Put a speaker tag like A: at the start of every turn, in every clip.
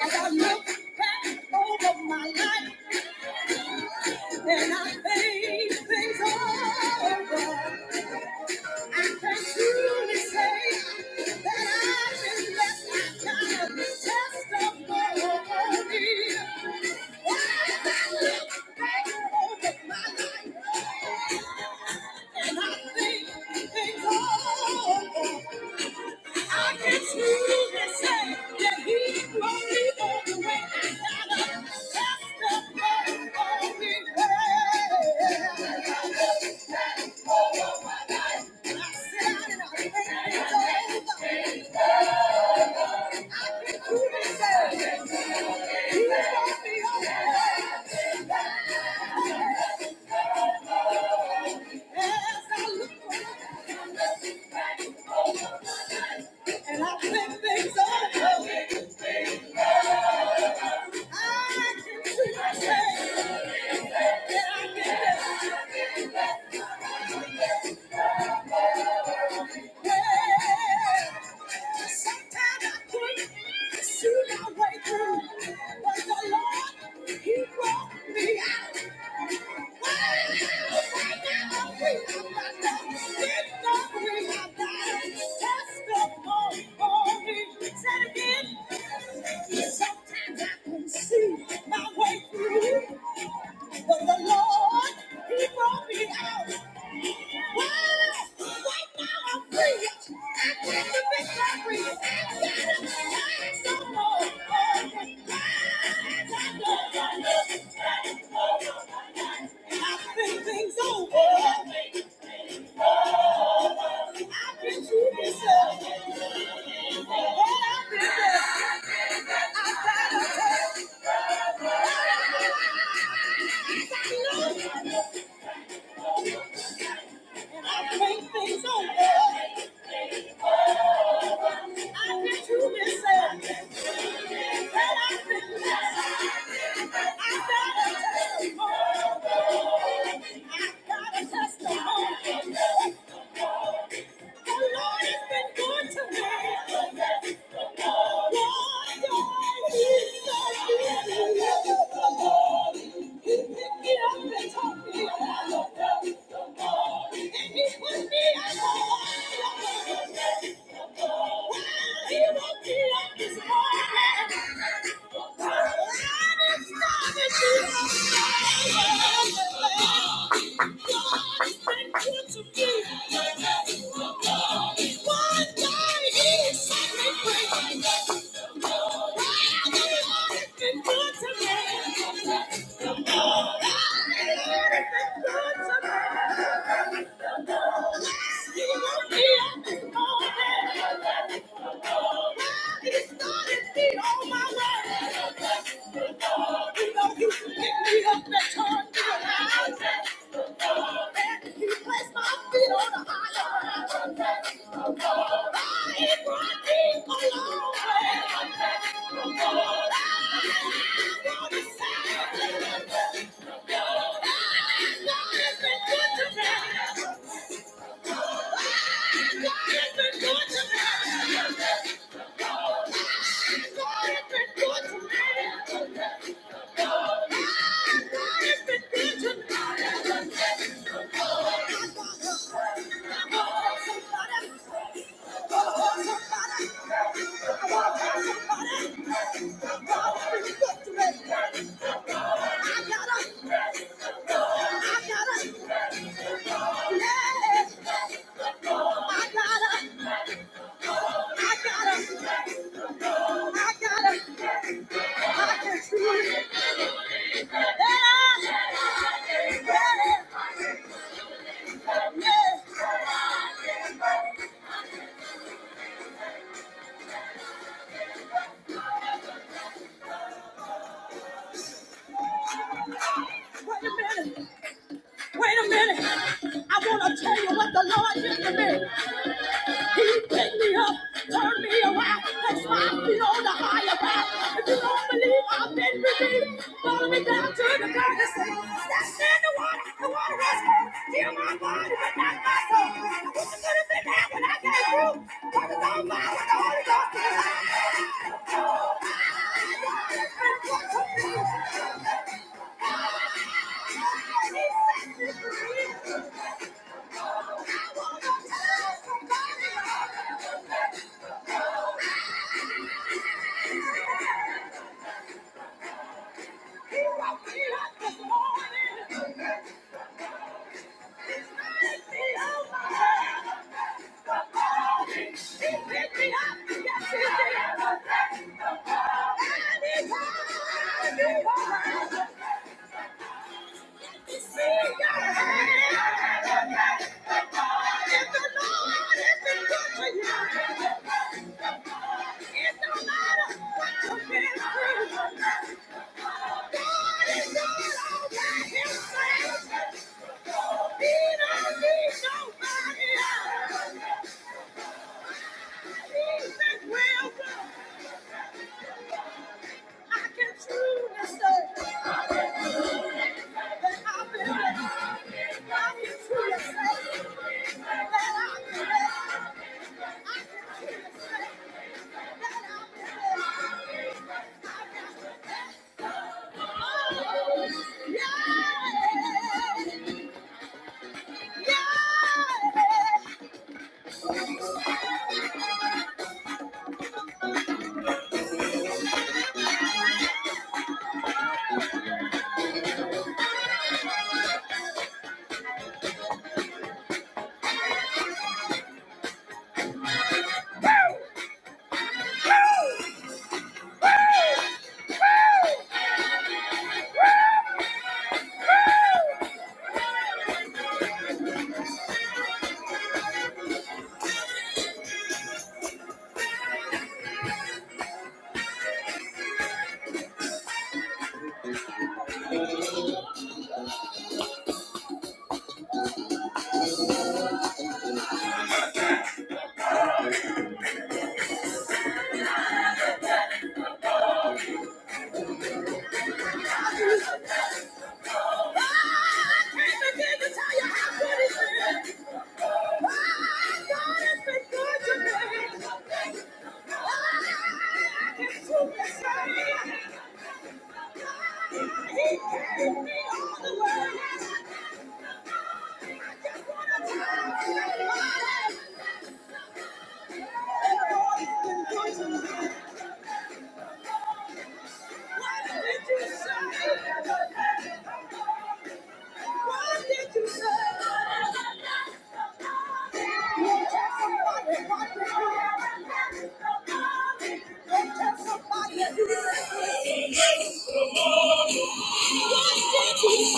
A: As I look back over my life and I think things over, I can truly say that I've been blessed. I've got a testimony. As I look back over my life and I think things over, I can truly say that He only all the way. I got to testimony. the Lord for me. I can truly say He brought me on the way. As I look around and I think things over, I can truly say that I can. Sometimes I can see my way through. But the Lord, He brought me out. Why? Right now I'm free. I got the victory. I got it. I don't know. I've been things over. I've been through this. Lord, I've been there. I've got it. I got a testimony. He Yeah good to me. Along. I gotta, I gotta, I gotta, I gotta, I gotta. Wait a minute. Wait a minute. I want to tell you what the Lord did to me. He picked me up, turned me around, and swapped me on the higher ground. If you don't believe I've been redeemed, follow me down to the garden and say, That's in the water. The water has cold. Heal my body, but not my soul. What you could have been had when I came through? What is on fire with the Holy Ghost? is alive. Yeah. I've that I can Thank you. He carried me all the way. what did you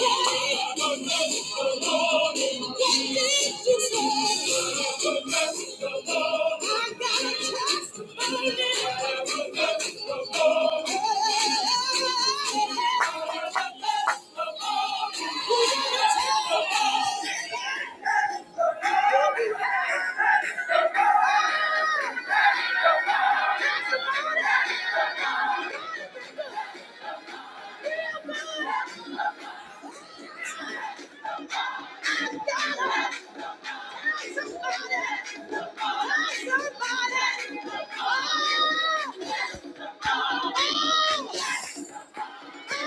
A: say? Somebody! somebody, Yeah!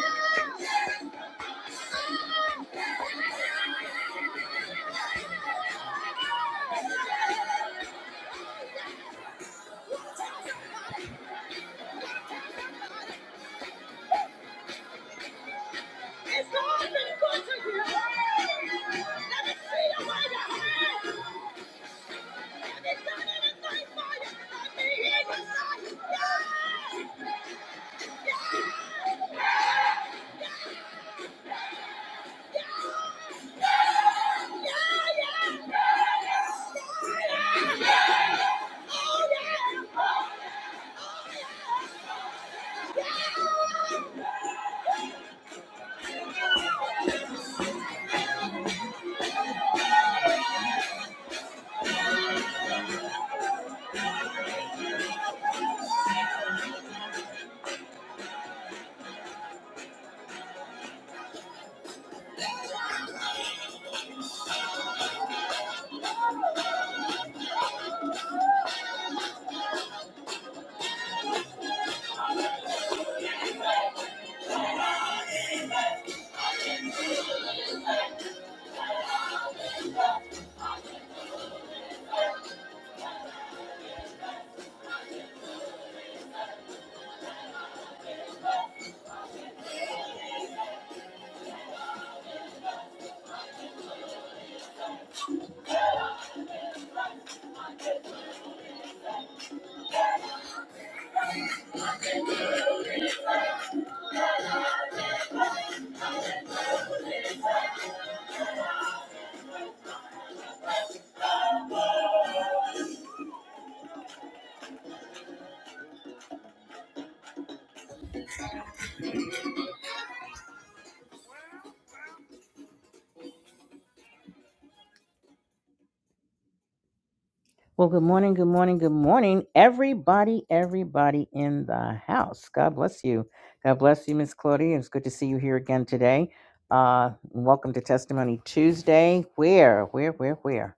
A: Well, good morning, good morning, good morning, everybody, everybody in the house. God bless you. God bless you, Miss Claudia. It's good to see you here again today. Uh, welcome to Testimony Tuesday, where, where, where, where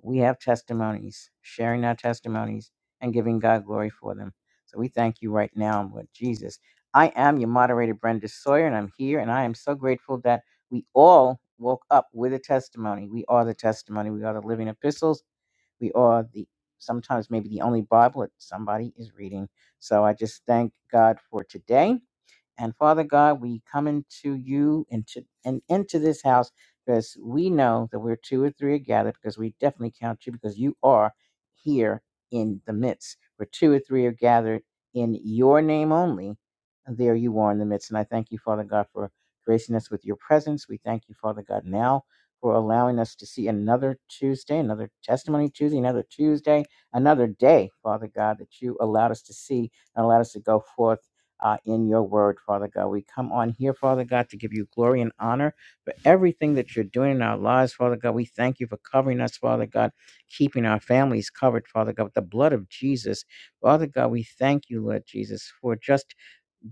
A: we have testimonies, sharing our testimonies and giving God glory for them. So we thank you right now, Lord Jesus. I am your moderator, Brenda Sawyer, and I'm here, and I am so grateful that we all woke up with a testimony. We are the testimony. We are the living epistles we are the sometimes maybe the only Bible that somebody is reading. So I just thank God for today. And Father God, we come into you into and into this house because we know that we're two or three are gathered because we definitely count you because you are here in the midst. Where two or three are gathered in your name only, there you are in the midst. And I thank you, Father God, for gracing us with your presence. We thank you, Father God, now for allowing us to see another Tuesday, another testimony Tuesday, another Tuesday, another day, Father God, that you allowed us to see and allowed us to go forth uh, in your word, Father God. We come on here, Father God, to give you glory and honor for everything that you're doing in our lives, Father God. We thank you for covering us, Father God, keeping our families covered, Father God, with the blood of Jesus. Father God, we thank you, Lord Jesus, for just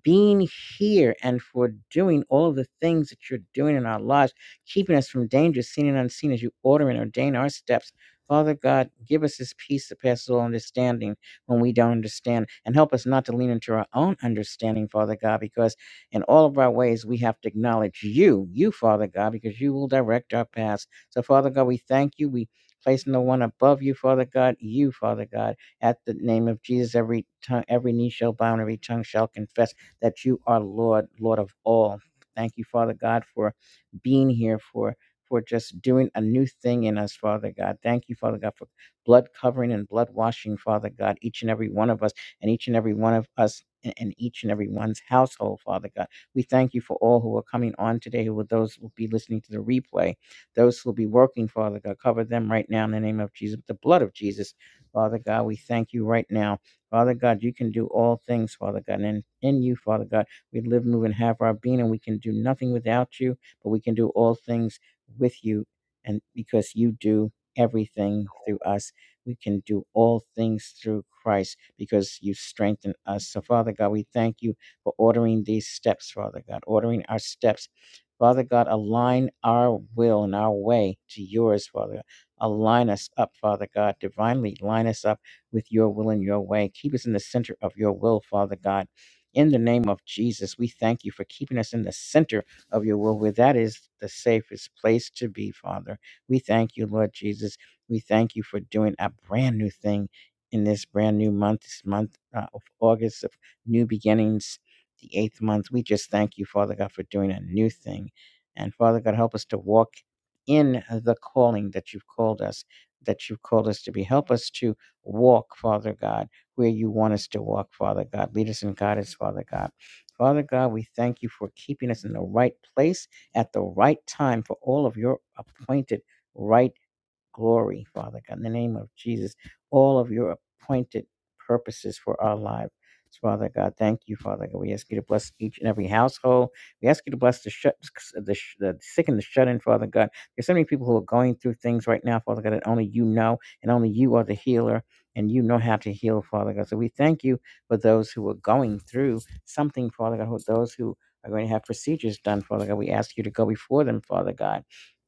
A: being here and for doing all of the things that you're doing in our lives, keeping us from danger, seen and unseen, as you order and ordain our steps. Father God, give us this peace that passes all understanding when we don't understand, and help us not to lean into our own understanding, Father God, because in all of our ways we have to acknowledge you, you, Father God, because you will direct our paths. So, Father God, we thank you. We place no one above you, Father God, you, Father God at the name of Jesus. Every tongue, every knee shall bow, and every tongue shall confess that you are Lord, Lord of all. Thank you, Father God, for being here, for for just doing a new thing in us, Father God. Thank you, Father God, for blood covering and blood washing, Father God, each and every one of us and each and every one of us in in each and every one's household, Father God. We thank you for all who are coming on today, who are those who will be listening to the replay, those who will be working, Father God. Cover them right now in the name of Jesus, the blood of Jesus, Father God. We thank you right now Father God, you can do all things, Father God. And in, in you, Father God, we live, move, and have our being, and we can do nothing without you, but we can do all things with you. And because you do everything through us, we can do all things through Christ because you strengthen us. So, Father God, we thank you for ordering these steps, Father God, ordering our steps. Father God, align our will and our way to yours, Father. God. Align us up, Father God, divinely line us up with your will and your way. Keep us in the center of your will, Father God. In the name of Jesus, we thank you for keeping us in the center of your will, where that is the safest place to be, Father. We thank you, Lord Jesus. We thank you for doing a brand new thing in this brand new month, this month uh, of August, of new beginnings, the eighth month. We just thank you, Father God, for doing a new thing. And Father God, help us to walk in the calling that you've called us, that you've called us to be. Help us to walk, Father God, where you want us to walk, Father God. Lead us and guide us, Father God. Father God, we thank you for keeping us in the right place at the right time for all of your appointed right glory, Father God, in the name of Jesus, all of your appointed purposes for our lives. Father God, thank you, Father God. We ask you to bless each and every household. We ask you to bless the shut, the, the sick and the shut in, Father God. There's so many people who are going through things right now, Father God, that only you know, and only you are the healer, and you know how to heal, Father God. So we thank you for those who are going through something, Father God, those who are going to have procedures done, Father God. We ask you to go before them, Father God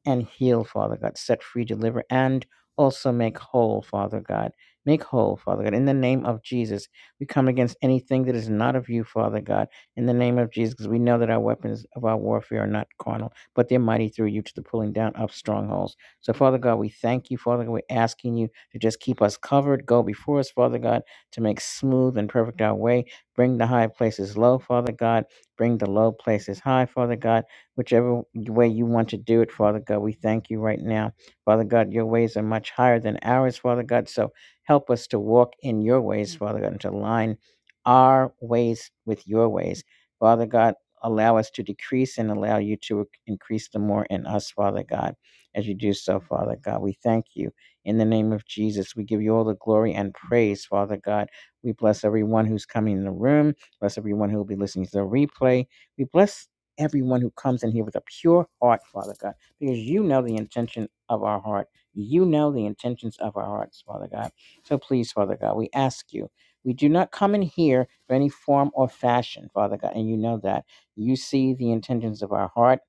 A: and heal, Father God. Set free, deliver, and also make whole, Father God. Make whole, Father God. In the name of Jesus, we come against anything that is not of you, Father God. In the name of Jesus, because we know that our weapons of our warfare are not carnal, but they're mighty through you to the pulling down of strongholds. So, Father God, we thank you, Father God. We're asking you to just keep us covered. Go before us, Father God, to make smooth and perfect our way. Bring the high places low, Father God. Bring the low places high, Father God whichever way you want to do it, Father God. We thank you right now. Father God, your ways are much higher than ours, Father God. So help us to walk in your ways, Father God, and to align our ways with your ways. Father God, allow us to decrease and allow you to increase the more in us, Father God, as you do so, Father God. We thank you. In the name of Jesus, we give you all the glory and praise, Father God. We bless everyone who's coming in the room. Bless everyone who will be listening to the replay. We bless everyone who comes in here with a pure heart, Father God, because you know the intention of our heart. You know the intentions of our hearts, Father God. So please, Father God, we ask you. We do not come in here for any form or fashion, Father God, and you know that. You see the intentions of our heart.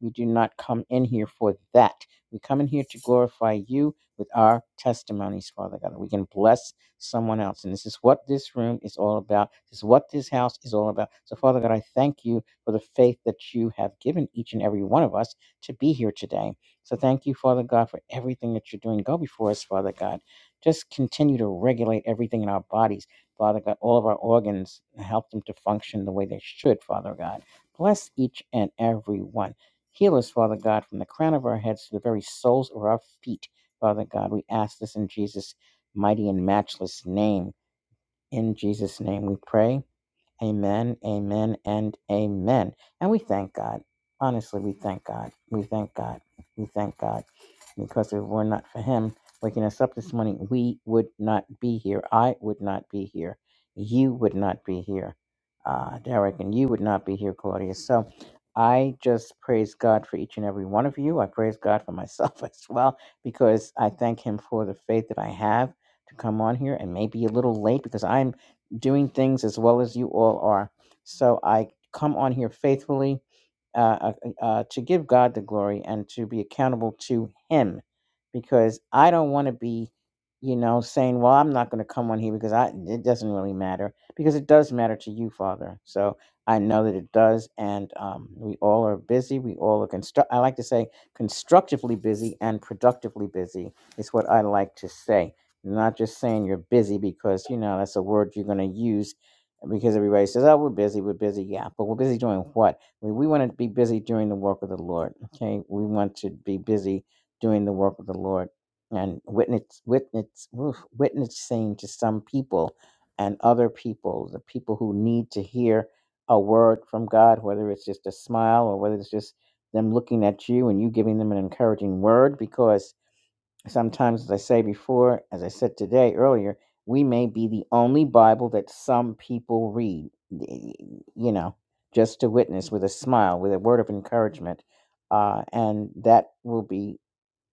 A: We do not come in here for that. We come in here to glorify you with our testimonies, Father God. We can bless someone else. And this is what this room is all about. This is what this house is all about. So, Father God, I thank you for the faith that you have given each and every one of us to be here today. So thank you, Father God, for everything that you're doing. Go before us, Father God. Just continue to regulate everything in our bodies, Father God, all of our organs, and help them to function the way they should, Father God. Bless each and every one. Heal us, Father God, from the crown of our heads to the very soles of our feet, Father God. We ask this in Jesus' mighty and matchless name. In Jesus' name we pray. Amen, amen, and amen. And we thank God. Honestly, we thank God. We thank God. We thank God. Because if it were not for Him waking us up this morning, we would not be here. I would not be here. You would not be here, uh, Derek, and you would not be here, Claudia. So I just praise God for each and every one of you. I praise God for myself as well, because I thank Him for the faith that I have to come on here and maybe a little late because I'm doing things as well as you all are. So I come on here faithfully uh, uh, uh, to give God the glory and to be accountable to Him, because I don't want to be, you know, saying, "Well, I'm not going to come on here because I it doesn't really matter," because it does matter to you, Father. So I know that it does, and um, we all are busy. We all are construct. I like to say constructively busy and productively busy is what I like to say you're not just saying you're busy because, you know, that's a word you're going to use because everybody says, oh, we're busy, we're busy. Yeah, but we're busy doing what? We, we want to be busy doing the work of the Lord. Okay. We want to be busy doing the work of the Lord and witness, witness, oof, witnessing to some people and other people, the people who need to hear a word from God, whether it's just a smile or whether it's just them looking at you and you giving them an encouraging word because Sometimes, as I say before, as I said today earlier, we may be the only Bible that some people read, you know, just to witness with a smile, with a word of encouragement. Uh, and that will be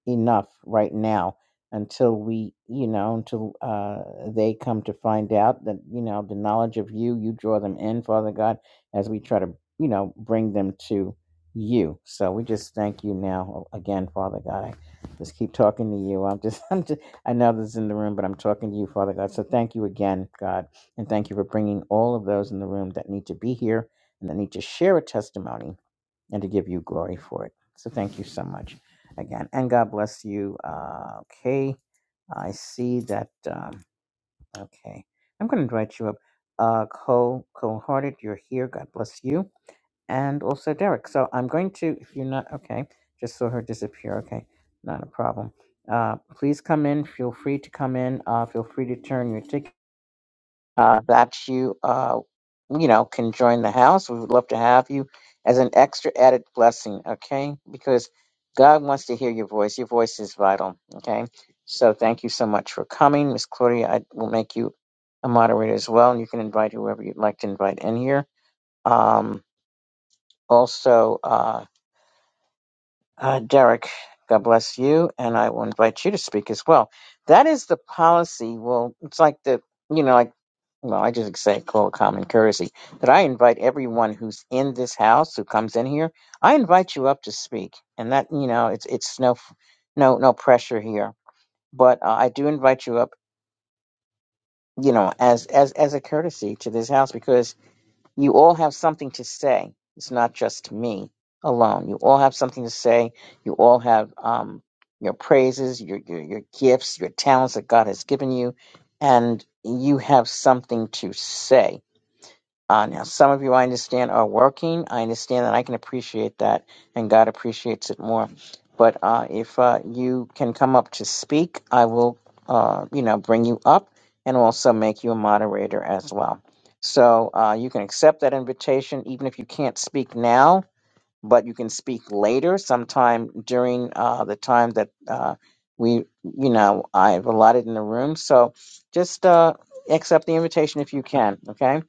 A: enough right now until we you know until uh they come to find out that you know the knowledge of you you draw them in father god as we try to you know bring them to you so we just thank you now again father god i just keep talking to you i'm just i'm just i know this is in the room but i'm talking to you father god so thank you again god and thank you for bringing all of those in the room that need to be here and that need to share a testimony and to give you glory for it. So thank you so much again. And God bless you. Uh, okay. I see that. Um, okay. I'm going to invite you up. Uh, Cole, Cole Hearted, you're here. God bless you. And also Derek. So I'm going to, if you're not, okay, just saw her disappear. Okay. Not a problem. Uh, please come in. Feel free to come in. Uh, feel free to turn your ticket uh, that you, uh, you know, can join the house. We would love to have you as an extra added blessing, okay? Because God wants to hear your voice. Your voice is vital, okay? So thank you so much for coming. Miss Claudia, I will make you a moderator as well, and you can invite whoever you'd like to invite in here. Um, also, uh, uh, Derek, God bless you, and I will invite you to speak as well. That is the policy. Well, it's like the, you know, like, well, I just say call it common courtesy that I invite everyone who's in this house who comes in here. I invite you up to speak, and that you know, it's it's no, no, no pressure here, but uh, I do invite you up, you know, as as as a courtesy to this house because you all have something to say. It's not just me alone. You all have something to say. You all have um, your praises, your, your your gifts, your talents that God has given you, and you have something to say uh, now, some of you I understand are working. I understand that I can appreciate that, and God appreciates it more. But uh, if uh, you can come up to speak, I will, uh, you know, bring you up and also make you a moderator as well. So uh, you can accept that invitation, even if you can't speak now, but you can speak later, sometime during uh, the time that uh, we, you know, I've allotted in the room. So just uh, accept the invitation if you can. Okay.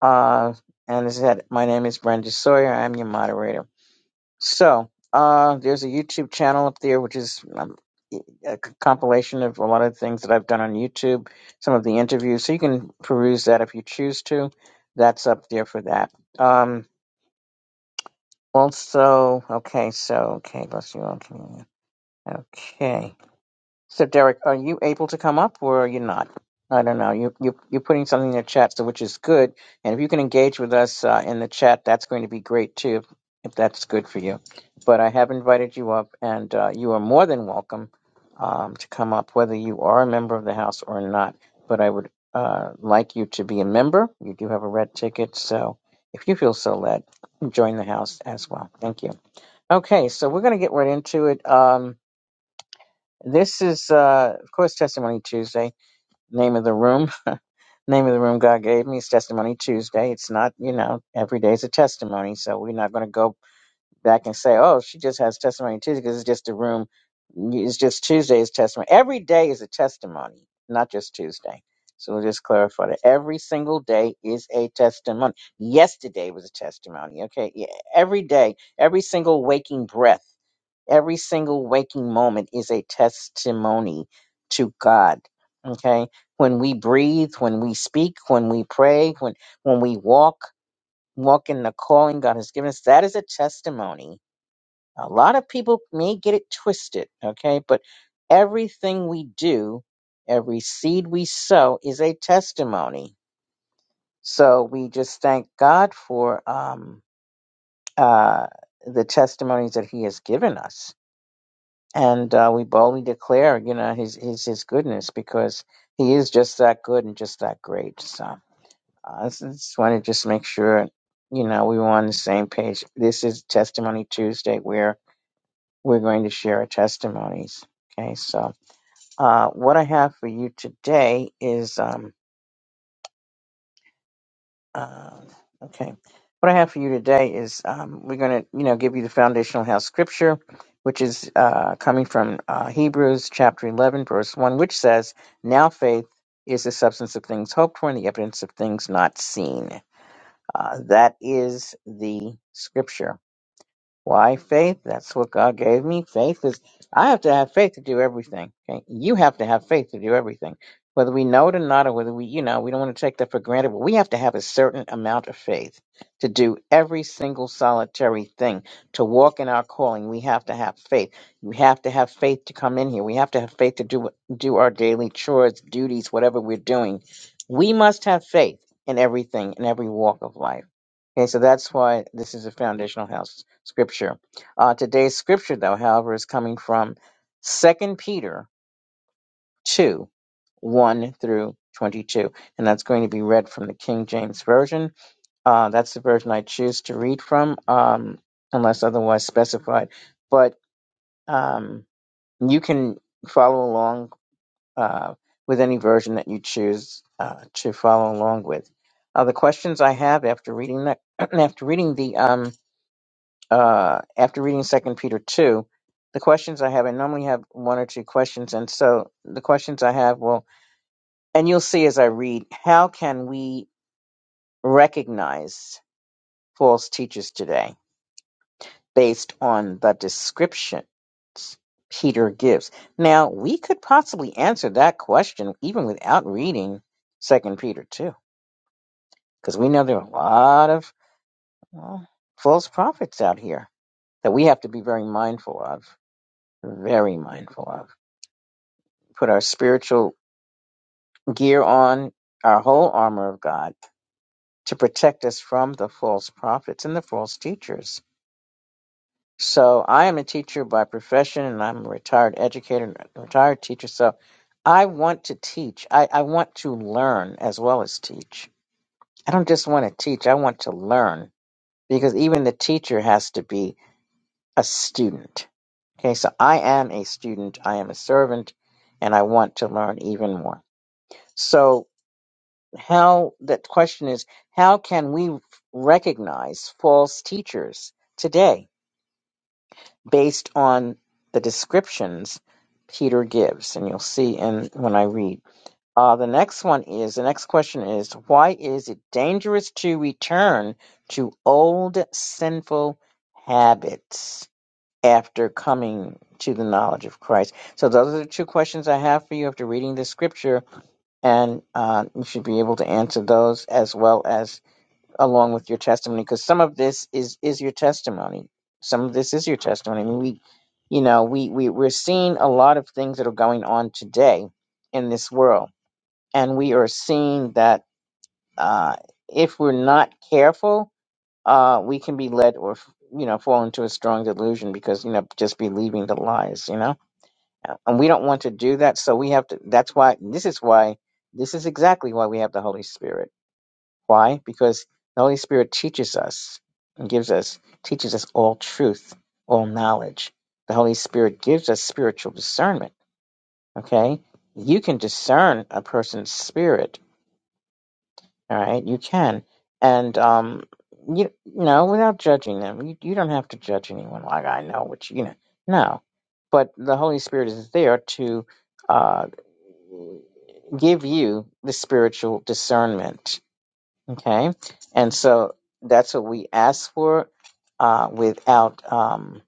A: Uh, and as I said, my name is Brenda Sawyer. I'm your moderator. So, uh, there's a YouTube channel up there, which is um, e, a c- compilation of a lot of things that I've done on YouTube, some of the interviews. So you can peruse that if you choose to. That's up there for that. Um, also, okay, so, okay, bless you. all. Okay. So, Derek, are you able to come up or are you not? I don't know. You, you, you're putting something in the chat, so which is good. And if you can engage with us uh, in the chat, that's going to be great too, if, if that's good for you. But I have invited you up, and uh, you are more than welcome um, to come up, whether you are a member of the House or not. But I would uh, like you to be a member. You do have a red ticket, so if you feel so led, join the House as well. Thank you. Okay, so we're going to get right into it. Um, this is, uh, of course, Testimony Tuesday, name of the room. name of the room God gave me is Testimony Tuesday. It's not, you know, every day is a testimony. So we're not going to go back and say, oh, she just has Testimony Tuesday because it's just a room. It's just Tuesday is testimony. Every day is a testimony, not just Tuesday. So we'll just clarify that every single day is a testimony. Yesterday was a testimony. Okay. Yeah. Every day, every single waking breath. Every single waking moment is a testimony to God. Okay? When we breathe, when we speak, when we pray, when when we walk, walk in the calling God has given us, that is a testimony. A lot of people may get it twisted, okay? But everything we do, every seed we sow is a testimony. So we just thank God for um uh the testimonies that he has given us and uh, we boldly declare, you know, his his his goodness because he is just that good and just that great. So uh, I s- just want to just make sure, you know, we were on the same page. This is Testimony Tuesday, where we're going to share our testimonies. Okay, so uh, what I have for you today is. Um, Um, okay. What I have for you today is um, we're going to, you know, give you the foundational house scripture, which is uh, coming from uh, Hebrews chapter 11, verse 1, which says, Now faith is the substance of things hoped for and the evidence of things not seen. Uh, that is the scripture. Why faith? That's what God gave me. Faith is I have to have faith to do everything. Okay? You have to have faith to do everything. Whether we know it or not, or whether we, you know, we don't want to take that for granted, but we have to have a certain amount of faith to do every single solitary thing. To walk in our calling, we have to have faith. We have to have faith to come in here. We have to have faith to do what- do our daily chores, duties, whatever we're doing. We must have faith in everything, in every walk of life. Okay, so that's why this is a foundational house scripture. Uh, today's scripture, though, however, is coming from Second Peter 2 1 through 22. And that's going to be read from the King James Version. Uh, that's the version I choose to read from, um, unless otherwise specified. But um, you can follow along uh, with any version that you choose uh, to follow along with. Uh, the questions I have after reading that, after reading the um, uh, after reading Second Peter two, the questions I have, I normally have one or two questions, and so the questions I have will, and you'll see as I read, how can we recognize false teachers today based on the descriptions Peter gives? Now we could possibly answer that question even without reading Second Peter two, because we know there are a lot of well, false prophets out here that we have to be very mindful of, very mindful of. put our spiritual gear on, our whole armor of God to protect us from the false prophets and the false teachers. So I am a teacher by profession and I'm a retired educator and a retired teacher. So I want to teach. I, I want to learn as well as teach. I don't just want to teach, I want to learn because even the teacher has to be a student. Okay, so I am a student, I am a servant, and I want to learn even more. So how that question is how can we recognize false teachers today based on the descriptions Peter gives and you'll see in when I read uh, the next one is the next question is why is it dangerous to return to old sinful habits after coming to the knowledge of Christ so those are the two questions I have for you after reading the scripture and uh, you should be able to answer those as well as along with your testimony because some of this is is your testimony some of this is your testimony I mean, we you know we, we we're seeing a lot of things that are going on today in this world and we are seeing that uh, if we're not careful uh, we can be led or you know fall into a strong delusion because you know just believing the lies you know and we don't want to do that so we have to that's why this is why this is exactly why we have the holy spirit why? Because the Holy Spirit teaches us and gives us, teaches us all truth, all knowledge. The Holy Spirit gives us spiritual discernment. Okay? You can discern a person's spirit. All right? You can. And, um, you, you know, without judging them, you, you don't have to judge anyone like I know what you, you know. No. But the Holy Spirit is there to, uh, give you the spiritual discernment Okay. And so that's what we ask for uh, without um,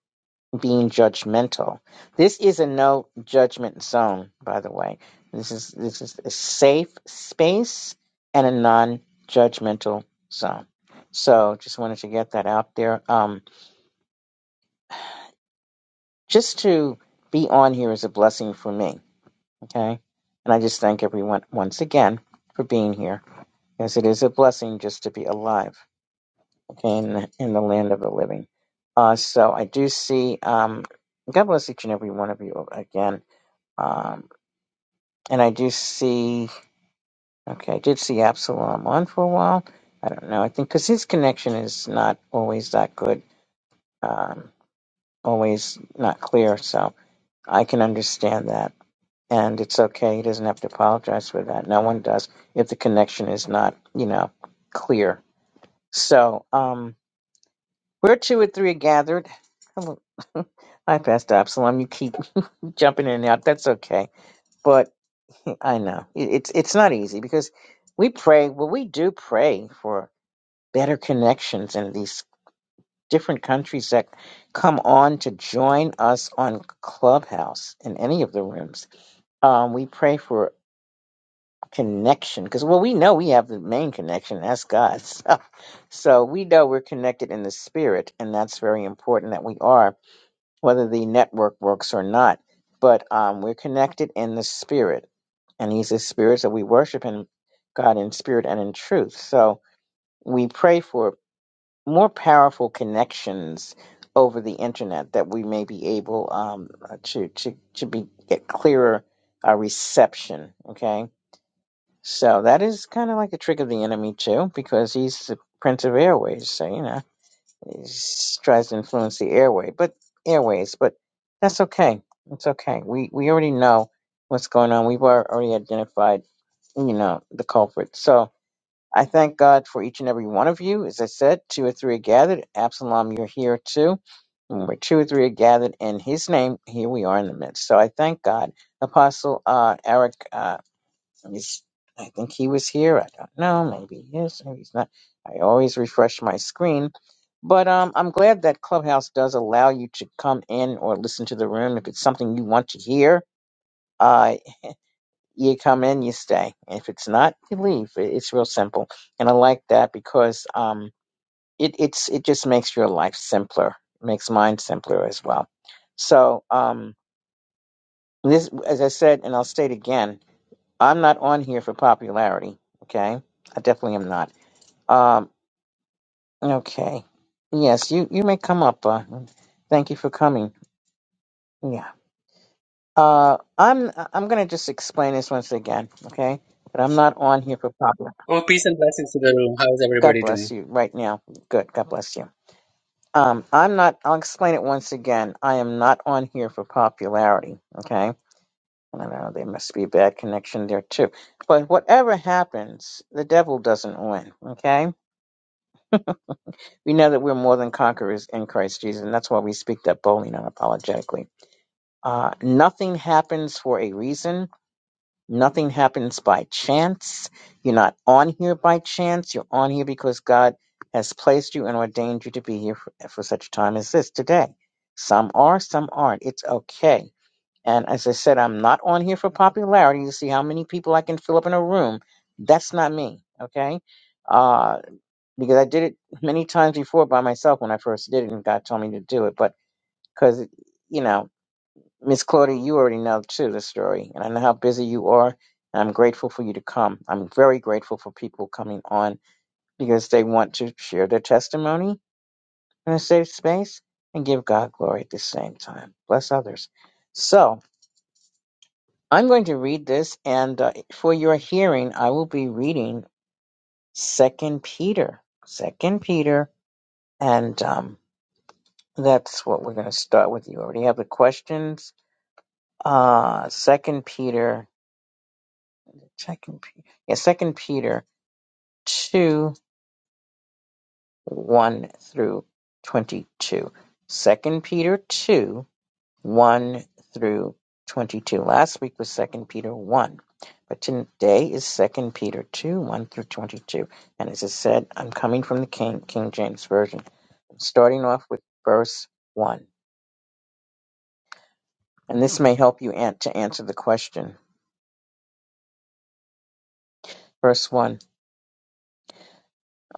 A: being judgmental. This is a no judgment zone, by the way. This is this is a safe space and a non judgmental zone. So just wanted to get that out there. Um, just to be on here is a blessing for me. Okay. And I just thank everyone once again for being here because it is a blessing just to be alive. okay, in the, in the land of the living. Uh, so I do see, um, God bless each and every one of you again. Um, and I do see, okay, I did see Absalom on for a while. I don't know. I think because his connection is not always that good, um, always not clear. So I can understand that. And it's okay. He doesn't have to apologize for that. No one does if the connection is not, you know, clear. So, um. Where two or three are gathered. Hello. Hi, Pastor Absalom. You keep jumping in and out. That's okay. But I know it- it's it's not easy because we pray. Well, we do pray for better connections in these different countries that come on to join us on Clubhouse in any of the rooms. Um, we pray for connection because well, we know we have the main connection. and That's God. So, so we know we're connected in the spirit, and that's very important that we are. whether the network works or not. But um, we're connected in the spirit, and He's the spirit, so we worship Him, God in spirit and in truth. So we pray for more powerful connections over the internet that we may be able um, uh, to to to be get clearer uh, reception. Okay, so that is kind of like a trick of the enemy too, because he's the prince of airways. So you know. She tries to influence the airway, but airways, but that's okay. It's okay. We we already know what's going on. We've al- already identified, you know, the culprit. So I thank God for each and every one of you. As I said, two or three are gathered. Absalom, you're here too. And where two or three are gathered in His name, here we are in the midst. So I thank God, Apostle uh, Eric. uh, I was, I think he was here. I don't know. Maybe he is. Maybe he's not. I always refresh my screen. But um, I'm glad that Clubhouse does allow you to come in or listen to the room. If it's something you want to hear, uh, you come in, you stay. If it's not, you leave. It- It's real simple, and I like that because um, it it's it just makes your life simpler, makes mine simpler as well. So um, this, as I said, and I'll state again. I'm not on here for popularity. Okay, I definitely am not. Um, okay, yes, you you may come up. Uh, thank you for coming. Yeah. Uh, I'm I'm gonna just explain this once again. Okay, but I'm not on here for popular.
B: Oh, peace and blessings to the room. How's
A: God
B: everybody doing?
A: bless you right now. Good. God bless you. Um, I'm not. I'll explain it once again. I am not on here for popularity. Okay. I don't know. There must be a bad connection there too. But whatever happens, the devil doesn't win. Okay We know that we're more than conquerors in Christ Jesus, and that's why we speak that boldly and unapologetically. Uh, nothing happens for a reason. Nothing happens by chance. You're not on here by chance. You're on here because God has placed you and ordained you to be here for, for such a time as this today. Some are, some aren't. It's okay. And as I said, I'm not on here for popularity to see how many people I can fill up in a room. That's not me. Okay. Uh, because I did it many times before by myself when I first did it, and God told me to do it. But because you know, Miss Claudia, you already know too the story, and I know how busy you are. And I'm grateful for you to come. I'm very grateful for people coming on because they want to share their testimony in a safe space and give God glory at the same time. Bless others. So I'm going to read this, and uh, for your hearing, I will be reading Second Peter, Second Peter, and um, That's what we're going to start with. You already have the questions. Uh, Second Peter, Second Peter, yeah, Second Peter two one through twenty two. Second Peter two one through twenty two. Last week was Second Peter one, but today is Second Peter two one through twenty two. And as I said, I'm coming from the King King James version. I'm starting off with verse one, and this may help you an- to answer the question verse 1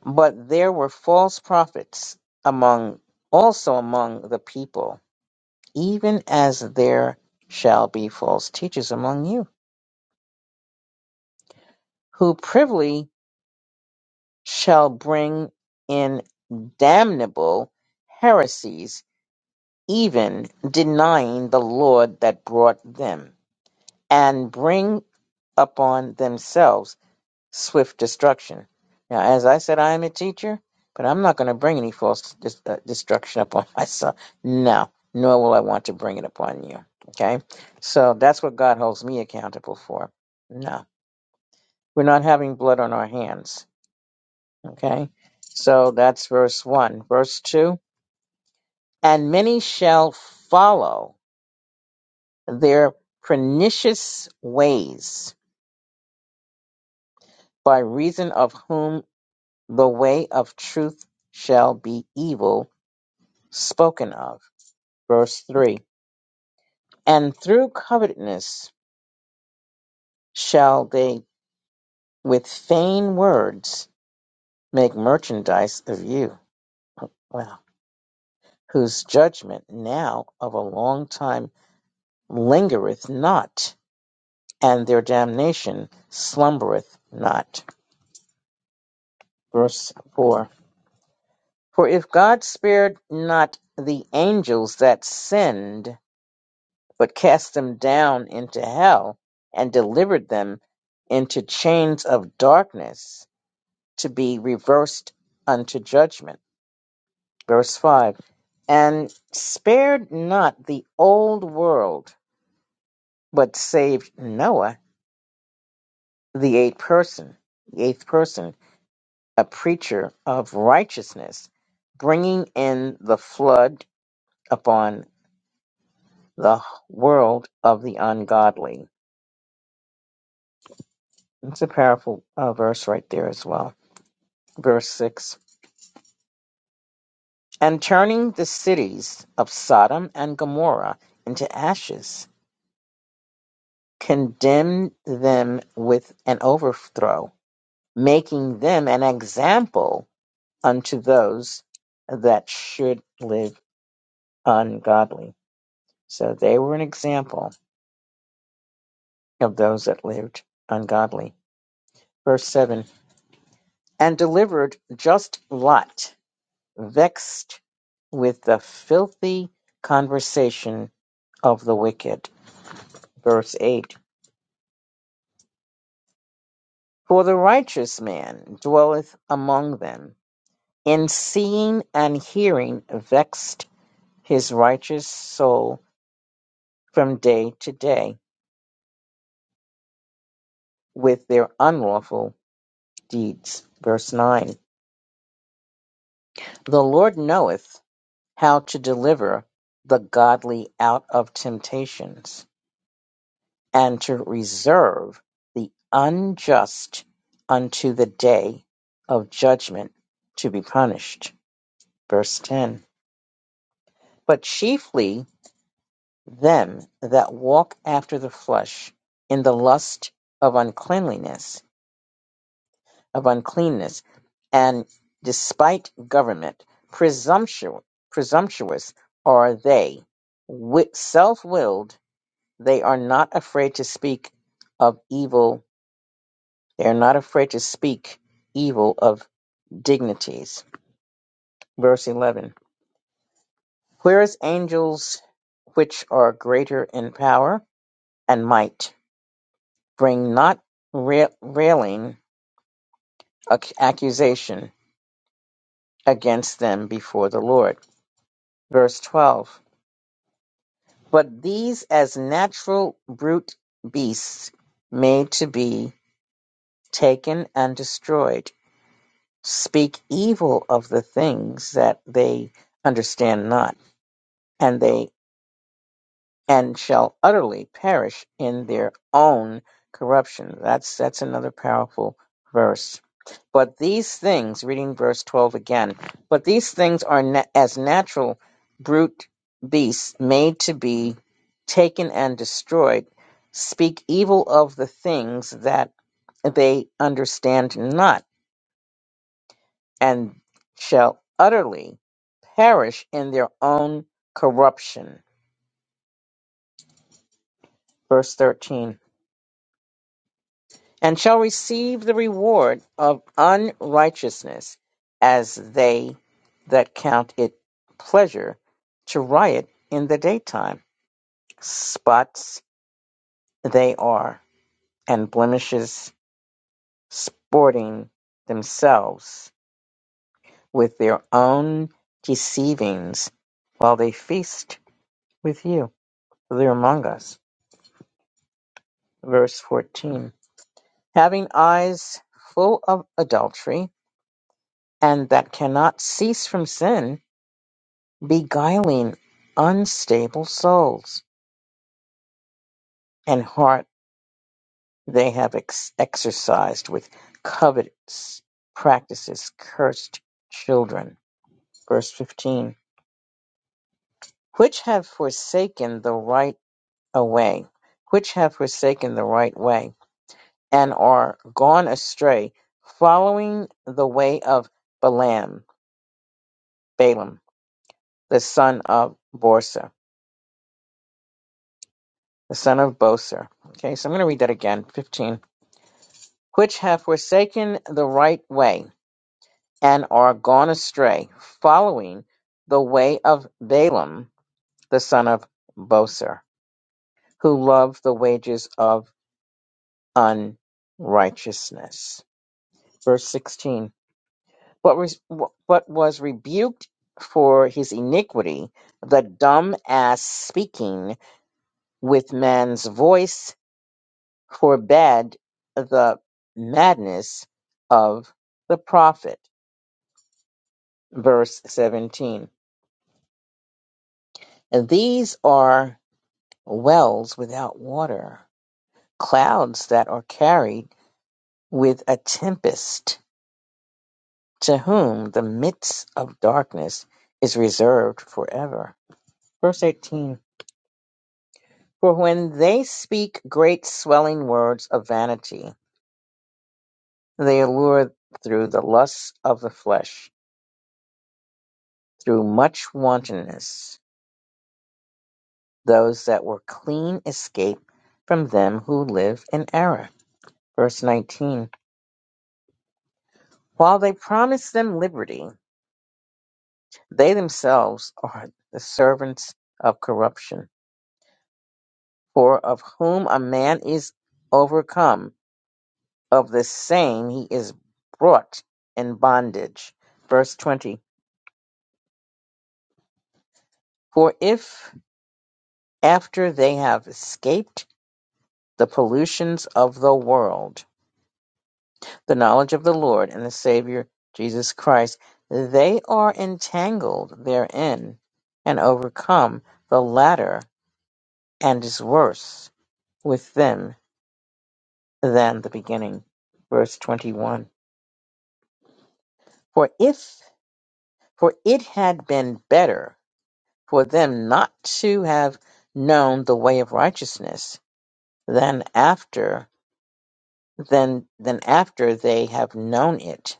A: but there were false prophets among also among the people even as there shall be false teachers among you who privily shall bring in damnable heresies even denying the lord that brought them and bring upon themselves swift destruction. Now, as I said, I am a teacher, but I'm not going to bring any false dis- uh, destruction upon myself. No, nor will I want to bring it upon you. Okay? So that's what God holds me accountable for. No, we're not having blood on our hands. Okay? So that's verse 1. Verse 2 And many shall follow their pernicious ways, by reason of whom the way of truth shall be evil spoken of. Verse 3 And through covetousness shall they with vain words make merchandise of you. Wow. Whose judgment now of a long time lingereth not, and their damnation slumbereth not. Verse 4 For if God spared not the angels that sinned, but cast them down into hell and delivered them into chains of darkness to be reversed unto judgment. Verse 5 And spared not the old world, but saved Noah, the eighth person, the eighth person, a preacher of righteousness, bringing in the flood upon the world of the ungodly. It's a powerful uh, verse right there as well. verse 6 and turning the cities of Sodom and Gomorrah into ashes, condemned them with an overthrow, making them an example unto those that should live ungodly. So they were an example of those that lived ungodly. Verse 7 and delivered just Lot, vexed with the filthy conversation of the wicked verse 8 For the righteous man dwelleth among them, in seeing and hearing vexed his righteous soul from day to day with their unlawful deeds. Verse 9 The Lord knoweth how to deliver the godly out of temptations, and to reserve the unjust unto the day of judgment to be punished. Verse 10 but chiefly them that walk after the flesh, in the lust of uncleanliness, of uncleanness, and despite government, presumptuous, presumptuous are they, wi- self-willed. They are not afraid to speak of evil. They are not afraid to speak evil of dignities. Verse eleven. Whereas angels, which are greater in power and might, Bring not railing ac- accusation against them before the Lord. Verse 12 But these as natural brute beasts made to be taken and destroyed speak evil of the things that they understand not, and they and shall utterly perish in their own corruption. That's that's another powerful verse. But these things, reading verse 12 again, but these things are na- as natural brute beasts made to be taken and destroyed, speak evil of the things that they understand not, and shall utterly perish in their own corruption. Verse 13. and shall receive the reward of unrighteousness, as they that count it pleasure to riot in the daytime. Spots they are, and blemishes sporting themselves with their own deceivings while they feast with you. They're among us. Verse 14. Having eyes full of adultery, and that cannot cease from sin, beguiling unstable souls, and heart they have ex- exercised with covetous practices cursed children. Verse 15. Which have forsaken the right away, which have forsaken the right way, and are gone astray, following the way of Balaam, Balaam, the son of Borsa, the son of Boser. Okay, so I'm going to read that again. 15 which have forsaken the right way, and are gone astray, following the way of Balaam the son of Boser, who loved the wages of unrighteousness. Verse 16. What was, what was rebuked for his iniquity, the dumb ass speaking with man's voice forbade the madness of the prophet. Verse 17 And these are wells without water, clouds that are carried with a tempest, to whom the midst of darkness is reserved forever. Verse 18 For when they speak great swelling words of vanity, they allure through the lusts of the flesh, through much wantonness, those that were clean escape from them who live in error. Verse 19 While they promise them liberty, They themselves are the servants of corruption. For of whom a man is overcome, of the same he is brought in bondage. Verse 20. For if after they have escaped the pollutions of the world, the knowledge of the Lord and the Savior Jesus Christ, they are entangled therein and overcome, the latter and is worse with them than the beginning. Verse 21. For if, for it had been better for them not to have known the way of righteousness than after, than, than after they have known it.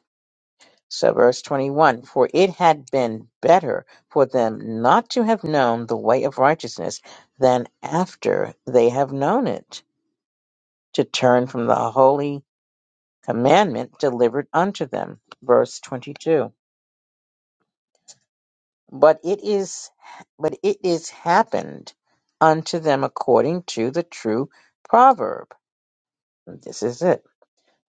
A: So verse 21. For it had been better for them not to have known the way of righteousness than after they have known it to turn from the holy commandment delivered unto them. Verse 22. but it is but it is happened unto them according to the true proverb this is it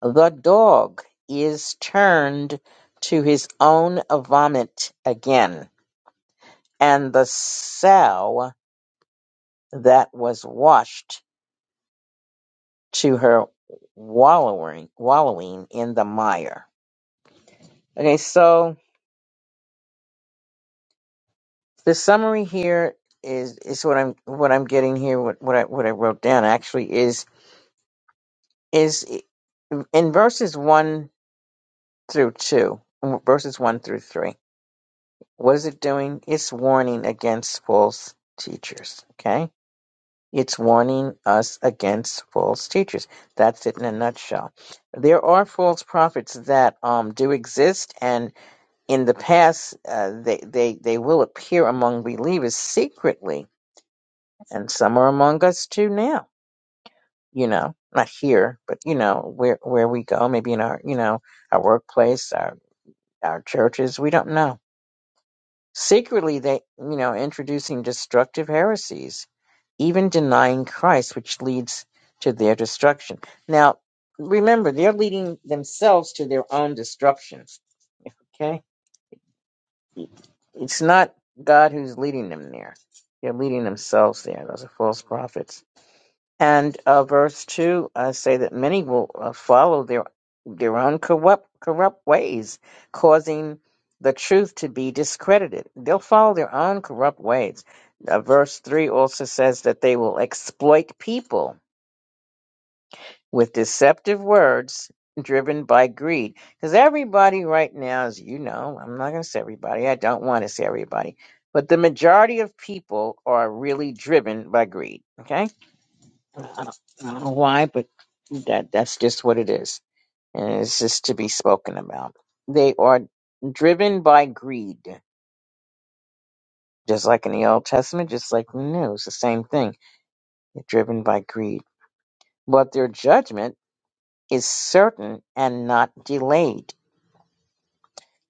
A: the dog is turned to his own vomit again and the sow that was washed to her wallowing wallowing in the mire okay so the summary here is is what i'm what i'm getting here what what i what i wrote down actually is in verses 1 through 2, verses 1 through 3, what is it doing? It's warning against false teachers, okay? It's warning us against false teachers. That's it in a nutshell. There are false prophets that um, do exist, and in the past, uh, they, they, they will appear among believers secretly, and some are among us too now you know, not here, but you know, where where we go, maybe in our, you know, our workplace, our our churches, we don't know. Secretly, they, you know, introducing destructive heresies, even denying Christ, which leads to their destruction. Now, remember, they're leading themselves to their own destruction. Okay, it's not God who's leading them there; they're leading themselves there. Those are false prophets. And uh, verse 2 I say that many will uh, follow their, their own corrupt, corrupt ways, causing the truth to be discredited. They'll follow their own corrupt ways. Uh, verse 3 also says that they will exploit people with deceptive words driven by greed. Because everybody right now, as you know, I'm not going to say everybody, I don't want to say everybody, but the majority of people are really driven by greed. Okay? I don't, I don't know why, but that that's just what it is, and it's just to be spoken about. They are driven by greed, just like in the Old Testament, just like in the New. It's the same thing. They're driven by greed, but their judgment is certain and not delayed.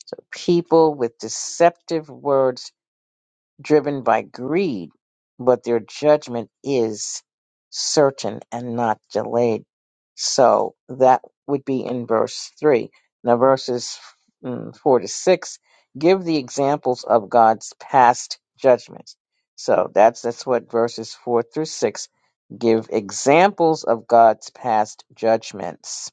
A: So people with deceptive words driven by greed, but their judgment is certain and not delayed. So that would be in verse 3. Now, verses mm, 4 to 6 give the examples of God's past judgments. So that's, that's what verses 4 through 6 give examples of God's past judgments.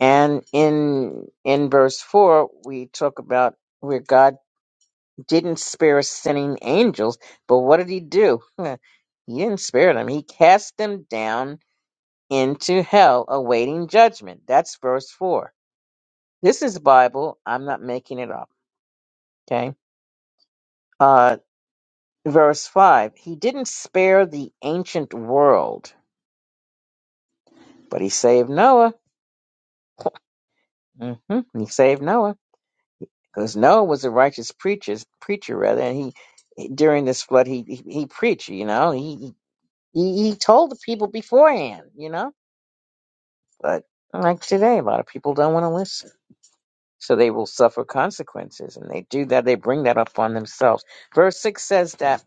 A: And in in verse 4, we talk about where God didn't spare sinning angels, but what did he do? he didn't spare them. He cast them down into hell awaiting judgment. That's verse 4. This is Bible. I'm not making it up. Okay. Uh, verse 5. He didn't spare the ancient world, but he saved Noah. hmm He saved Noah because Noah was a righteous preacher, preacher rather, and he he- during this flood he he, he preached. You know, he he he told the people beforehand. You know But like today, a lot of people don't want to listen. So they will suffer consequences. And they do that, they bring that up on themselves. Verse 6 says that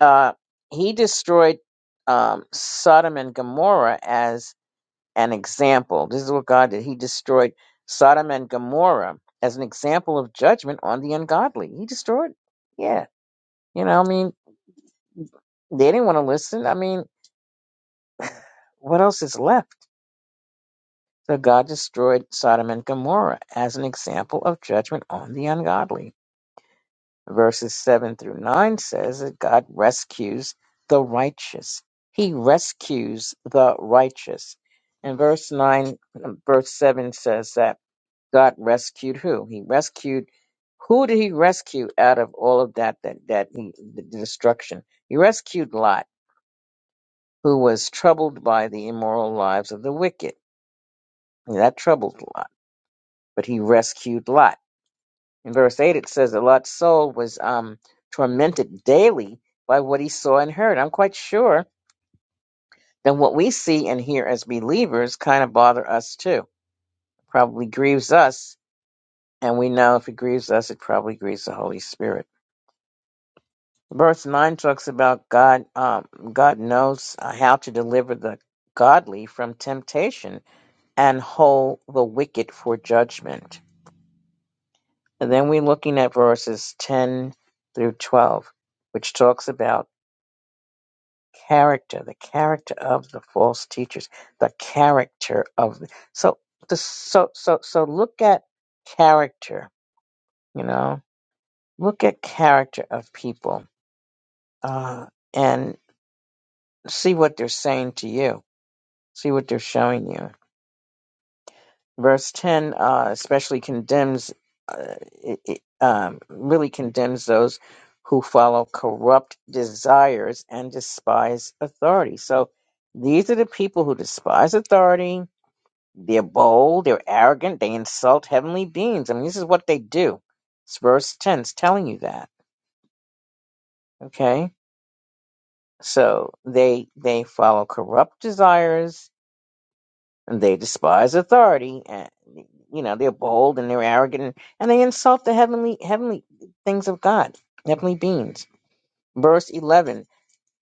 A: uh, he destroyed um, Sodom and Gomorrah as an example. This is what God did. He destroyed Sodom and Gomorrah as an example of judgment on the ungodly. He destroyed, yeah. You know, I mean, they didn't want to listen. I mean, what else is left? So God destroyed Sodom and Gomorrah as an example of judgment on the ungodly. Verses 7 through 9 says that God rescues the righteous. He rescues the righteous. And verse 9, verse 7 says that God rescued who? He rescued, who did he rescue out of all of that, that, that he, the destruction? He rescued Lot, who was troubled by the immoral lives of the wicked. And that troubled Lot, but he rescued Lot. In verse 8, it says that Lot's soul was um, tormented daily by what he saw and heard. I'm quite sure that what we see and hear as believers kind of bother us too. Probably grieves us, and we know if it grieves us, it probably grieves the Holy Spirit. Verse 9 talks about God, um, God knows uh, how to deliver the godly from temptation and hold the wicked for judgment. And then we're looking at verses 10 through 12, which talks about character, the character of the false teachers, the character of the, so the so so so look at character, you know, look at character of people, uh, and see what they're saying to you, see what they're showing you. Verse ten uh, especially condemns, uh, it, it, um, really condemns those who follow corrupt desires and despise authority. So these are the people who despise authority They're bold, they're arrogant, they insult heavenly beings. I mean, this is what they do. It's verse 10 is telling you that. Okay? So they they follow corrupt desires and they despise authority and you know, they're bold and they're arrogant and they insult the heavenly heavenly things of God, heavenly beings. Verse 11.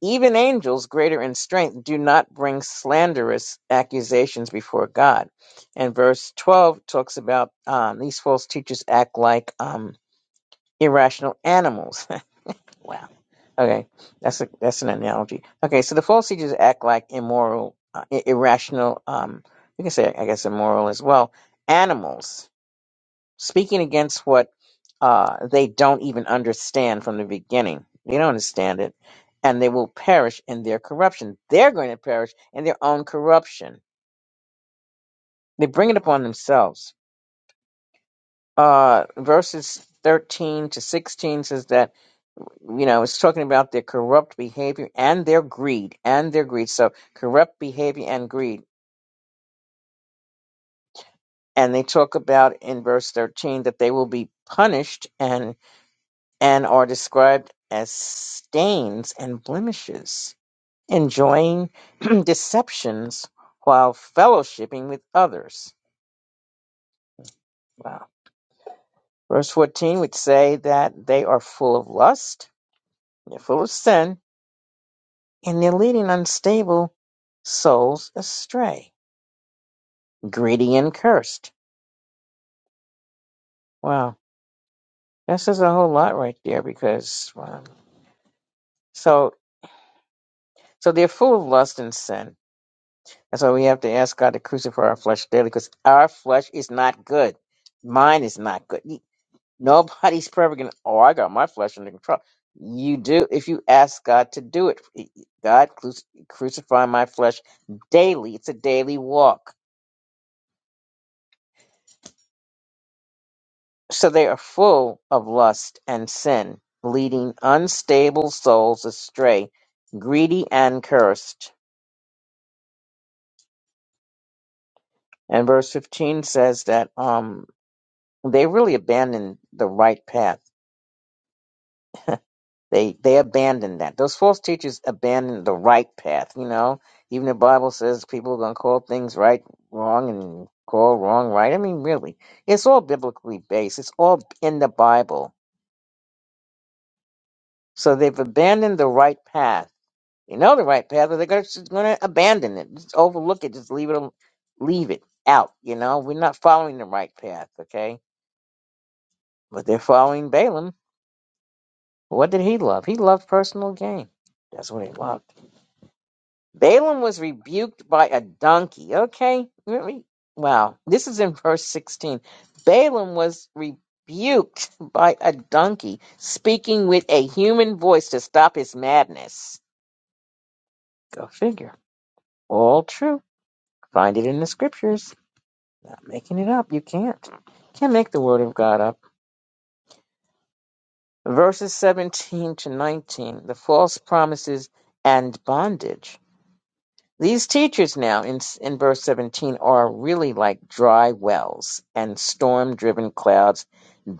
A: Even angels greater in strength do not bring slanderous accusations before God. And verse 12 talks about um, these false teachers act like um, irrational animals. wow. Okay, that's a, that's an analogy. Okay, so the false teachers act like immoral, uh, i- irrational, um, you can say, I guess, immoral as well, animals speaking against what uh, they don't even understand from the beginning. They don't understand it, and they will perish in their corruption. They're going to perish in their own corruption. They bring it upon themselves. Uh, verses 13 to 16 says that, you know, it's talking about their corrupt behavior and their greed, and their greed. So, corrupt behavior and greed. And they talk about in verse 13 that they will be punished and. and are described as stains and blemishes, enjoying deceptions while fellowshipping with others. Wow. Verse 14 would say that they are full of lust, they're full of sin, and they're leading unstable souls astray, greedy and cursed. Wow. That says a whole lot right there because, wow. So, so they're full of lust and sin That's why we have to ask God to crucify our flesh daily because our flesh is not good. Mine is not good. You- Nobody's perfect. And, oh, I got my flesh under control. You do if you ask God to do it. God cru- crucify my flesh daily. It's a daily walk. So they are full of lust and sin, leading unstable souls astray, greedy and cursed. And verse 15 says that um, they really abandoned the right path They they abandoned that. Those false teachers abandoned the right path. You know, even the Bible says people are going to call things right wrong and call wrong right. I mean, really, it's all biblically based. It's all in the Bible. So they've abandoned the right path. They know the right path, but they're going to abandon it. Just overlook it. Just leave it. al- Leave it out. You know, we're not following the right path. Okay, but they're following Balaam. What did he love? He loved personal gain. That's what he loved. Balaam was rebuked by a donkey. Okay. Let Wow. This is in verse 16. Balaam was rebuked by a donkey speaking with a human voice to stop his madness. Go figure. All true. Find it in the scriptures. Not making it up. You can't. Can't make the word of God up. Verses 17 to 19. The false promises and bondage. These teachers now in in verse 17 are really like dry wells and storm-driven clouds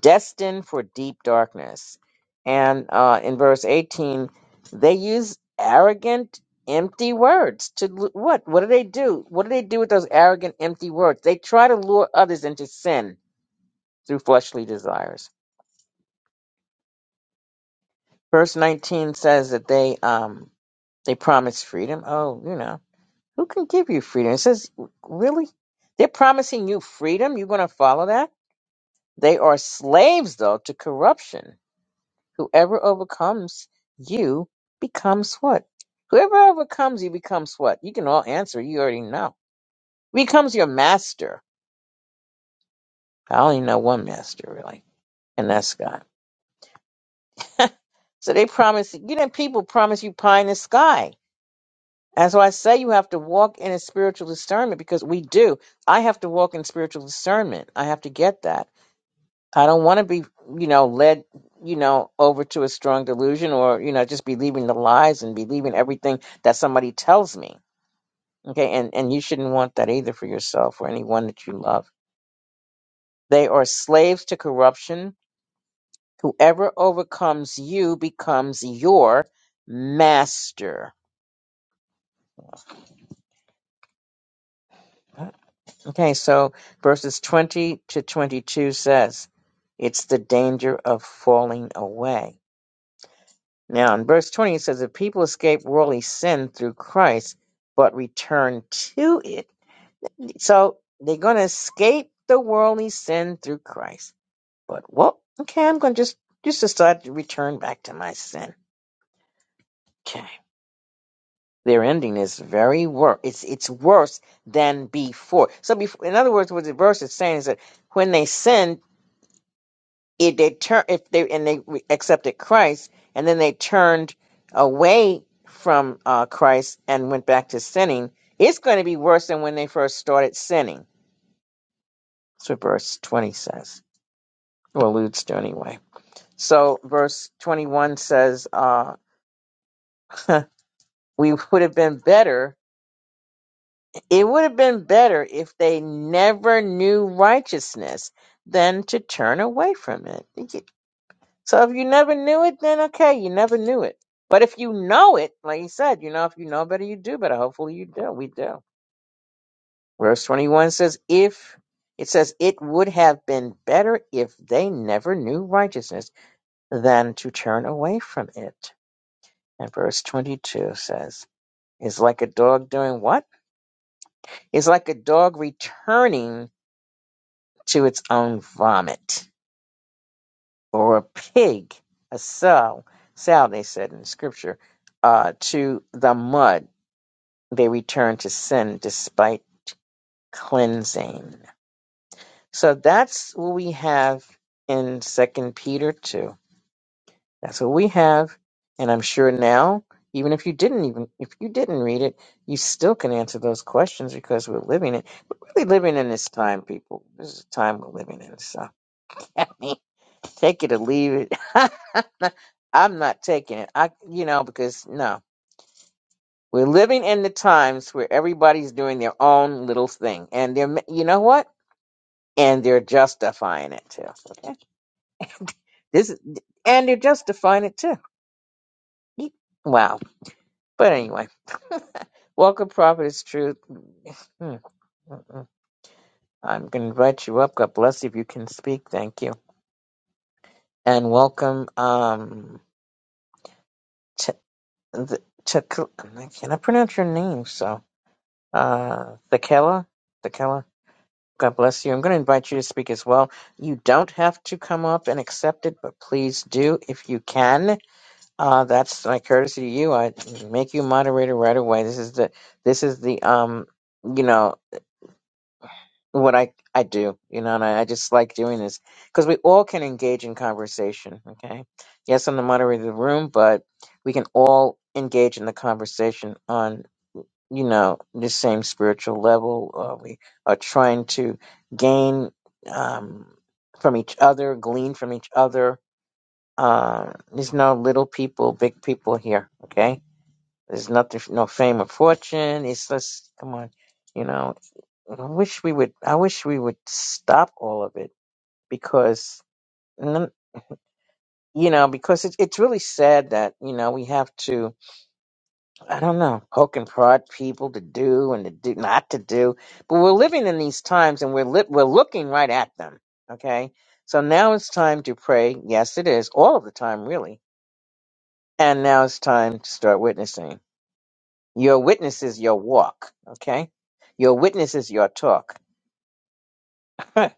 A: destined for deep darkness. And uh, in verse 18, they use arrogant, empty words to lu- what? What do they do? What do they do with those arrogant, empty words? They try to lure others into sin through fleshly desires. Verse 19 says that they um they promise freedom. Oh, you know. Who can give you freedom? It says, really? They're promising you freedom? You're going to follow that? They are slaves, though, to corruption. Whoever overcomes you becomes what? Whoever overcomes you becomes what? You can all answer. You already know. Becomes your master. I only know one master, really, and that's God. so they promise, you know, people promise you pie in the sky. And so I say you have to walk in a spiritual discernment because we do. I have to walk in spiritual discernment. I have to get that I don't want to be, you know, led, you know, over to a strong delusion or, you know, just believing the lies and believing everything that somebody tells me. Okay. And, and you shouldn't want that either for yourself or anyone that you love. They are slaves to corruption. Whoever overcomes you becomes your master. Okay. So verses 20 to 22 says, it's the danger of falling away. Now, in verse 20, it says, If people escape worldly sin through Christ, but return to it. So they're going to escape the worldly sin through Christ. But, well, okay, I'm going to just, just decide to return back to my sin. Okay. Their ending is very worse. It's, it's worse than before. So, before, in other words, what the verse is saying is that when they sin. if they turn if they and they re- accepted Christ and then they turned away from uh, Christ and went back to sinning, it's going to be worse than when they first started sinning. That's what verse twenty says, or alludes to anyway. So verse twenty one says, uh, "We would have been better. It would have been better if they never knew righteousness than to turn away from it." So if you never knew it, then okay, you never knew it. But if you know it, like you said, you know, if you know better, you do better. Hopefully you do. We do. Verse 21 says, if it says, it would have been better if they never knew righteousness than to turn away from it. And verse 22 says, is like a dog doing what? Is like a dog returning to its own vomit or a pig, a sow, sow, they said in scripture, uh, to the mud they return to sin despite cleansing. So that's what we have in Second Peter two. That's what we have, and I'm sure now, even if you didn't even if you didn't read it, you still can answer those questions because we're living it. We're really living in this time, people. This is the time we're living in. So I mean, take it or leave it. I'm not taking it. I, you know, because no. We're living in the times where everybody's doing their own little thing, and they're ma- you know what? And they're justifying it too. Okay? This is, and they're justifying it too. Wow. But anyway, welcome, Prophetess Truth. Hmm. Mm-mm. I'm going to invite you up. God bless you if you can speak. Thank you. And welcome, um, Ch- the, Ch- I cannot pronounce your name, so, uh, Thekela? Thekela? God bless you. I'm going to invite you to speak as well. You don't have to come up and accept it, but please do if you can. Uh, that's my courtesy to you. I make you moderator right away. This is the this is the um you know what I I do you know, and I, I just like doing this because we all can engage in conversation. Okay, yes, I'm the moderator of the room, but we can all engage in the conversation on you know, the same spiritual level. Uh, we are trying to gain um, from each other, glean from each other. Uh, there's no little people, big people here. Okay, there's nothing, no fame or fortune. It's just come on, you know. I wish we would. I wish we would stop all of it because, none- you know, because it's it's really sad that you know we have to I don't know, poke and prod people to do and to do not to do. But we're living in these times and we're li- we're looking right at them. Okay. So now it's time to pray. Yes, it is all of the time, really. And now it's time to start witnessing. Your witness is your walk. Okay. Your witness is your talk.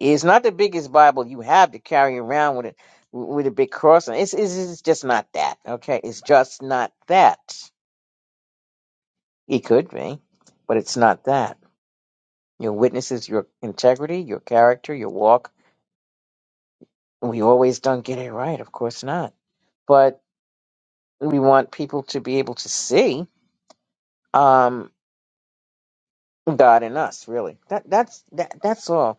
A: it's not the biggest Bible you have to carry around with it, with a big cross. on it. It's, it's, it's just not that. Okay. It's just not that. It could be, but it's not that. Your witness is your integrity, your character, your walk. And we always don't get it right, of course not. But we want people to be able to see um, God in us, really. That that's that, that's all.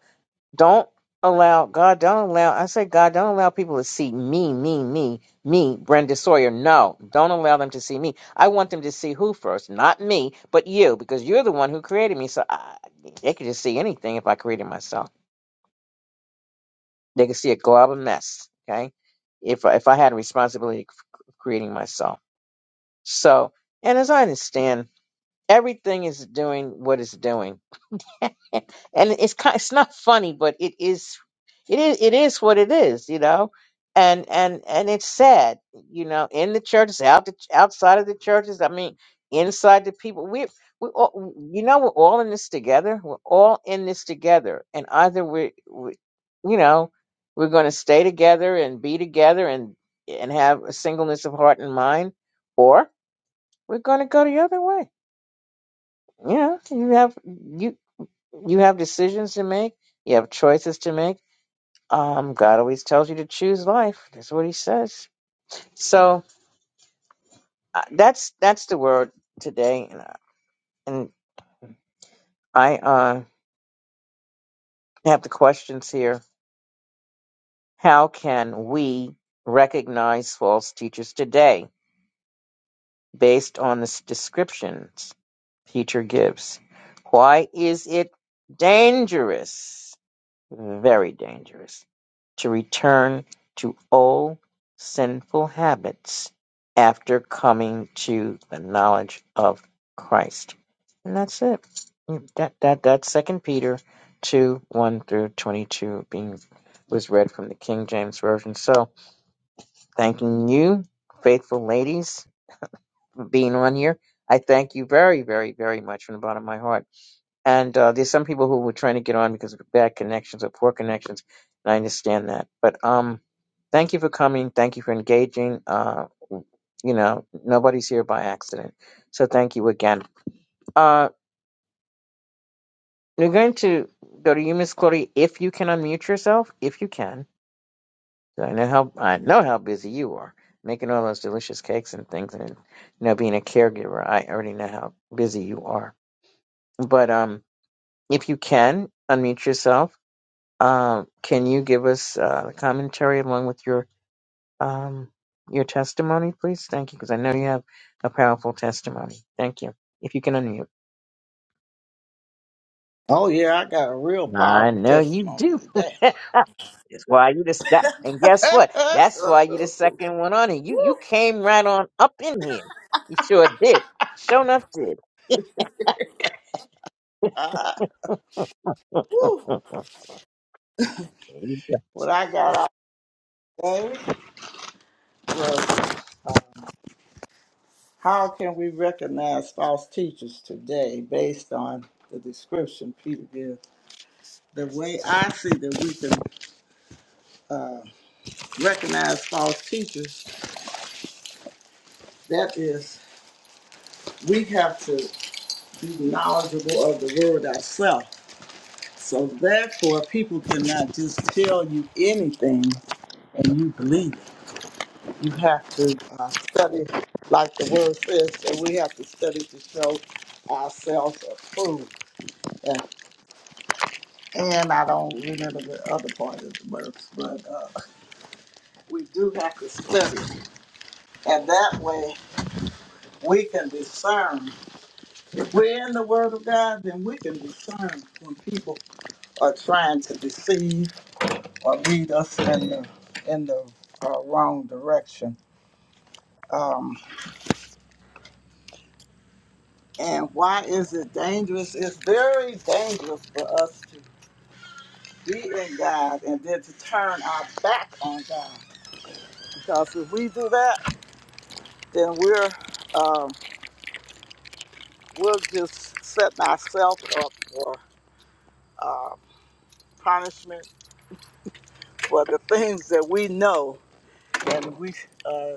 A: Don't allow God. Don't allow. I say God. Don't allow people to see me, me, me, me, Brenda Sawyer. No, don't allow them to see me. I want them to see who first, not me, but you, because you're the one who created me. So I, they could just see anything if I created myself. They can see a glob of mess. Okay, if if I had a responsibility of creating myself, so and as I understand, everything is doing what it's doing and it's kind it's not funny but it is it is it is what it is you know and and and it's sad you know in the churches out the, outside of the churches i mean inside the people we we all you know we're all in this together we're all in this together and either we, we you know we're going to stay together and be together and and have a singleness of heart and mind or we're going to go the other way you know you have you you have decisions to make. You have choices to make. Um, God always tells you to choose life. That's what He says. So uh, that's that's the word today. And, uh, and I uh, have the questions here. How can we recognize false teachers today, based on the s- descriptions teacher gives? Why is it dangerous? Very dangerous. to return to old sinful habits after coming to the knowledge of Christ. And that's it. Mm, That that that's Second Peter two one through twenty two being was read from the King James Version. So thanking you, faithful ladies, for being on here. I thank you very, very, very much from the bottom of my heart. And uh, there's some people who were trying to get on because of bad connections or poor connections, and I understand that. But um, thank you for coming. Thank you for engaging. Uh, you know, nobody's here by accident, so thank you again. Uh, we're going to go to you, Miss Claudia, if you can unmute yourself, if you can. I know how I know how busy you are making all those delicious cakes and things, and you know, being a caregiver. I already know how busy you are, but um, if you can unmute yourself Um, can you give us uh, commentary along with your um, your testimony, please? Thank you, because I know you have a powerful testimony. Thank you. If you can unmute,
C: Oh yeah, I got a real
A: I
C: powerful
A: know you
C: testimony
A: do.
C: today.
A: That's why you just that, and guess what? That's why you the second one on it. You you came right on up in here. You sure did. Sure enough, did.
C: Uh, Whew.
A: There you go.
C: what I got out today was um, how can we recognize false teachers today based on the description Peter gives? The way I see that we can uh, recognize false teachers, that is, we have to be knowledgeable of the word ourselves. So therefore, people cannot just tell you anything and you believe it. You have to uh, study, like the word says, that we have to study to show ourselves approved. And, and I don't remember the other part of the verse, but uh, we do have to study. And that way we can discern. If we're in the Word of God, then we can discern when people are trying to deceive or lead us in the, in the uh, wrong direction. Um, and why is it dangerous? It's very dangerous for us be in God and then to turn our back on God. Because if we do that, then we're um, we're just setting ourselves up for uh, punishment for the things that we know when we uh,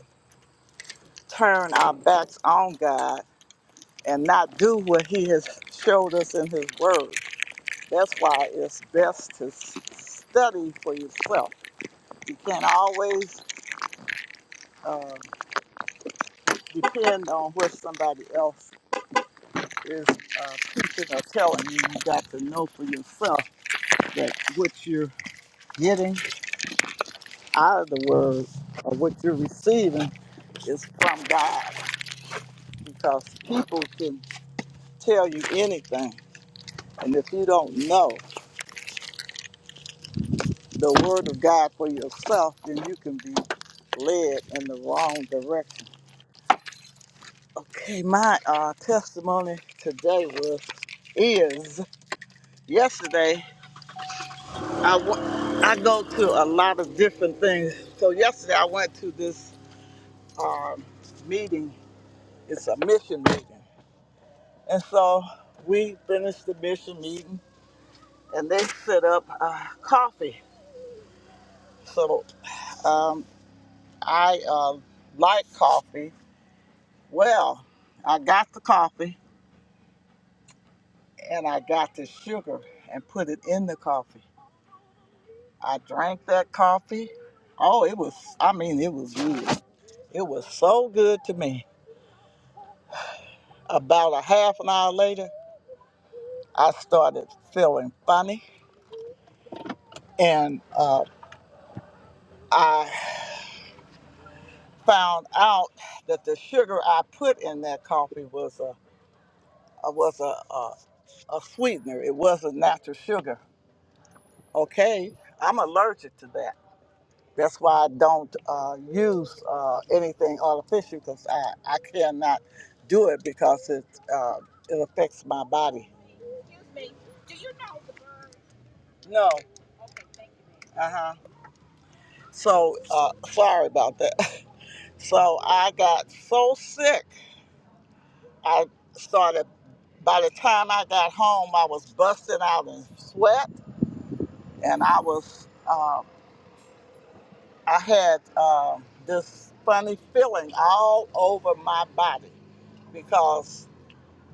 C: turn our backs on God and not do what He has showed us in His Word. That's why it's best to s- study for yourself. You can't always uh, depend on what somebody else is uh, teaching or telling you, you got to know for yourself that what you're getting out of the word or what you're receiving is from God because people can tell you anything. And if you don't know the word of God for yourself, then you can be led in the wrong direction. Okay, my uh, testimony today was is yesterday. I w- I go to a lot of different things. So yesterday I went to this um, meeting. It's a mission meeting, and so we finished the mission meeting, and they set up uh, coffee. So um, I uh, like coffee. Well, I got the coffee, and I got the sugar and put it in the coffee. I drank that coffee. Oh, it was. I mean, it was good. It was so good to me. About a half an hour later, I started feeling funny, and uh, I found out that the sugar I put in that coffee was a uh, was a, a, a sweetener. It wasn't natural sugar. Okay, I'm allergic to that. That's why I don't uh, use uh, anything artificial because I, I cannot do it because it uh, it affects my body. No. Uh huh. So uh, sorry about that. So I got so sick. I started, by the time I got home, I was busting out in sweat and I was, uh, I had uh, this funny feeling all over my body because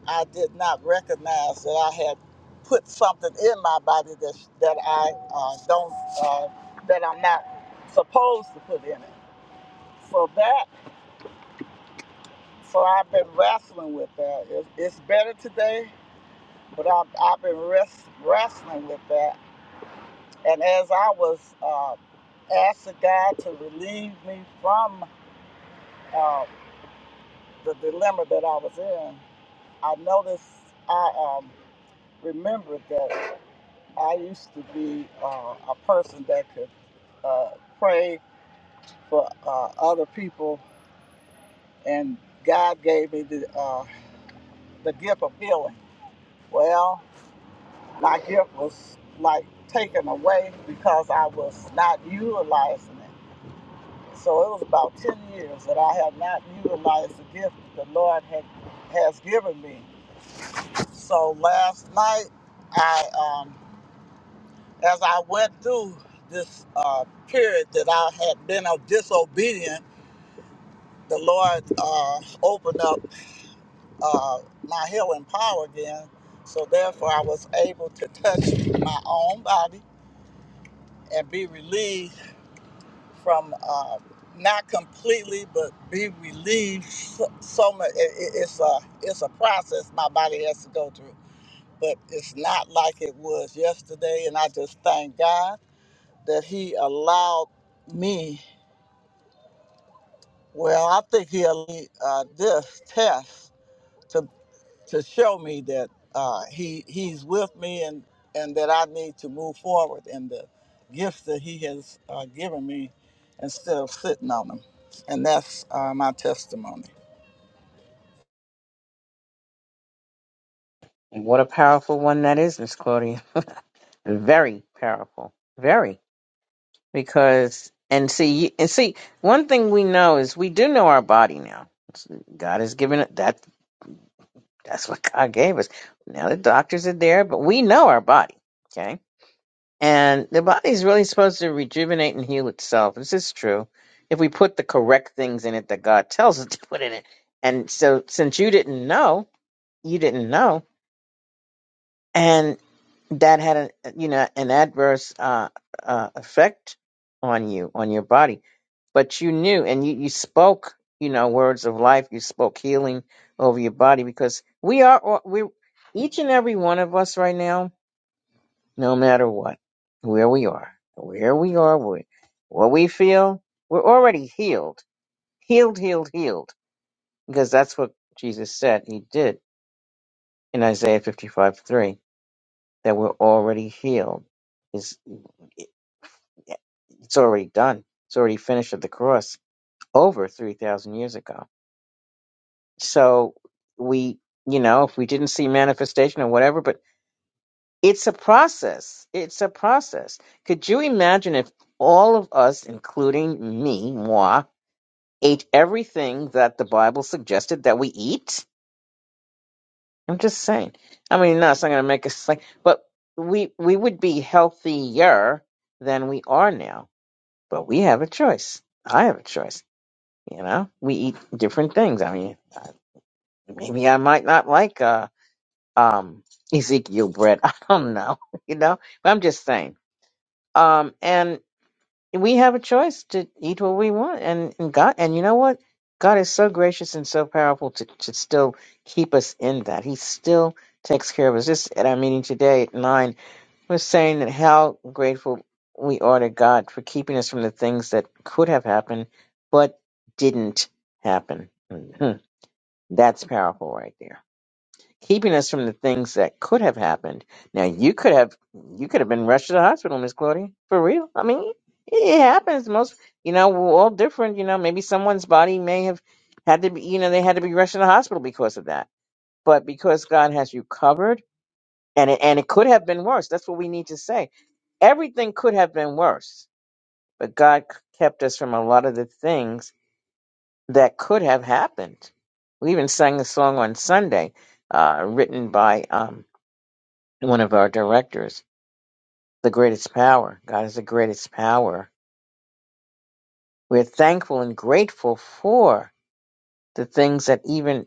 C: I did not recognize that I had put something in my body that, that I uh, don't, uh, that I'm not supposed to put in it. So that, so I've been wrestling with that. It, it's better today but I've, I've been rest, wrestling with that. And as I was uh, asking God to relieve me from uh, the dilemma that I was in, I noticed I um, remembered that I used to be uh, a person that could uh, pray for uh, other people, and God gave me the, uh, the gift of healing. Well, my gift was like taken away because I was not utilizing it. So it was about 10 years that I have not utilized the gift that the Lord had, has given me. So last night, I, um, as I went through this uh, period that I had been of disobedient, the Lord uh, opened up uh, my healing power again. So therefore, I was able to touch my own body and be relieved from uh, not completely, but be relieved. So, so much. It, it, it's a it's a process my body has to go through, but it's not like it was yesterday. And I just thank God that He allowed me. Well, I think He allowed uh, this test to show me that uh, he he's with me and and that I need to move forward in the gifts that he has uh, given me instead of sitting on them. And that's uh, my testimony.
A: And what a powerful one that is, Miss Claudia. Very powerful. Very. because and see you- and see one thing we know is we do know our body now god has given it that that's what god gave us now the doctors are there but we know our body okay and the body is really supposed to rejuvenate and heal itself this is true if we put the correct things in it that god tells us to put in it and so since you didn't know you didn't know and that had an you know an adverse uh, uh effect on you on your body but you knew and you, you spoke you know words of life you spoke healing over your body because we are all- we each and every one of us right now no matter what where we are where we are wh- what we feel we're already healed healed healed healed because that's what jesus said he did in isaiah 55 3 that we're already healed it's, it's already done it's already finished at the cross over 3000 years ago So we, you know, if we didn't see manifestation or whatever, but it's a process. It's a process. Could you imagine if all of us, including me, moi, ate everything that the Bible suggested that we eat? I'm just saying. I mean, no, it's not going to make us like, but we we would be healthier than we are now. But we have a choice. I have a choice. You know, we eat different things. I mean, uh, maybe I might not like. Uh, um Ezekiel Brett. I don't know, you know. But I'm just saying. Um and we have a choice to eat what we want and, and God and you know what? God is so gracious and so powerful to, to still keep us in that. He still takes care of us. This at our meeting today at nine was saying that how grateful we are to God for keeping us from the things that could have happened but didn't happen. That's powerful right there keeping us from the things that could have happened. Now you could have you could have been rushed to the hospital, Miss Claudia. For real. I mean, it happens. Most you know, we're all different. You know, maybe someone's body may have had to be you know, they had to be rushed to the hospital because of that. But because God has you covered and it and it could have been worse. That's what we need to say. Everything could have been worse, but God c- kept us from a lot of the things that could have happened. We even sang a song on Sunday, uh, written by um, one of our directors, the greatest power. God is the greatest power. We're thankful and grateful for the things that even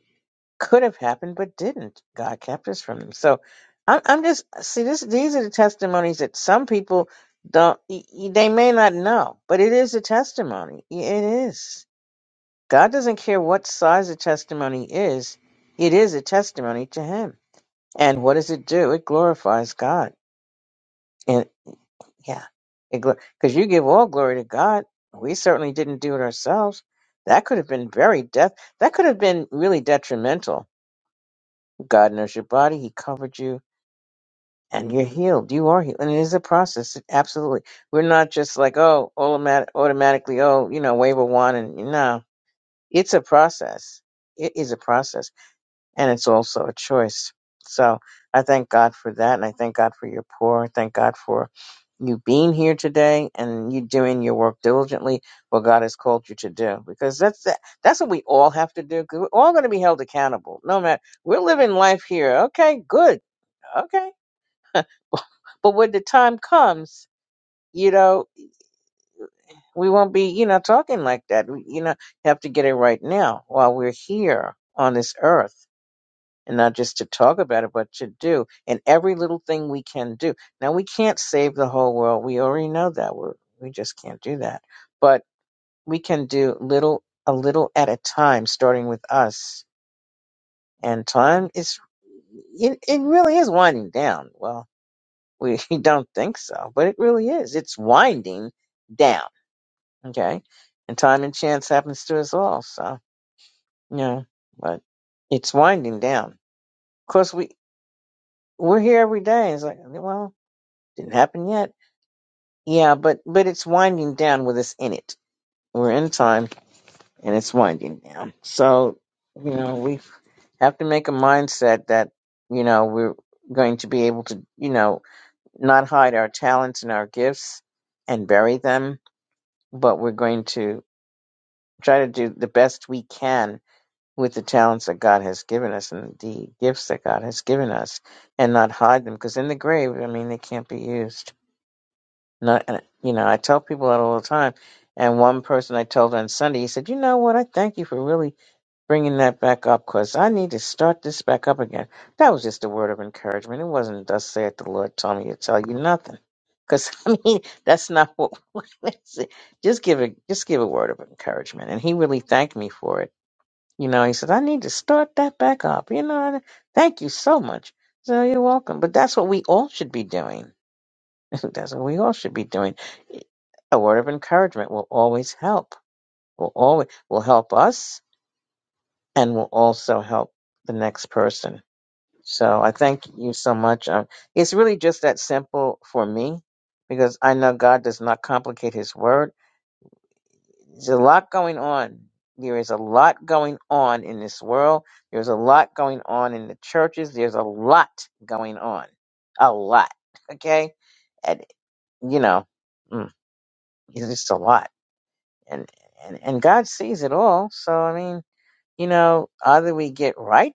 A: could have happened but didn't. God kept us from them. So I'm, I'm just see this. These are the testimonies that some people don't. y- y- They may not know, but it is a testimony. Y- It is. God doesn't care what size a testimony is. It is a testimony to Him. And what does it do? It glorifies God Yeah. Because you give all glory to God. We certainly didn't do it ourselves. That could have been very death. That could have been really detrimental. God knows your body. He covered you and you're healed. You are healed. And it is a process. Absolutely. We're not just like, oh, automatic, automatically, oh, you know, wave a wand and no. It's a process. It is a process and it's also a choice. So I thank God for that, and I thank God for your poor. I thank God for you being here today and you doing your work diligently, what God has called you to do, because that's that, that's what we all have to do. Because we're all going to be held accountable, no matter we're living life here. Okay, good. Okay, but when the time comes, you know, we won't be, you know, talking like that. We, you know, have to get it right now while we're here on this earth and not just to talk about it, but to do. And every little thing we can do. Now we can't save the whole world. We already know that. We're, we just can't do that. But we can do little, a little at a time, starting with us. And time is, it, it really is winding down. Well, we don't think so, but it really is. It's winding down. Okay. And time and chance happens to us all. So, you know, but it's winding down. Of course, we, we're here every day. It's like, well, Didn't happen yet. Yeah, but but it's winding down with us in it. We're in time and it's winding down. So, you know, we have to make a mindset that, you know, we're going to be able to, you know, not hide our talents and our gifts and bury them, but we're going to try to do the best we can with the talents that God has given us and the gifts that God has given us and not hide them because in the grave, I mean, they can't be used. And I, and, you know, I tell people that all the time. And one person I told on Sunday, he said, "You know what? I thank you for really bringing that back up because I need to start this back up again." That was just a word of encouragement. It wasn't "Thus saith the Lord," told me to tell you nothing, because I mean, that's not what. that's it. just give a just give a word of encouragement, and he really thanked me for it. You know, he said, "I need to start that back up." You know, and thank you so much. So you're welcome. But that's what we all should be doing That's what we all should be doing. A word of encouragement will always help. Will always will help us and will also help the next person. So I thank you so much. Um, it's really just that simple for me because I know God does not complicate His word. There's a lot going on. There is a lot going on in this world. There's a lot going on in the churches. There's a lot going on. A lot. Okay? And, you know, mm, it's just a lot. and and and God sees it all. So I mean, you know, either we get right,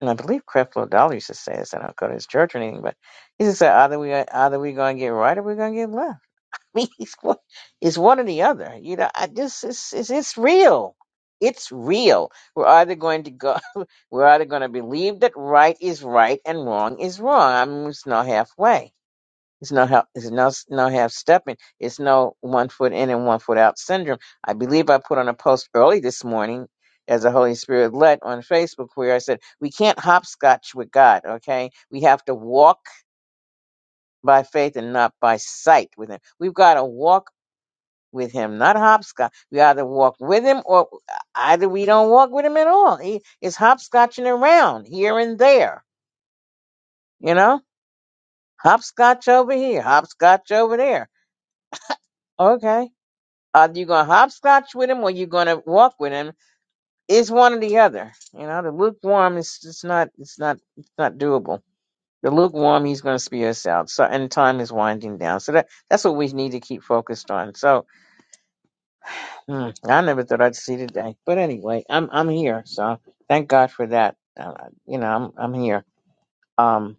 A: and I believe Creflo Dollar used to say this. I don't go to his church or anything, but he used to say either we either we're going to get right or we're going to get left. I mean, it's one, it's one or the other. You know, I just it's it's, it's real. It's real. We're either going to go, we're either going to believe that right is right and wrong is wrong. I'm mean, it's not halfway it's no help. It's no no half stepping. It's no one foot in and one foot out syndrome. I believe I put on a post early this morning, as the Holy Spirit led on Facebook, where I said we can't hopscotch with God. Okay, we have to walk by faith and not by sight with Him. We've got to walk with Him, not hopscotch. We either walk with Him or either we don't walk with Him at all. He is hopscotching around here and there. You know, hopscotch over here, hopscotch over there. Okay Are you gonna hopscotch with him or you gonna walk with him? It's one or the other. You know, the lukewarm is it's not it's not it's not doable. The lukewarm he's gonna spew us out. So and time is winding down. So that that's what we need to keep focused on. So hmm, I never thought I'd see today. But anyway, I'm I'm here. So thank God for that. Uh, you know, I'm I'm here. Um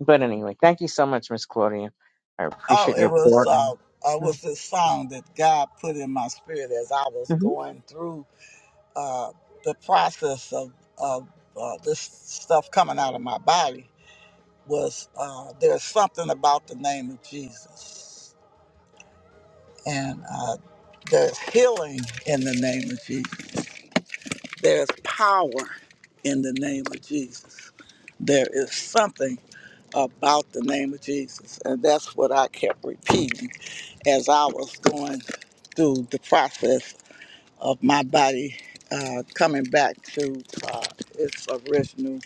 A: but anyway, thank you so much, Miss Claudia. I
C: Oh,
A: appreciate
C: it
A: your
C: was
A: support.
C: uh, uh, was this song that God put in my spirit as I was
A: Mm-hmm.
C: going through uh, the process of of uh, this stuff coming out of my body was uh, there's something about the name of Jesus. And uh, there's healing in the name of Jesus. There's power in the name of Jesus. There is something about the name of Jesus. And that's what I kept repeating as I was going through the process of my body uh, coming back to uh, its original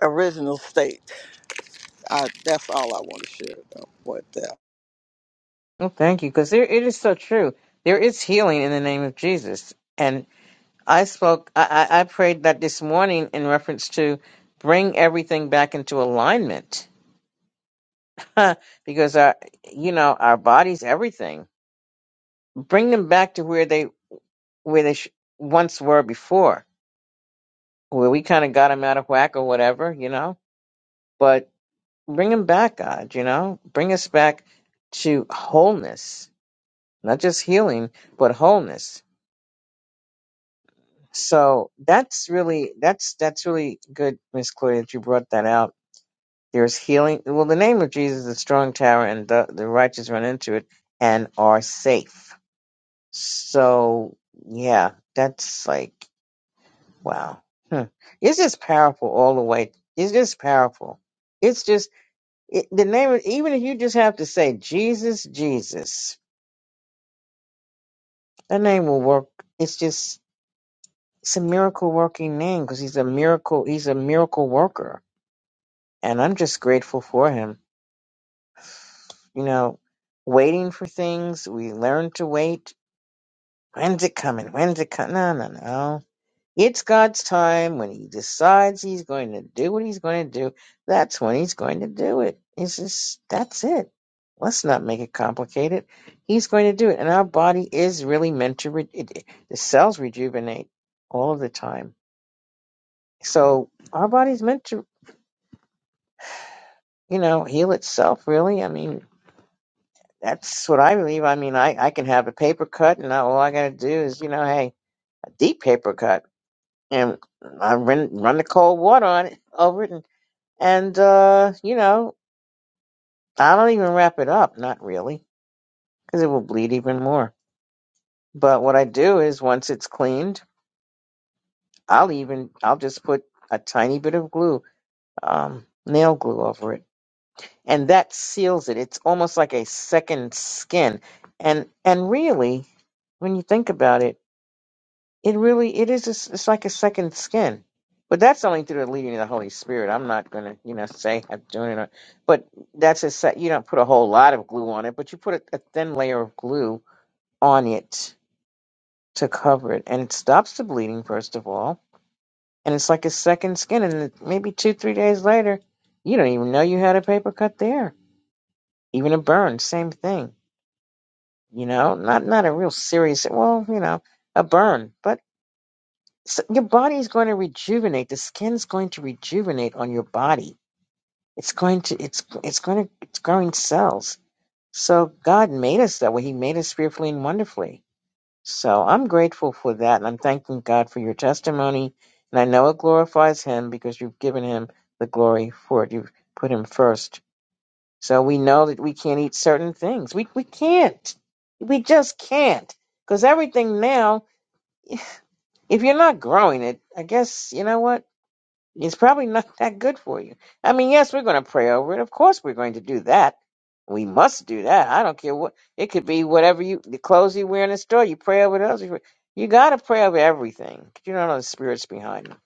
C: original state. I, that's all I want to share about what that.
A: Well, thank you, because there it is so true. There is healing in the name of Jesus, and I spoke, I, I, I prayed that this morning in reference to bring everything back into alignment, because our, you know, our bodies, everything, bring them back to where they where they sh- once were before, where we kind of got them out of whack or whatever, you know. But bring them back, God, you know, bring us back to wholeness, not just healing, but wholeness So that's really that's that's really good, Miss Claudia, that you brought that out. There's healing. Well, the name of Jesus is a strong tower, and the, the righteous run into it and are safe. So yeah, that's like wow. Hmm. It's just powerful all the way. It's just powerful. It's just it, the name. of- Even if you just have to say Jesus, Jesus, that name will work. It's just it's a miracle working name because he's a miracle. He's a miracle worker and I'm just grateful for him. You know, waiting for things, we learn to wait. When's it coming? When's it coming? No, no, no. It's God's time when He decides He's going to do what He's going to do. That's when He's going to do it. It's just, that's it. Let's not make it complicated. He's going to do it. And our body is really meant to, re- it, it- the cells rejuvenate all of the time. So our body's meant to, you know, heal itself, really. I mean, that's what I believe. I mean, I, I can have a paper cut, and I, all I got to do is, you know, hey, a deep paper cut, and I run run the cold water on it over it, and and uh, you know, I don't even wrap it up, not really, because it will bleed even more. But what I do is, once it's cleaned, I'll even I'll just put a tiny bit of glue, um, nail glue over it, and that seals it. It's almost like a second skin, and and really, when you think about it. It really it is a s it's like a second skin. But that's only through the leading of the Holy Spirit. I'm not gonna, you know, say I'm doing it. Or, but that's a set. You don't put a whole lot of glue on it, but you put a, a thin layer of glue on it to cover it, and it stops the bleeding first of all. And it's like a second skin, and then maybe two, three days later, you don't even know you had a paper cut there. Even a burn, same thing. You know, not not a real serious. Well, you know, a burn, but So your body is going to rejuvenate. The skin's going to rejuvenate on your body. It's going to it's it's going to it's growing cells. So God made us that way. He made us fearfully and wonderfully. So I'm grateful for that, and I'm thanking God for your testimony. And I know it glorifies Him because you've given Him the glory for it. You've put Him first. So we know that we can't eat certain things. We we can't. We just can't. Because everything now, if you're not growing it, I guess you know what It's probably not that good for you. I mean, yes, we're going to pray over it. Of course, we're going to do that. We must do that. I don't care what it could be. Whatever you, the clothes you wear in the store, you pray over those. You, you got to pray over everything. You don't know the spirits behind them.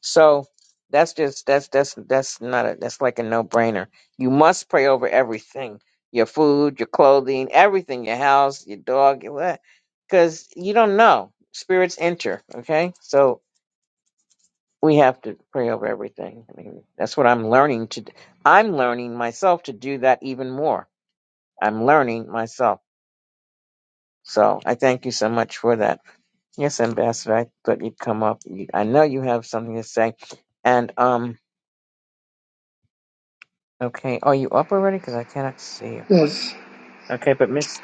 A: So that's just that's that's that's not a that's like a no brainer. You must pray over everything: your food, your clothing, everything, your house, your dog, your what, because you don't know spirits enter. Okay, so we have to pray over everything. I mean, that's what I'm learning to. d- I'm learning myself to do that even more. I'm learning myself. So I thank you so much for that. Yes, Ambassador, I thought you'd come up. You- I know you have something to say. And um, okay, are you up already? Because I cannot see you.
D: Yes.
A: Okay, but Miss.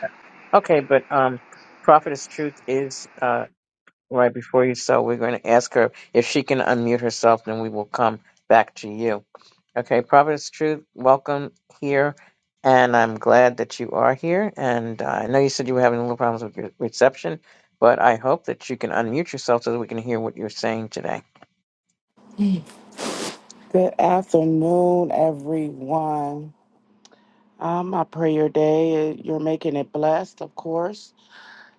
A: Okay, but um, Prophetess Truth is. Right before you so we're going to ask her if she can unmute herself, then we will come back to you. Okay, Providence Truth, welcome here, and I'm glad that you are here. And uh, I know you said you were having a little problems with your reception, but I hope that you can unmute yourself so that we can hear what you're saying today.
E: Good afternoon, everyone. Um, I pray your day you're making it blessed, of course.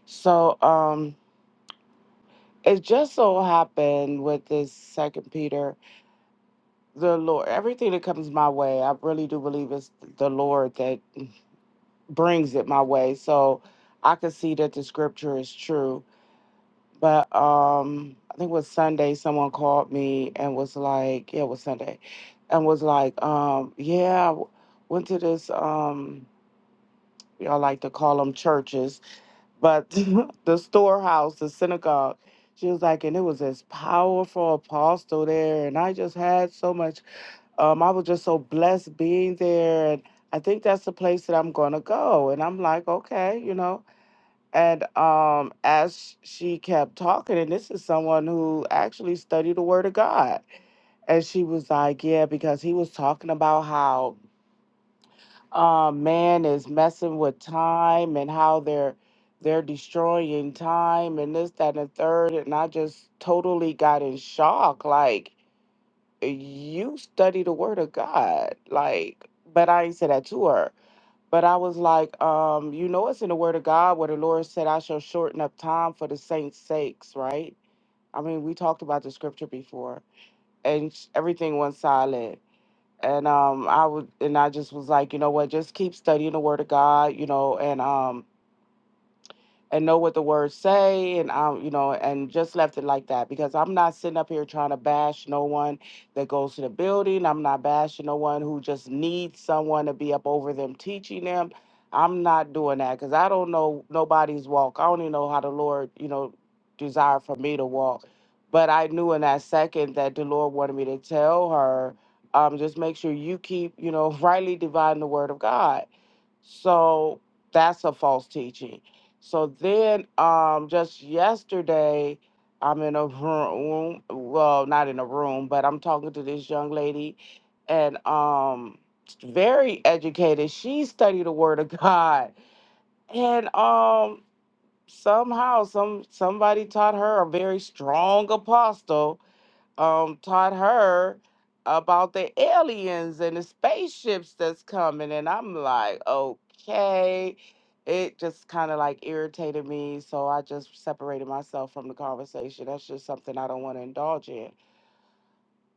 E: So, um, it just so happened with this Second Peter, the Lord, everything that comes my way, I really do believe it's the Lord that brings it my way. So, I could see that the scripture is true. But um, I think it was Sunday. Someone called me and was like, "Yeah, it was Sunday," and was like, um, "Yeah, I w- went to this." Um, y'all like to call them churches, but the storehouse, the synagogue. She was like, and it was this powerful apostle there. And I just had so much, um, I was just so blessed being there. And I think that's the place that I'm going to go. And I'm like, okay, you know. And um, as she kept talking, and this is someone who actually studied the Word of God. And she was like, yeah, because he was talking about how uh, man is messing with time and how they're they're destroying time and this that and the third and i just totally got in shock like you study the word of god like but i ain't not say that to her but i was like um you know it's in the word of god where the lord said i shall shorten up time for the saints sakes right i mean we talked about the scripture before and sh- everything went silent and um I would and I just was like, you know what, just keep studying the word of God, you know, and um and know what the words say and um you know and just left it like that because i'm not sitting up here trying to bash no one that goes to the building i'm not bashing no one who just needs someone to be up over them teaching them i'm not doing that because i don't know nobody's walk i only know how the lord you know desired for me to walk but i knew in that second that the lord wanted me to tell her um, just make sure you keep you know rightly dividing the word of god so that's a false teaching. So then, um, just yesterday, I'm in a room. Well, not in a room, but I'm talking to this young lady, and um, very educated. She studied the Word of God, and um, somehow, some somebody taught her a very strong apostle um, taught her about the aliens and the spaceships that's coming. And I'm like, okay. It just kind of like irritated me. So I just separated myself from the conversation. That's just something I don't want to indulge in.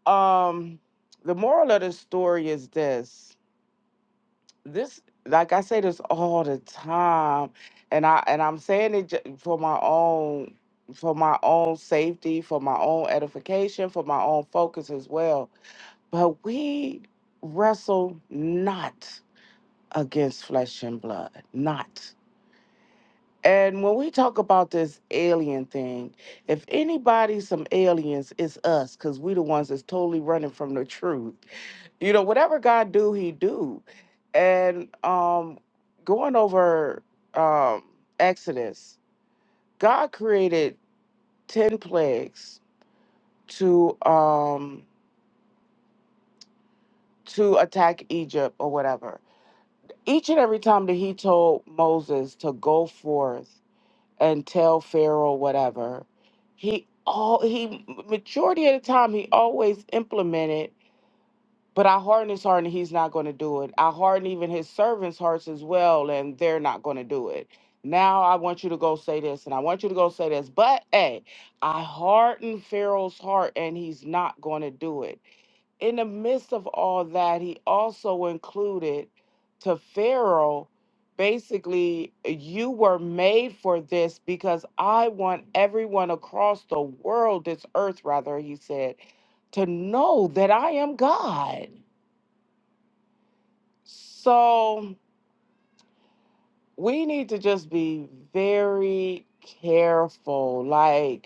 E: Um, the moral of the story is this this like i say this all the time and i and i'm saying it ju- for my own for my own safety for my own edification for my own focus as well but we wrestle not against flesh and blood, not. And when we talk about this alien thing, if anybody some aliens, it's us, because we the ones that's totally running from the truth. You know, whatever God do, he do. And um going over um Exodus, God created ten plagues to um to attack Egypt or whatever Each and every time that he told Moses to go forth and tell Pharaoh whatever, he all he majority of the time he always implemented. But I harden his heart, and he's not going to do it. I harden even his servants' hearts as well, and they're not going to do it. Now I want you to go say this, and I want you to go say this. But hey, I harden Pharaoh's heart, and he's not going to do it in the midst of all that, he also included to Pharaoh basically, you were made for this because I want everyone across the world, this earth, rather, he said, to know that I am God. So we need to just be very careful. Like,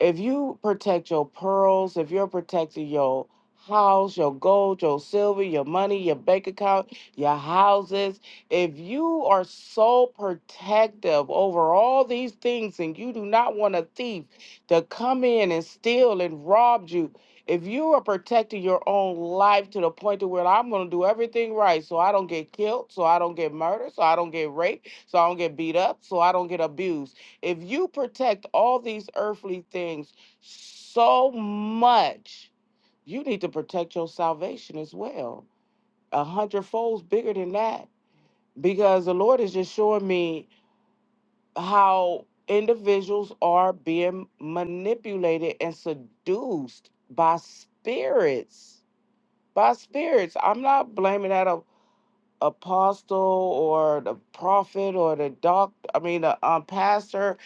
E: if you protect your pearls, if you're protecting your house, your gold, your silver, your money, your bank account, your houses, if you are so protective over all these things and you do not want a thief to come in and steal and rob you, if you are protecting your own life to the point to where I'm going to do everything right so I don't get killed, so I don't get murdered, so I don't get raped, so I don't get beat up, so I don't get abused if you protect all these earthly things so much, you need to protect your salvation as well. A hundred folds bigger than that. Because the Lord is just showing me how individuals are being manipulated and seduced by spirits. By spirits. I'm not blaming that a apostle or the prophet or the doc I mean the um, pastor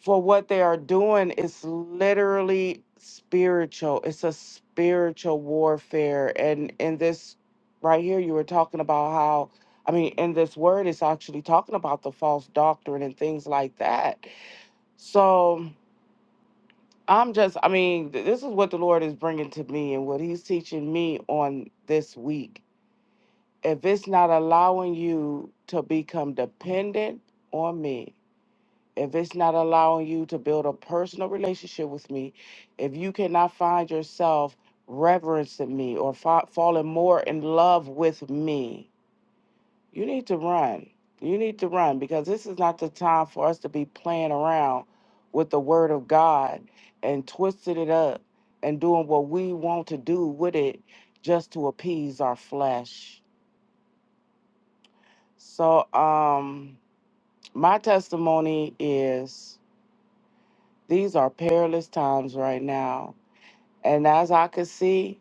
E: for what they are doing is literally spiritual. It's a spiritual warfare. And in this right here, you were talking about how, I mean, in this word, it's actually talking about the false doctrine and things like that. So I'm just, I mean, th- this is what the Lord is bringing to me and what He's teaching me on this week. If it's not allowing you to become dependent on me, if it's not allowing you to build a personal relationship with me, if you cannot find yourself reverencing me or fa- falling more in love with me, you need to run. You need to run because this is not the time for us to be playing around with the word of God and twisting it up and doing what we want to do with it just to appease our flesh. So, um, my testimony is. These are perilous times right now. And as I could see,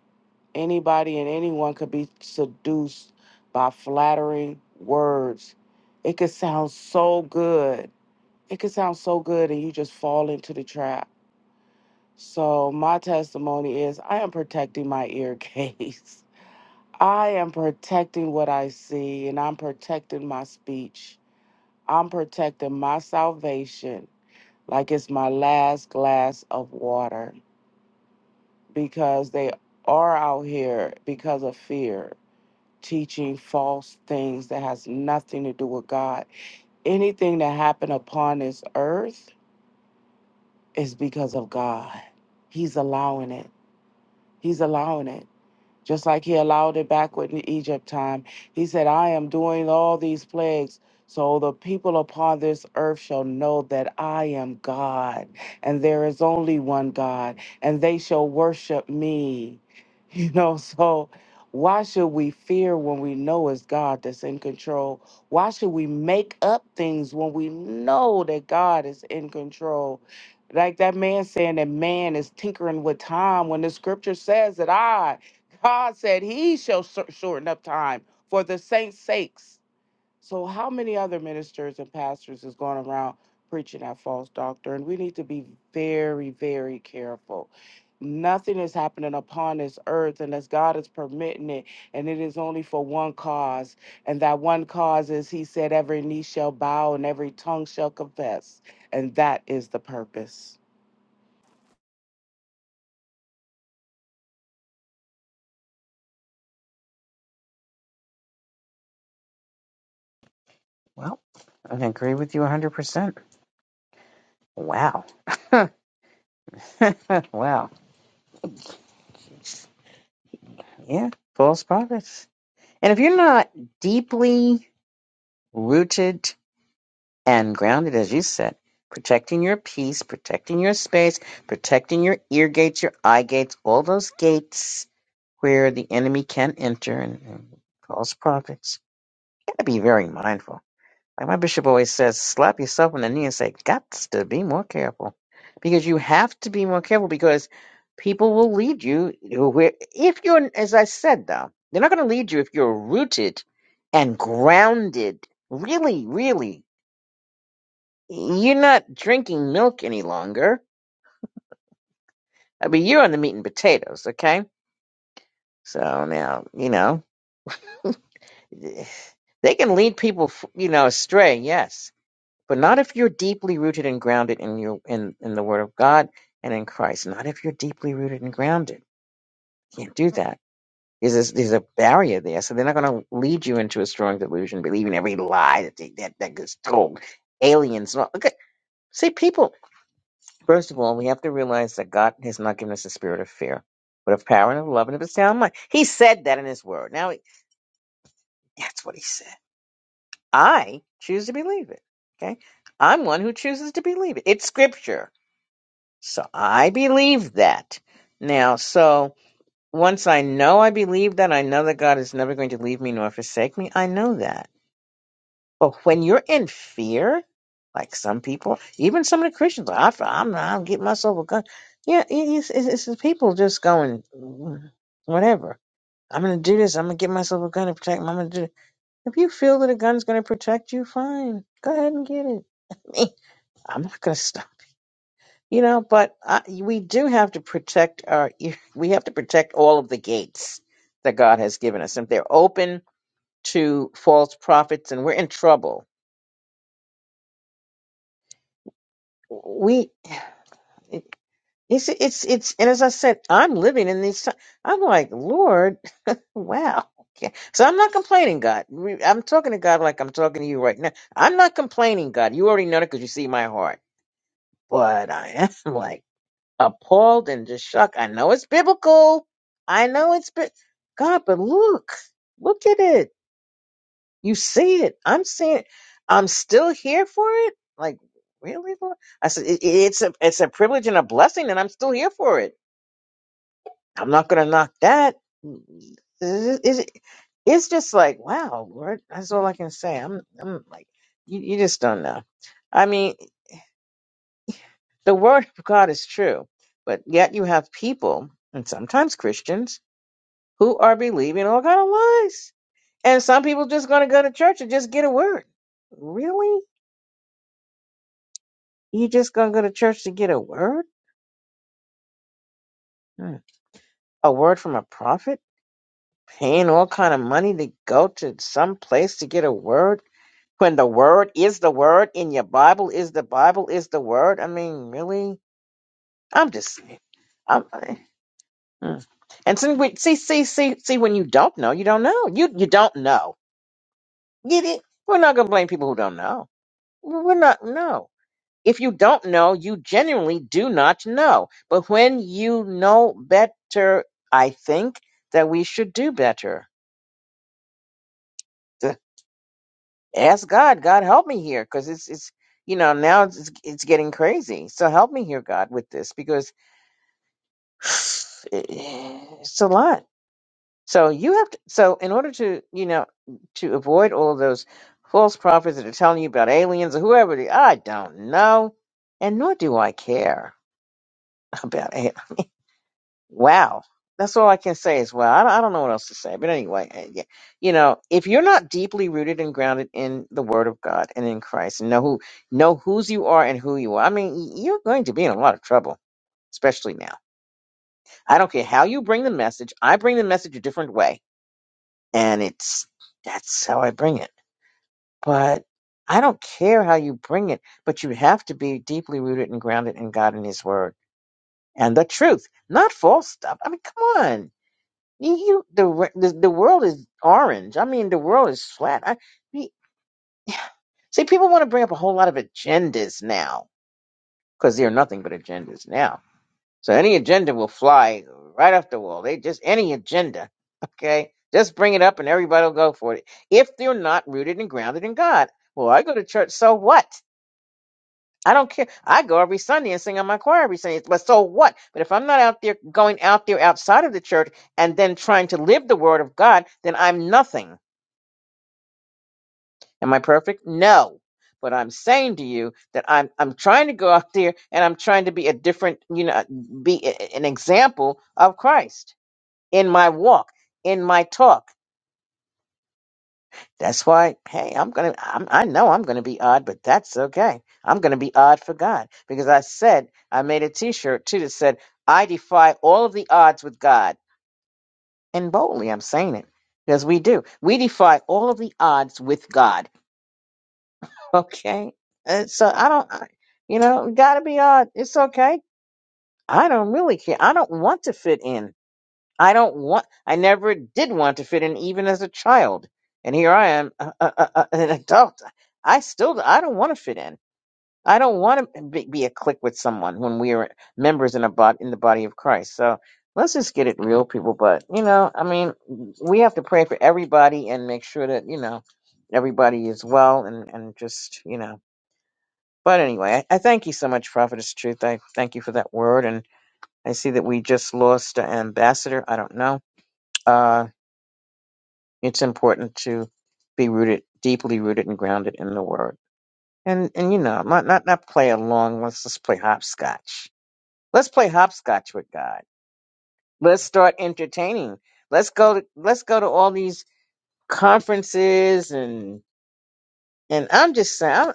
E: anybody and anyone could be seduced by flattering words. It could sound so good. It could sound so good, and you just fall into the trap. So, my testimony is I am protecting my ear case. I am protecting what I see, and I'm protecting my speech. I'm protecting my salvation like it's my last glass of water. because they are out here because of fear teaching false things that has nothing to do with God. Anything that happened upon this earth is because of God. He's allowing it. He's allowing it just like he allowed it back with the Egypt time. He said, I am doing all these plagues. So the people upon this earth shall know that I am God, and there is only one God, and they shall worship me. You know, so why should we fear when we know it's God that's in control? Why should we make up things when we know that God is in control? Like that man saying that man is tinkering with time when the scripture says that I God said he shall shor- shorten up time for the saints' sakes. So, how many other ministers and pastors is going around preaching that false doctrine? We need to be very, very careful. Nothing is happening upon this earth unless God is permitting it, and it is only for one cause. And that one cause is, He said, every knee shall bow and every tongue shall confess. And that is the purpose.
A: Well, I agree with you 100%. Wow. wow. Yeah, false prophets. And if you're not deeply rooted and grounded, as you said, protecting your peace, protecting your space, protecting your ear gates, your eye gates, all those gates where the enemy can enter and, and false prophets. You gotta be very mindful. Like my bishop always says, slap yourself on the knee and say, Gots to be more careful. Because you have to be more careful because people will lead you where, if you're, as I said though, they're not going to lead you if you're rooted and grounded. Really, really. You're not drinking milk any longer. I mean, you're on the meat and potatoes, okay? So now, you know, they can lead people, f- you know, astray, yes, but not if you're deeply rooted and grounded in your in in the Word of God and in Christ. Not if you're deeply rooted and grounded. Can't do that. There's this, there's a barrier there, so they're not going to lead you into a strong delusion, believing every lie that they, that that gets told. Aliens, and all- okay. See, people. First of all, we have to realize that God has not given us a spirit of fear, but of power and of love and of a sound mind. He said that in His Word. Now, he- that's what He said. I choose to believe it. Okay? I'm one who chooses to believe it. It's Scripture. So I believe that. Now, so once I know I believe that, I know that God is never going to leave me nor forsake me. I know that. But when you're in fear, like some people, even some of the Christians, I, I'm I'll get myself a gun. Yeah, it- it's, it's, it's the people just going "Mm, whatever. I'm gonna do this. I'm gonna get myself a gun to protect. me. I'm gonna do. It. If you feel that a gun's gonna protect you, fine. Go ahead and get it. I I'm not gonna stop. You know, but I, we do have to protect our. e, We have to protect all of the gates that God has given us. If they're open to false prophets, and we're in trouble, we It- It's it's it's and as I said, I'm living in these. ti- I'm like Lord, wow. Okay. So I'm not complaining, God. We- I'm talking to God like I'm talking to you right now. I'm not complaining, God. You already know that because you see my heart. But I am like appalled and just shocked. I know it's biblical. I know it's bi- God, but look, look at it. You see it. I'm seeing it. I'm still here for it. Like really, Lord? I said it, it's a it's a privilege and a blessing, and I'm still here for it. I'm not gonna knock that. Is it- is it- It's just like wow, Lord. That's all I can say. I'm I'm like you, you just don't know. I mean, the word of God is true, but yet you have people and sometimes Christians who are believing all kind of lies. And some people just gonna go to church and just get a word. Really? You just gonna go to church to get a word? Hmm. A word from a prophet? Paying all kind of money to go to some place to get a word? when the word is the word in your Bible is the Bible is the word. I mean, really? I'm just saying. I'm, I- mm. and see, we- see, see, see, see, when you don't know, you don't know. You you don't know. Get it? We're not gonna blame people who don't know. We're not no. If you don't know, you genuinely do not know. But when you know better, I think that we should do better. ask God, God help me here, because it's it's you know now it's it's getting crazy. So help me here, God, with this because it- it's a lot. So you have to. So in order to you know to avoid all of those false prophets that are telling you about aliens or whoever, they- I don't know, and nor do I care about aliens. Wow. That's all I can say is wow. I don't, I don't know what else to say. But anyway, eh, yeah. you know, if you're not deeply rooted and grounded in the Word of God and in Christ, and know who know whose you are and who you are, I mean, you're going to be in a lot of trouble, especially now. I don't care how you bring the message. I bring the message a different way, and it's that's how I bring it. But I don't care how you bring it, but you have to be deeply rooted and grounded in God and His Word and the truth, not false stuff. I mean, come on You, you the, re- the the world is orange. I mean, the world is flat. I we- see people want to bring up a whole lot of agendas now because they're nothing but agendas now. So any agenda will fly right off the wall. They just any agenda, okay? Just bring it up and everybody will go for it if they're not rooted and grounded in God. Well, I go to church, so what? I don't care. I go every Sunday and sing on my choir every Sunday, but so what? But if I'm not out there going out there outside of the church and then trying to live the word of God, then I'm nothing Am I perfect? No. But I'm saying to you that I'm I'm trying to go out there and I'm trying to be a different, you know, be a- an example of Christ in my walk, in my talk. That's why, hey, I'm gonna, I'm, I know I'm gonna be odd, but that's okay. I'm gonna be odd for God because I said I made a T-shirt too that said I defy all of the odds with God, and boldly I'm saying it because we do. We defy all of the odds with God Okay. And so I don't, I- you know, got to be odd. It's okay. I don't really care. I don't want to fit in. I don't want, I never did want to fit in, even as a child. And here I am, uh, uh, uh, uh, an adult. I still, I don't want to fit in. I don't want to be, be a clique with someone when we are members in a bod in the body of Christ. So let's just get it real, people. But you know, I mean, we have to pray for everybody and make sure that you know everybody is well and and just you know but anyway, I, I thank you so much, Prophetess Truth. I thank you for that word. And I see that we just lost an ambassador. I don't know. Uh, it's important to be rooted, deeply rooted and grounded in the word. And, and you know, not, not, not play along. Let's just play hopscotch. Let's play hopscotch with God. Let's start entertaining. Let's go to, let's go to all these conferences and, and I'm just saying,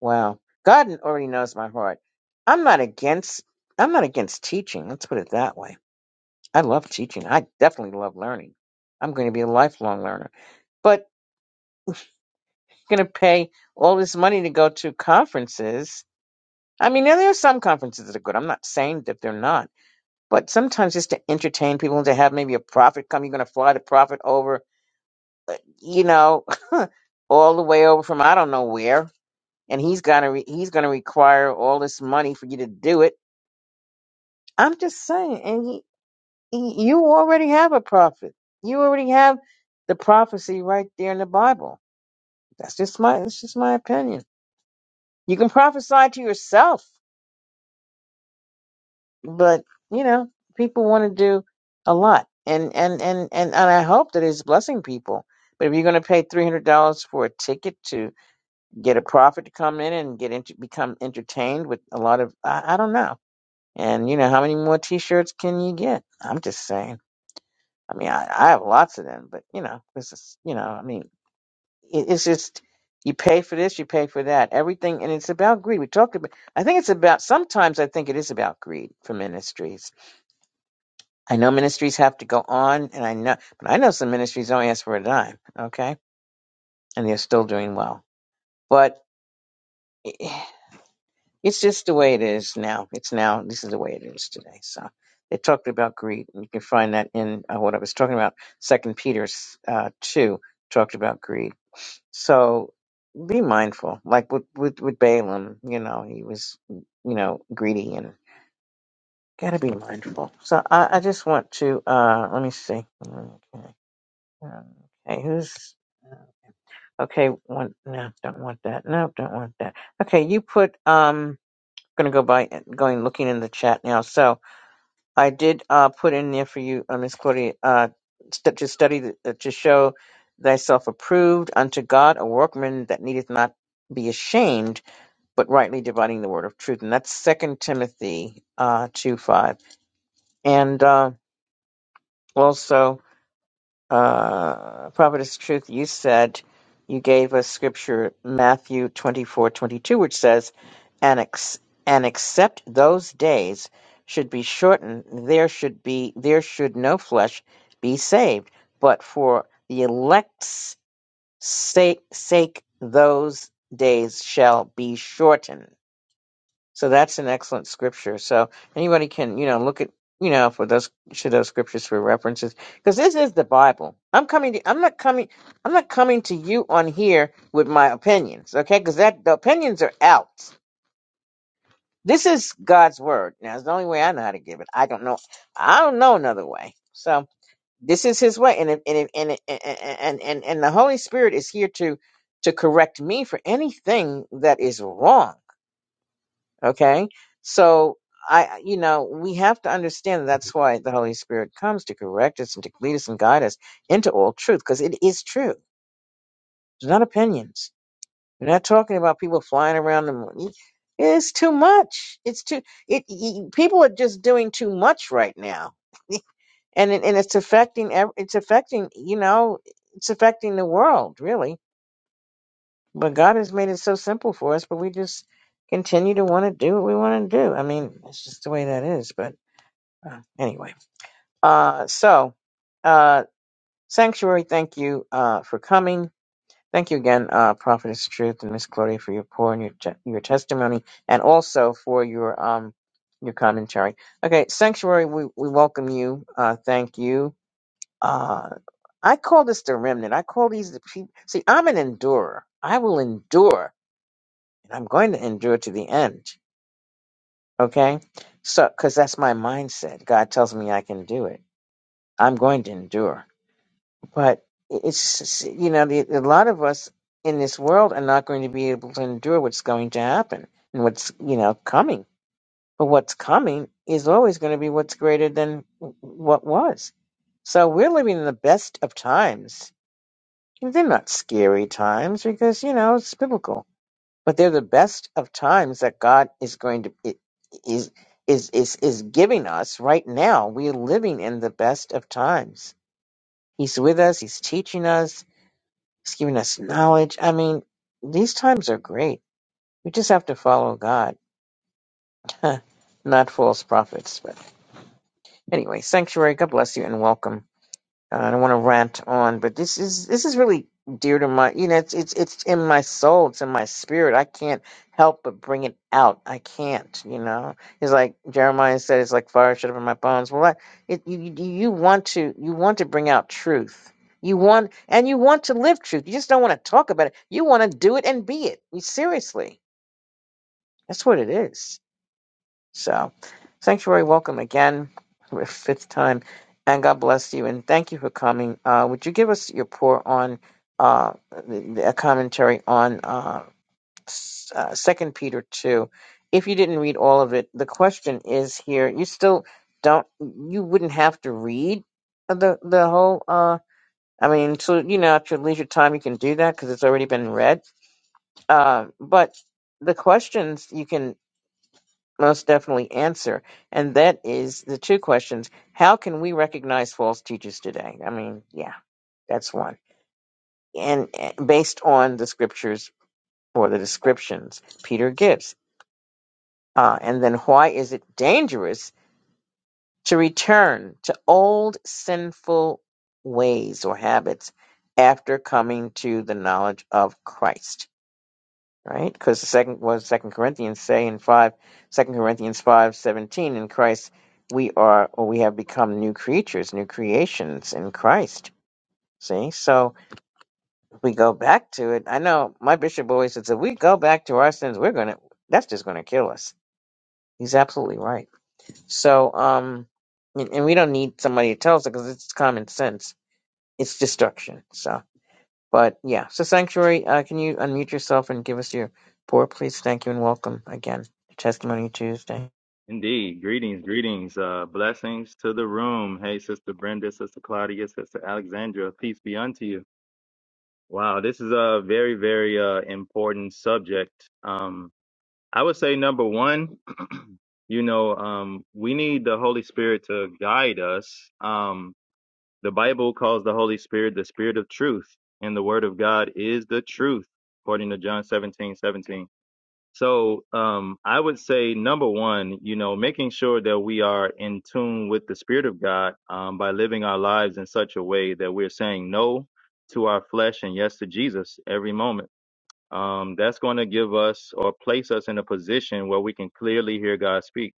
A: Wow. God already knows my heart. I'm not against I'm not against teaching. Let's put it that way. I love teaching. I definitely love learning. I'm going to be a lifelong learner. But going to pay all this money to go to conferences. I mean, now there are some conferences that are good. I'm not saying that they're not. But sometimes just to entertain people and to have maybe a prophet come, you're going to fly the prophet over, you know, all the way over from I don't know where, and he's going to re- he's going to require all this money for you to do it I'm just saying, and he, he, you already have a prophet. You already have the prophecy right there in the Bible. That's just my that's just my opinion. You can prophesy to yourself, but you know people want to do a lot, and and and and and I hope that it's blessing people. But if you're going to pay three hundred dollars for a ticket to get a prophet to come in and get into become entertained with a lot of I, I don't know, and you know how many more T-shirts can you get? I'm just saying. I mean, I, I have lots of them, but you know, this is, you know, I mean, it, it's just you pay for this, you pay for that, everything, and it's about greed. We talked about. I think it's about. Sometimes I think it is about greed for ministries. I know ministries have to go on, and I know, but I know some ministries don't ask for a dime. Okay, and they're still doing well. But it's just the way it is now. It's now. This is the way it is today. So they talked about greed. and You can find that in uh, what I was talking about. Second Peter's uh, two talked about greed. So be mindful. Like with, with, with Balaam, you know, he was, you know, greedy and gotta be mindful. So I, I just want to, uh, let me see. Okay. Okay. Who's, okay. One, no, don't want that. No, don't want that. Okay. You put, um, gonna go by uh, going looking in the chat now. so I did uh, put in there for you, uh, Miss Claudia, uh, st- to study the, uh, to show thyself approved unto God, a workman that needeth not be ashamed, but rightly dividing the word of truth. And that's Second Timothy uh, two five, and uh, also uh, Prophetess Truth, you said you gave us scripture Matthew twenty four twenty two, which says, and, ex- and except those days should be shortened, there should be there should no flesh be saved, but for the elect's sake, sake those days shall be shortened. So that's an excellent scripture. So anybody can, you know, look at, you know, for those should those scriptures for references, because this is the Bible. I'm coming. To, I'm not coming. I'm not coming to you on here with my opinions, okay? Because that the opinions are out. This is God's word. Now it's the only way I know how to give it. I don't know. I don't know another way. So this is His way, and it- and it- and it- and and and, and the Holy Spirit is here to to correct me for anything that is wrong Okay. So I, you know, we have to understand that that's why the Holy Spirit comes to correct us and to lead us and guide us into all truth because it is true. It's not opinions. We're not talking about people flying around the moon. It's too much. It's too, it, y- people are just doing too much right now. and, it, and it's affecting, ev- it's affecting, you know, it's affecting the world really but God has made it so simple for us, but we just continue to want to do what we want to do. I mean, it's just the way that is. But uh, anyway, uh, so uh, sanctuary, thank you uh, for coming. Thank you again, uh, Prophetess Truth and Miss Claudia, for your pour and your te- your testimony, and also for your um your commentary. Okay, sanctuary, we we welcome you. Uh, thank you. Uh, I call this the remnant. I call these the people. See, I'm an endurer. I will endure and I'm going to endure to the end. Okay? So, because that's my mindset. God tells me I can do it. I'm going to endure. But it's, you know, the, a lot of us in this world are not going to be able to endure what's going to happen and what's, you know, coming. But what's coming is always going to be what's greater than what was. So we're living in the best of times. And They're not scary times because, you know, it's biblical but they're the best of times that God is going to i- is is is is giving us right now. We are living in the best of times. He's with us. He's teaching us. He's giving us knowledge. I mean, these times are great. We just have to follow God, not false prophets. But anyway, sanctuary. God bless you and welcome. uh, I don't want to rant on, but this is this is really dear to my you know it's it's it's in my soul, it's in my spirit. I can't help but bring it out. I can't, you know. It's like Jeremiah said, it's like fire shut up in my bones. Well, I, it, you you you want to you want to bring out truth. You want and you want to live truth. You just don't want to talk about it. You want to do it and be it. You, seriously, that's what it is. So, Sanctuary, welcome again. We're fifth time. And God bless you. And thank you for coming. Uh, would you give us your pour on uh, the, the- a commentary on uh, s- uh, 2 Peter 2? If you didn't read all of it, the question is here. You still don't, you wouldn't have to read the, the whole, uh, I mean, so, you know, at your leisure time, you can do that because it's already been read. Uh, but the questions you can most definitely answer, and that is the two questions. How can we recognize false teachers today? I mean, yeah, that's one. And eh, based on the scriptures or the descriptions Peter gives. Uh, and then why is it dangerous to return to old sinful ways or habits after coming to the knowledge of Christ? right? Because the second was Second Corinthians say in five, Second Corinthians five seventeen. In Christ, we are or we have become new creatures, new creations in Christ. See, so if we go back to it. I know my bishop always says if we go back to our sins, we're gonna that's just gonna kill us. He's absolutely right. So, um, and, and we don't need somebody to tell us because it's common sense. It's destruction. So. But yeah, so Sanctuary, uh, can you unmute yourself and give us your pour, please? Thank you and welcome again to Testimony Tuesday.
F: Indeed. Greetings, greetings. Uh, blessings to the room. Hey, Sister Brenda, Sister Claudia, Sister Alexandra, peace be unto you. Wow, this is a very, very uh, important subject. Um, I would say, number one, you know, um, we need the Holy Spirit to guide us. Um, the Bible calls the Holy Spirit the Spirit of truth, and the Word of God is the truth, according to John 17:17. So um, I would say number one, you know, making sure that we are in tune with the Spirit of God um, by living our lives in such a way that we're saying no to our flesh and yes to Jesus every moment. Um, that's going to give us or place us in a position where we can clearly hear God speak.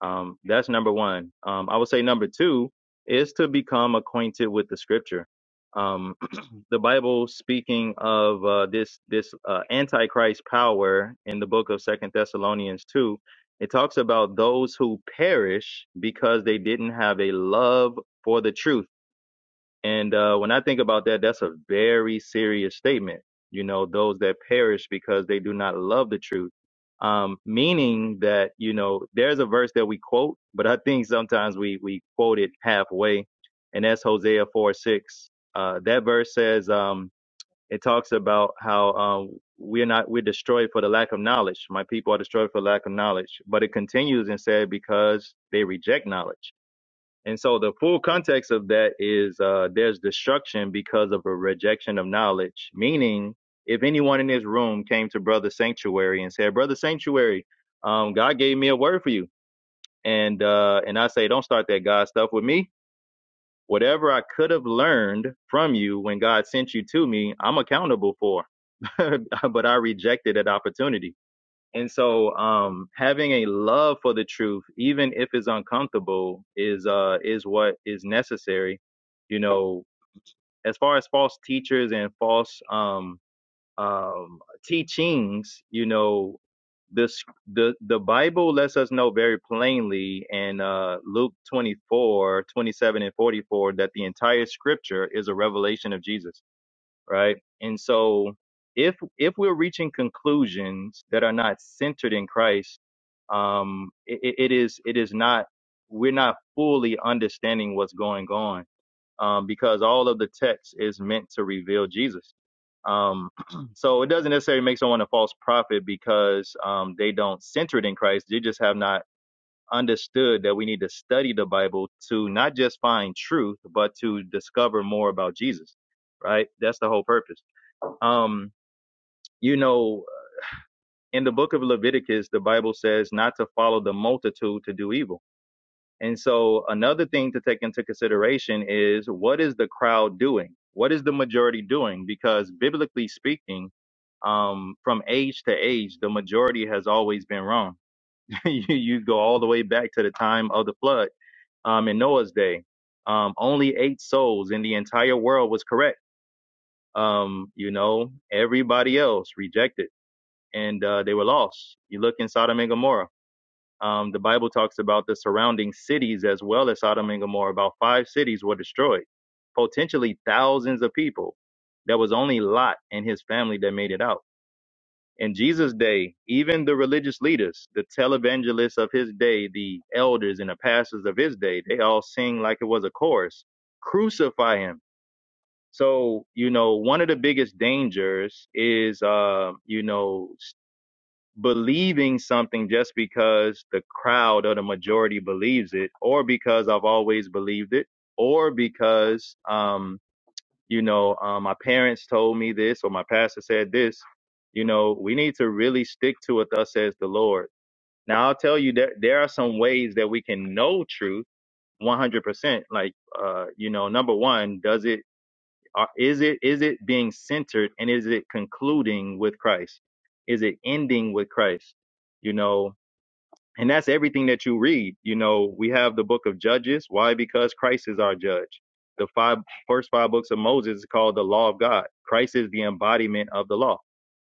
F: Um, that's number one. Um, I would say number two is to become acquainted with the scripture. Um, the Bible speaking of uh, this this uh, antichrist power in the book of Second Thessalonians two, it talks about those who perish because they didn't have a love for the truth and uh, when I think about that, that's a very serious statement. You know, those that perish because they do not love the truth. Um, meaning that, you know, there's a verse that we quote, but I think sometimes we, we quote it halfway. And that's Hosea 4 6. Uh, that verse says, um, it talks about how um, we're not, we're destroyed for the lack of knowledge. My people are destroyed for lack of knowledge. But it continues and said, because they reject knowledge. And so the full context of that is uh, there's destruction because of a rejection of knowledge. Meaning, if anyone in this room came to Brother Sanctuary and said, "Brother Sanctuary, um, God gave me a word for you," and uh, and I say, "Don't start that God stuff with me. Whatever I could have learned from you when God sent you to me, I'm accountable for. but I rejected that opportunity." And so um having a love for the truth, even if it's uncomfortable, is uh is what is necessary. You know, as far as false teachers and false um um teachings, you know, this the the Bible lets us know very plainly in uh Luke 24, 27, and 44 that the entire scripture is a revelation of Jesus right? And so if if we're reaching conclusions that are not centered in Christ, um, it, it is it is not we're not fully understanding what's going on um, because all of the text is meant to reveal Jesus. Um, so it doesn't necessarily make someone a false prophet because um, they don't center it in Christ. They just have not understood that we need to study the Bible to not just find truth, but to discover more about Jesus. Right? That's the whole purpose. Um, you know, in the book of Leviticus, the Bible says not to follow the multitude to do evil. And so another thing to take into consideration is what is the crowd doing? What is the majority doing? Because biblically speaking, um, from age to age, the majority has always been wrong. you, you go all the way back to the time of the flood um, in Noah's day. Um, only eight souls in the entire world was correct. Um, you know, everybody else rejected and uh, they were lost. You look in Sodom and Gomorrah. Um, the Bible talks about the surrounding cities as well as Sodom and Gomorrah. About five cities were destroyed, potentially thousands of people. There was only Lot and his family that made it out. In Jesus' day, even the religious leaders, the televangelists of his day, the elders and the pastors of his day, they all sing like it was a chorus crucify him. So, you know, one of the biggest dangers is, uh, you know, believing something just because the crowd or the majority believes it, or because I've always believed it, or because um, you know uh, my parents told me this or my pastor said this. You know, we need to really stick to what thus says the Lord. Now I'll tell you that there are some ways that we can know truth 100%. Like, uh, you know, number one, does it are- Is it is it being centered and is it concluding with Christ? Is it ending with Christ? You know, and that's everything that you read you know we have the book of judges why because christ is our judge the five first five books of moses is called the law of god christ is the embodiment of the law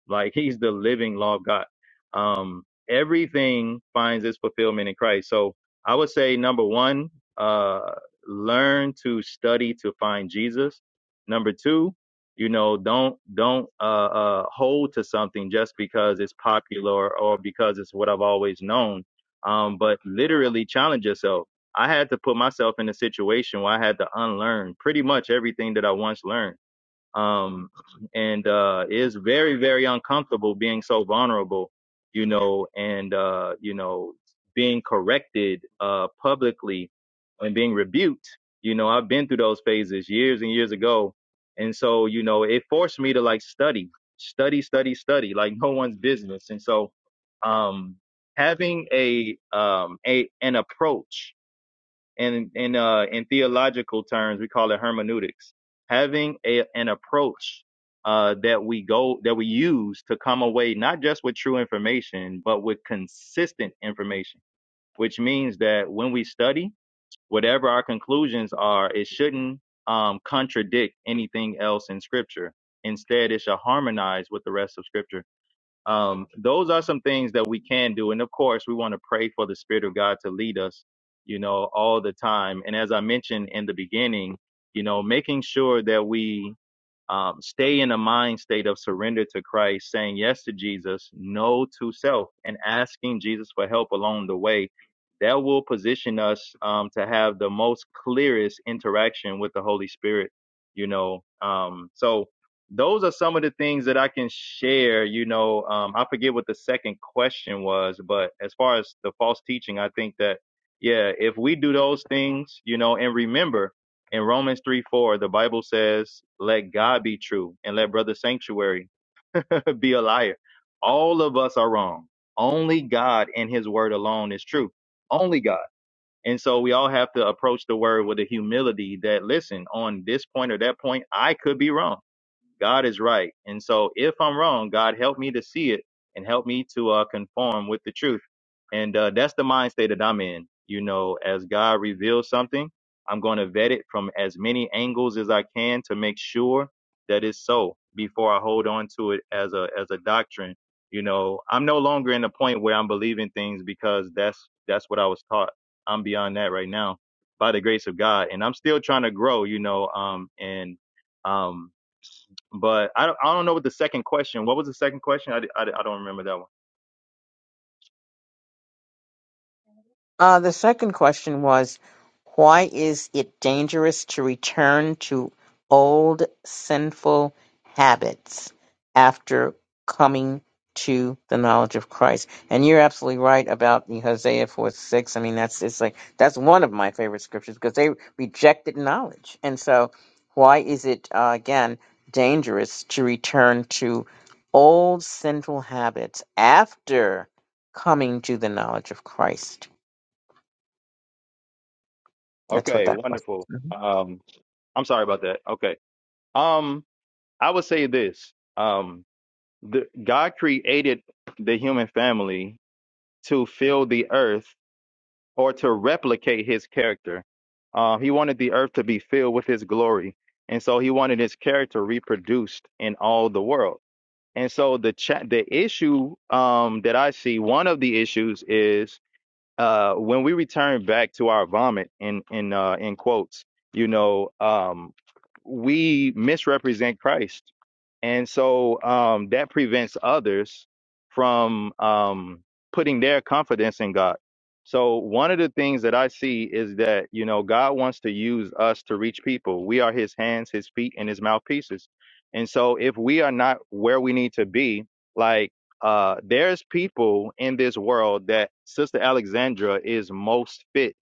F: like he's the living law of god um everything finds its fulfillment in christ so i would say number one uh learn to study to find jesus number two you know don't don't uh uh hold to something just because it's popular or because it's what i've always known um, but literally challenge yourself. I had to put myself in a situation where I had to unlearn pretty much everything that I once learned um, and uh, it is very very uncomfortable being so vulnerable, you know, and uh, you know being corrected uh, publicly and being rebuked. You know, I've been through those phases years and years ago, and so you know it forced me to like study, study, study, study, like no one's business. And so um, having a um, a an approach and in uh, in theological terms, we call it hermeneutics. Having a, an approach uh, that we go that we use to come away not just with true information, but with consistent information, which means that when we study, whatever our conclusions are, it shouldn't um, contradict anything else in Scripture. Instead, it should harmonize with the rest of Scripture um, those are some things that we can do. And of course, we want to pray for the Spirit of God to lead us, you know, all the time. And as I mentioned in the beginning, you know, making sure that we um, stay in a mind state of surrender to Christ, saying yes to Jesus, no to self, and asking Jesus for help along the way, that will position us um, to have the most clearest interaction with the Holy Spirit, you know. Um, so, those are some of the things that I can share, you know. Um, I forget what the second question was, but as far as the false teaching, I think that, yeah, if we do those things, you know, and remember, in Romans 3 4, the Bible says, Let God be true and let brother sanctuary be a liar. All of us are wrong. Only God and his word alone is true. Only God. And so we all have to approach the word with a humility that, listen, on this point or that point, I could be wrong. God is right. And so if I'm wrong, God help me to see it and help me to uh, conform with the truth. And uh, that's the mind state that I'm in. You know, as God reveals something, I'm going to vet it from as many angles as I can to make sure that it's so before I hold on to it as a as a doctrine. You know, I'm no longer in the point where I'm believing things because that's that's what I was taught. I'm beyond that right now by the grace of God, and I'm still trying to grow. You know, um, and um, but I don't, I don't know what the second question. What was the second question? I, d- I, d- I don't remember that one.
A: Uh, the second question was, why is it dangerous to return to old sinful habits after coming to the knowledge of Christ? And you're absolutely right about the Hosea 4 6. I mean, that's it's like that's one of my favorite scriptures because they rejected knowledge. And so, why is it uh, again dangerous to return to old sinful habits after coming to the knowledge of Christ? That's what
F: Okay,
A: that was.
F: wonderful.
A: Mhm.
F: Um, I'm sorry about that. Okay. Um, I would say this. Um, the, God created the human family to fill the earth or to replicate His character. Uh, he wanted the earth to be filled with His glory, and so He wanted His character reproduced in all the world. And so the cha- the issue um, that I see, one of the issues is uh, when we return back to our vomit in in uh, in quotes, you know, um, we misrepresent Christ, and so um, that prevents others from um, putting their confidence in God. So one of the things that I see is that you know God wants to use us to reach people. We are His hands, His feet, and His mouthpieces. And so if we are not where we need to be, like uh, there's people in this world that Sister Alexandra is most fit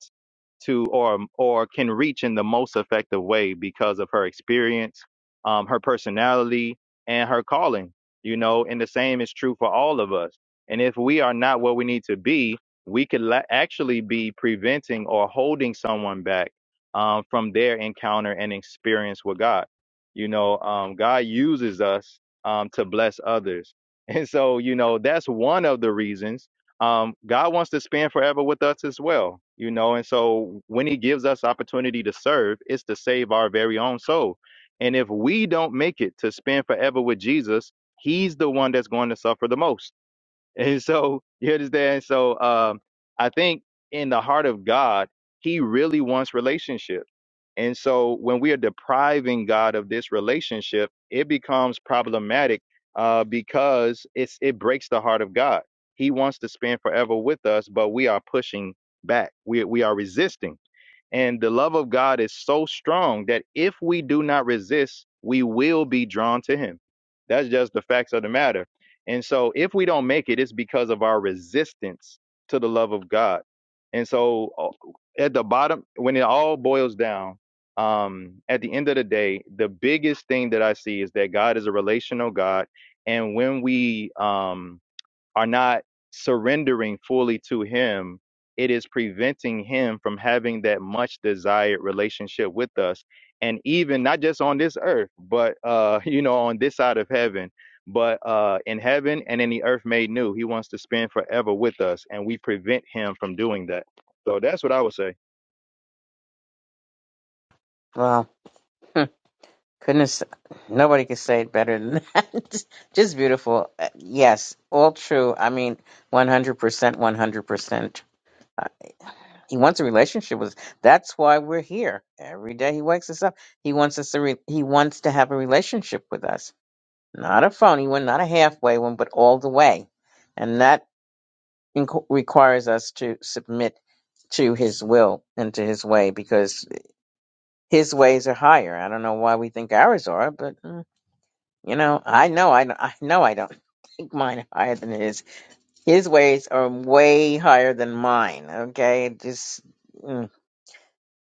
F: to or or can reach in the most effective way because of her experience, um, her personality, and her calling. You know, and the same is true for all of us. And if we are not where we need to be, we could la- actually be preventing or holding someone back um, from their encounter and experience with God. You know, um, God uses us um, to bless others and so, you know, that's one of the reasons. Um, God wants to spend forever with us as well, you know. And so, when He gives us opportunity to serve, it's to save our very own soul. And if we don't make it to spend forever with Jesus, He's the one that's going to suffer the most and so you understand? So um, I think in the heart of God, He really wants relationship. And so when we are depriving God of this relationship, it becomes problematic uh, because it's it breaks the heart of God. He wants to spend forever with us, but we are pushing back. We we are resisting. And the love of God is so strong that if we do not resist, we will be drawn to him. That's just the facts of the matter. And so if we don't make it, it's because of our resistance to the love of God. And so uh, at the bottom, when it all boils down, um, at the end of the day, the biggest thing that I see is that God is a relational God. And when we, um, are not surrendering fully to Him, it is preventing Him from having that much desired relationship with us. And even not just on this earth, but, uh, you know, on this side of heaven, but uh, in heaven and in the earth made new, He wants to spend forever with us, and we prevent Him from doing that. So that's what I would say.
A: Well, goodness, nobody could say it better than that. Just beautiful. Uh, Yes, all true. I mean, 100%, 100%. Uh, He wants a relationship with That's why we're here. Every day he wakes us up. He wants us to re- he wants to have a relationship with us. not a phony one, not a halfway one, but all the way. And that inqu- requires us to submit to his will and to his way because his ways are higher. I don't know why we think ours are, but uh, you know, I know I, don't- I know I don't think mine are higher than his. His ways are way higher than mine. Okay, just. mm,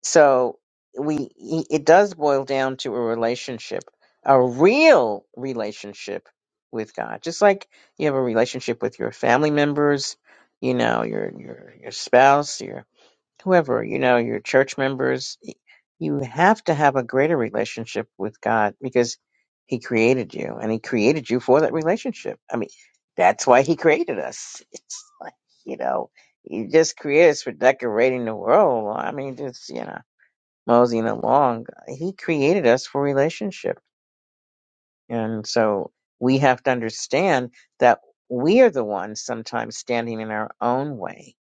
A: So we e, it does boil down to a relationship, a real relationship with God. Just like you have a relationship with your family members, you know, your your your spouse, your whoever, you know, your church members, y- you have to have a greater relationship with God because he created you and he created you for that relationship. I mean, that's why he created us. It's like, you know, he just created us for decorating the world. I mean, just, you know moseying along, he created us for relationship. And so we have to understand that we are the ones sometimes standing in our own way.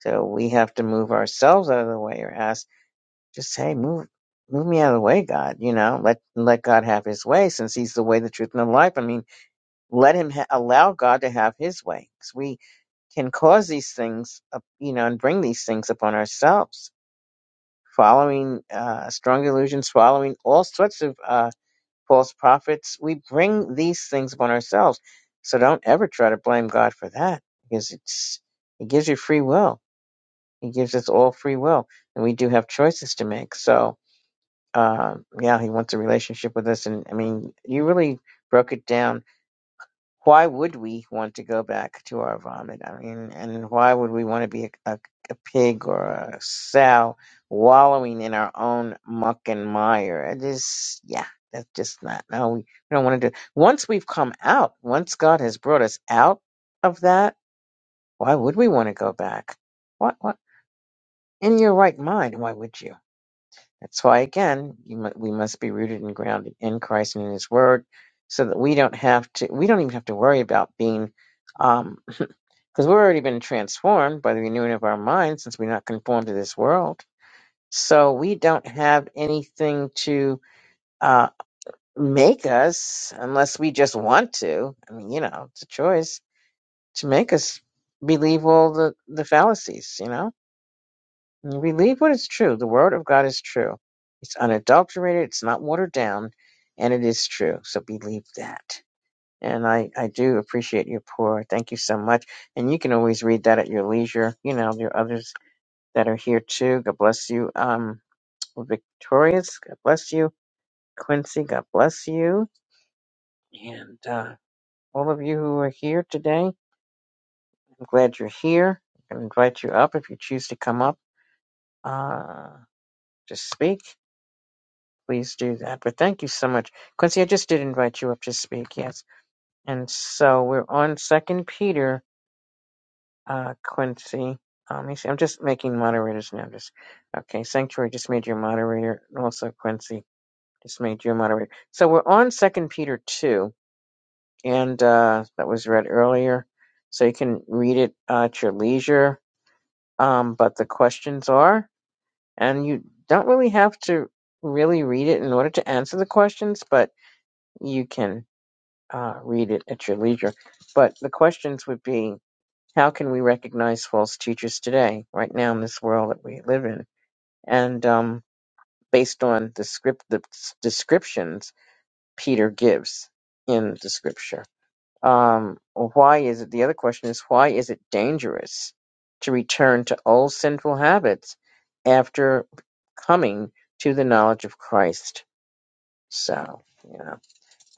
A: So we have to move ourselves out of the way or ask, just hey, move move me out of the way, God, you know, let let God have his way since he's the way, the truth, and the life. I mean, let him ha- allow God to have his way. 'Cause we can cause these things, up, you know, and bring these things upon ourselves. Following uh, strong delusions, following all sorts of uh, false prophets. We bring these things upon ourselves. So don't ever try to blame God for that because it's He gives you free will. He gives us all free will, and we do have choices to make. So, uh, yeah, He wants a relationship with us, and I mean, you really broke it down why would we want to go back to our vomit? I mean, and why would we want to be a, a, a pig or a sow wallowing in our own muck and mire? It is, yeah, that's just not, no, we don't want to do. Once we've come out, once God has brought us out of that, why would we want to go back? What, what? In your right mind, why would you? That's why, again, you, mu- we must be rooted and grounded in Christ and in His Word, so that we don't have to. We don't even have to worry about being. um, because we've already been transformed by the renewing of our minds since we're not conformed to this world. So we don't have anything to uh, make us unless we just want to. I mean, you know, it's a choice to make us believe all the, the fallacies, you know? And Believe what is true. The word of God is true. It's unadulterated, it's not watered down, and it is true. So believe that. And I, I do appreciate your pour. Thank you so much and you can always read that at your leisure. You know, there are others that are here too. God bless you. Um, Victorious, God bless you. Quincy, God bless you. And uh, all of you who are here today, I'm glad you're here. I can invite you up if you choose to come up uh, to speak. Please do that. But thank you so much. Quincy, I just did invite you up to speak, yes. And so we're on Second Peter, uh, Quincy. Um, let me see. I'm just making moderators now. Just okay. Sanctuary just made your moderator, and also Quincy. Just made you a moderator. So we're on Second Peter two, and uh, that was read earlier. So you can read it uh, at your leisure. Um, but the questions are, and you don't really have to really read it in order to answer the questions, but you can uh, read it at your leisure. But the questions would be, how can we recognize false teachers today, right now in this world that we live in? And um, based on the script, the s- descriptions Peter gives in the scripture. Um, why is it? The other question is why is it dangerous to return to old sinful habits after coming to the knowledge of Christ? So, yeah,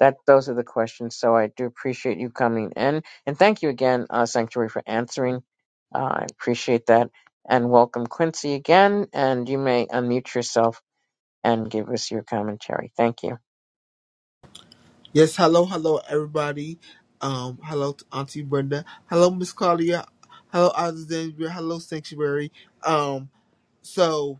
A: that those are the questions. So I do appreciate you coming in, and thank you again, uh, Sanctuary, for answering. Uh, I appreciate that, and welcome Quincy again. And you may unmute yourself and give us your commentary. Thank you.
G: Yes, hello, hello, everybody. Um, hello to Auntie Brenda. Hello, Miss Claudia. Hello, Alexandria. Hello, Sanctuary. Um, so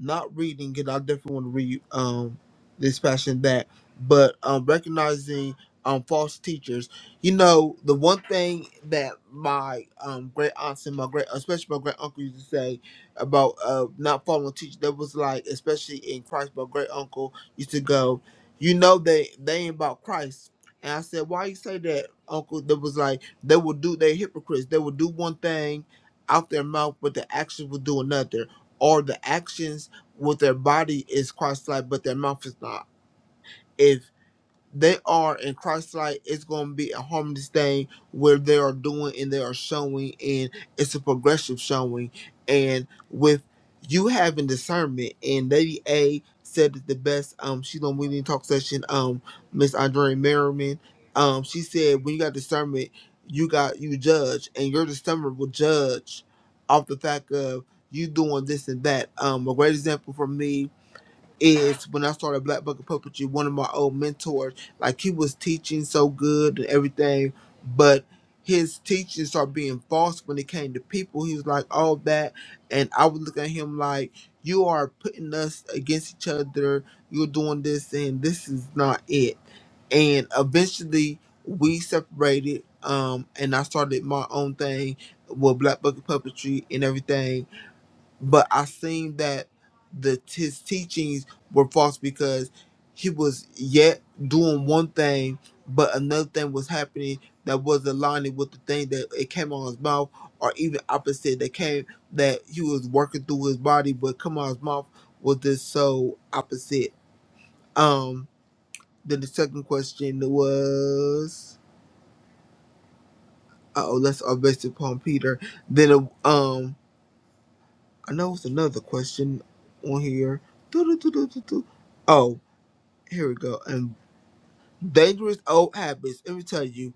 G: not reading it. I definitely want to read um this passion that, but um recognizing um false teachers. You know, the one thing that my um great aunts and my great especially my great uncle used to say about uh not following teachers, that was like especially in Christ, my great uncle used to go, you know they they ain't about Christ. And I said, Why you say that, Uncle? That was like they will do they hypocrites. They will do one thing out their mouth, but the actions will do another or the actions well their body is Christ like but their mouth is not. If they are in Christ like it's gonna be a harmless thing where they are doing and they are showing and it's a progressive showing and with you having discernment and Lady A said it the best um she's on Winning Talk session, um Miss Andrea Merriman. Um she said when you got discernment you got you judge and your discernment will judge off the fact of you doing this and that. Um a great example for me is when I started Black Bucket Puppetry, one of my old mentors, like he was teaching so good and everything, but his teachings started being false when it came to people. He was like, all that. And I would look at him like, you are putting us against each other. You're doing this, and this is not it. And eventually, we separated. Um, and I started my own thing with Black Bucket Puppetry and everything but I seen that the his teachings were false because he was yet doing one thing, but another thing was happening that was aligning with the thing that it came on his mouth, or even opposite that came that he was working through his body, but come on his mouth was just so opposite. Um. Then the second question was, uh oh, let's all based upon Peter. Then uh, um I know it's another question on here. Doo-doo-doo-doo-doo-doo. Oh, here we go. And dangerous old habits. Let me tell you,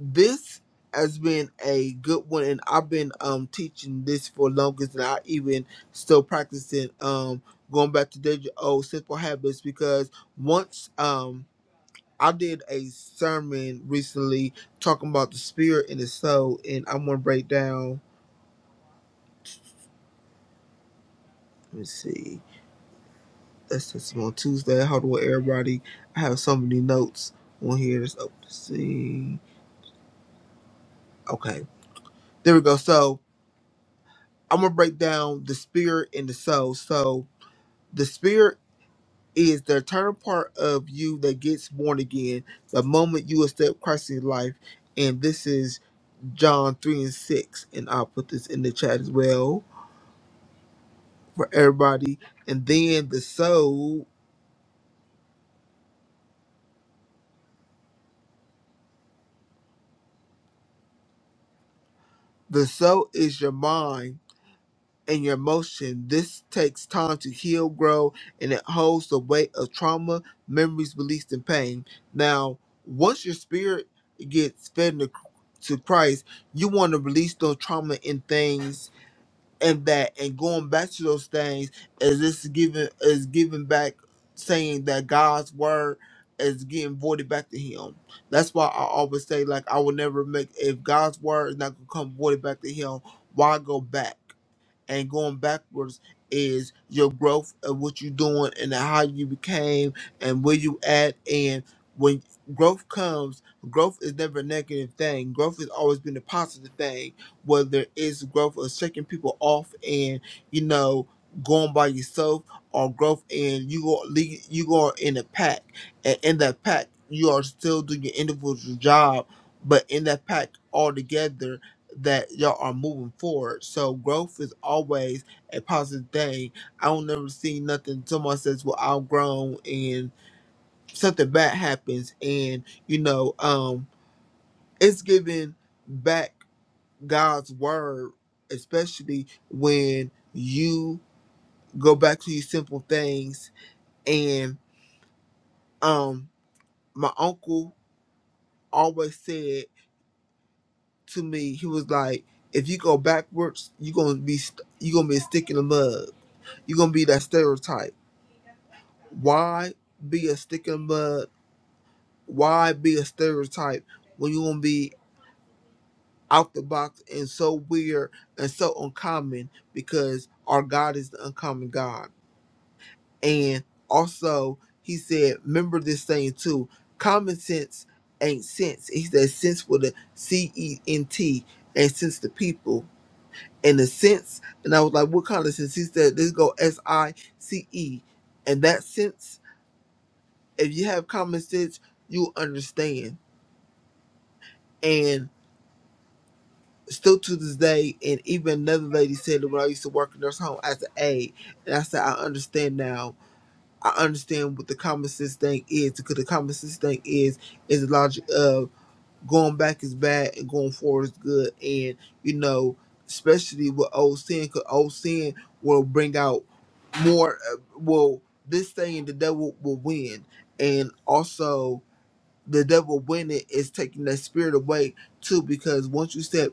G: this has been a good one, and I've been um teaching this for longer than I even still practicing. Um, going back to dangerous old simple habits because once um. I did a sermon recently talking about the spirit and the soul, and I'm gonna break down. Let me see. That's Testimony Tuesday. Hold on, everybody. I have so many notes on here. Let's open to see. Okay, there we go. So I'm gonna break down the spirit and the soul. So the spirit is the eternal part of you that gets born again the moment you accept Christ in your life. And this is John 3 and 6. And I'll put this in the chat as well for everybody. And then the soul, the soul is your mind and your emotion. This takes time to heal, grow, and it holds the weight of trauma, memories, beliefs, and pain. Now, once your spirit gets fed to, to Christ, you want to release those trauma and things and that, and going back to those things is this giving is giving back, saying that God's word is getting voided back to Him. That's why I always say, like, I will never make if God's word is not gonna come voided back to Him. Why go back? and going backwards is your growth of what you're doing and how you became and where you at and when growth comes growth is never a negative thing growth has always been a positive thing whether it's growth of shaking people off and you know going by yourself or growth and you go lead- you go in a pack and in that pack you are still doing your individual job but in that pack altogether that y'all are moving forward. So growth is always a positive thing. I don't never see nothing someone says, Well, I've grown and something bad happens and you know, um it's giving back God's word, especially when you go back to these simple things and um my uncle always said to me, he was like, if you go backwards, you're gonna be st- you're gonna be sticking the mud You're gonna be that stereotype. Why be a stick in the mud? Why be a stereotype when you're gonna be out the box and so weird and so uncommon? Because our God is the uncommon God. And also, he said, remember this thing too. Common sense ain't sense. He said sense with a C E N T and sense to people. And the sense, and I was like, what kind of sense? He said, let's go S I C E. And that sense if you have common sense, you understand. And still to this day, and even another lady said it when I used to work in nurse home as an aide, and I said I understand now. I understand what the common sense thing is because the common sense thing is is the logic of going back is bad and going forward is good, and you know, especially with old sin, because old sin will bring out more. Uh, will this thing the devil will win, and also. the devil when it is taking that spirit away too because once you step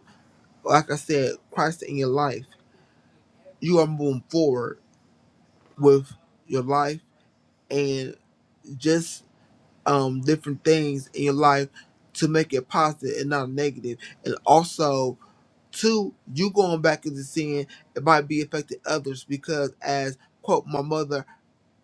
G: like i said christ in your life you are moving forward with your life and just um different things in your life to make it positive and not negative negative. and also two you going back into sin it might be affecting others because as quote my mother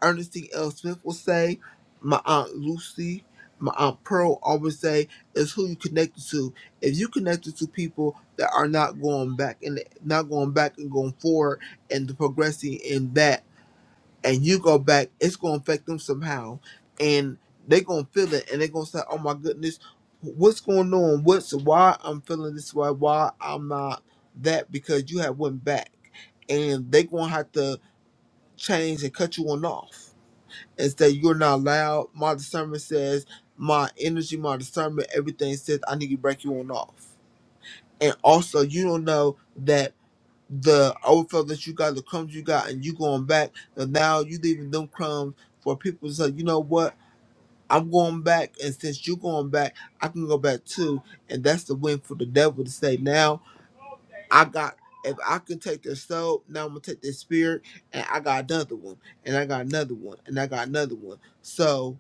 G: Ernestine L. Smith will say, my aunt Lucy, my aunt Pearl always say, is who you connected to. If you connected to people that are not going back and not going back and going forward and progressing in that, and you go back, it's going to affect them somehow, and they're going to feel it, and they're going to say, oh my goodness, what's going on? What's why I'm feeling this way? Why I'm not that? Because you have went back, and they're going to have to change and cut you on off and say you're not loud. My discernment says my energy, my discernment, everything says I need to break you on off. And also you don't know that the overflow that you got, the crumbs you got, and you going back, and now you leaving them crumbs for people to say, you know what, I'm going back, and since you going back, I can go back too. And that's the win for the devil to say, now I got, if I can take their soul, now I'm going to take their spirit, and I got another one, and I got another one, and I got another one. So,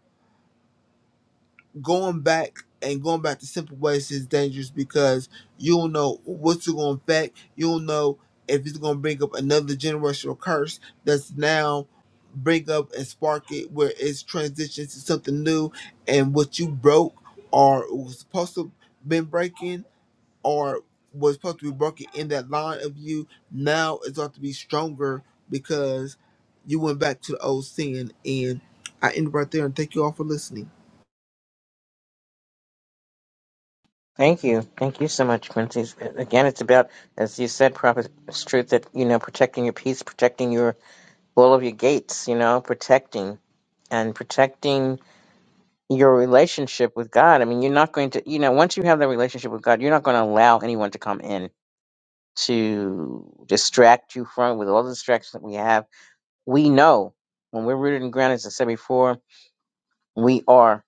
G: going back and going back to simple ways is dangerous because you don't know what's going to affect. You don't know if it's going to bring up another generational curse that's now bring up and spark it where it's transitioned to something new and what you broke or was supposed to been breaking or was supposed to be broken in that line of you now is going to be stronger because you went back to the old sin and I end right there and thank you all for listening.
A: Thank you. Thank you so much, Quincy. It's- uh, Again, it's about, as you said, Prophet, it's truth that, you know, protecting your peace, protecting your, all of your gates, you know, protecting and protecting your relationship with God. I mean, you're not going to, you know, once you have that relationship with God, you're not going to allow anyone to come in to distract you from, with all the distractions that we have. We know when we're rooted and grounded, as I said before, we are.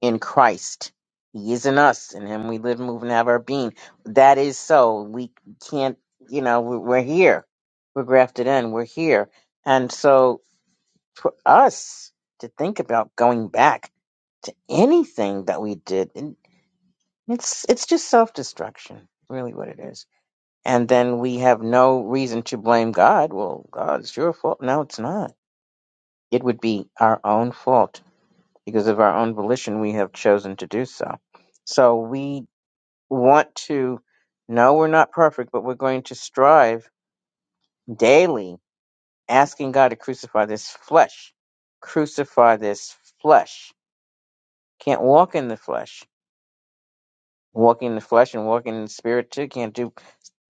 A: in Christ. He is in us, in Him we live, move, and have our being. That is so. We can't, you know, we- we're here. We're grafted in. We're here. And so for us to think about going back to anything that we did, and it's it's just self destruction, really, what it is. And then we have no reason to blame God. Well, God, it's your fault. No, it's not. It would be our own fault because of our own volition we have chosen to do so. So we want to know we're not perfect, but we're going to strive daily, asking God to crucify this flesh. Crucify this flesh. Can't walk in the flesh. Walking in the flesh and walking in the spirit too can't do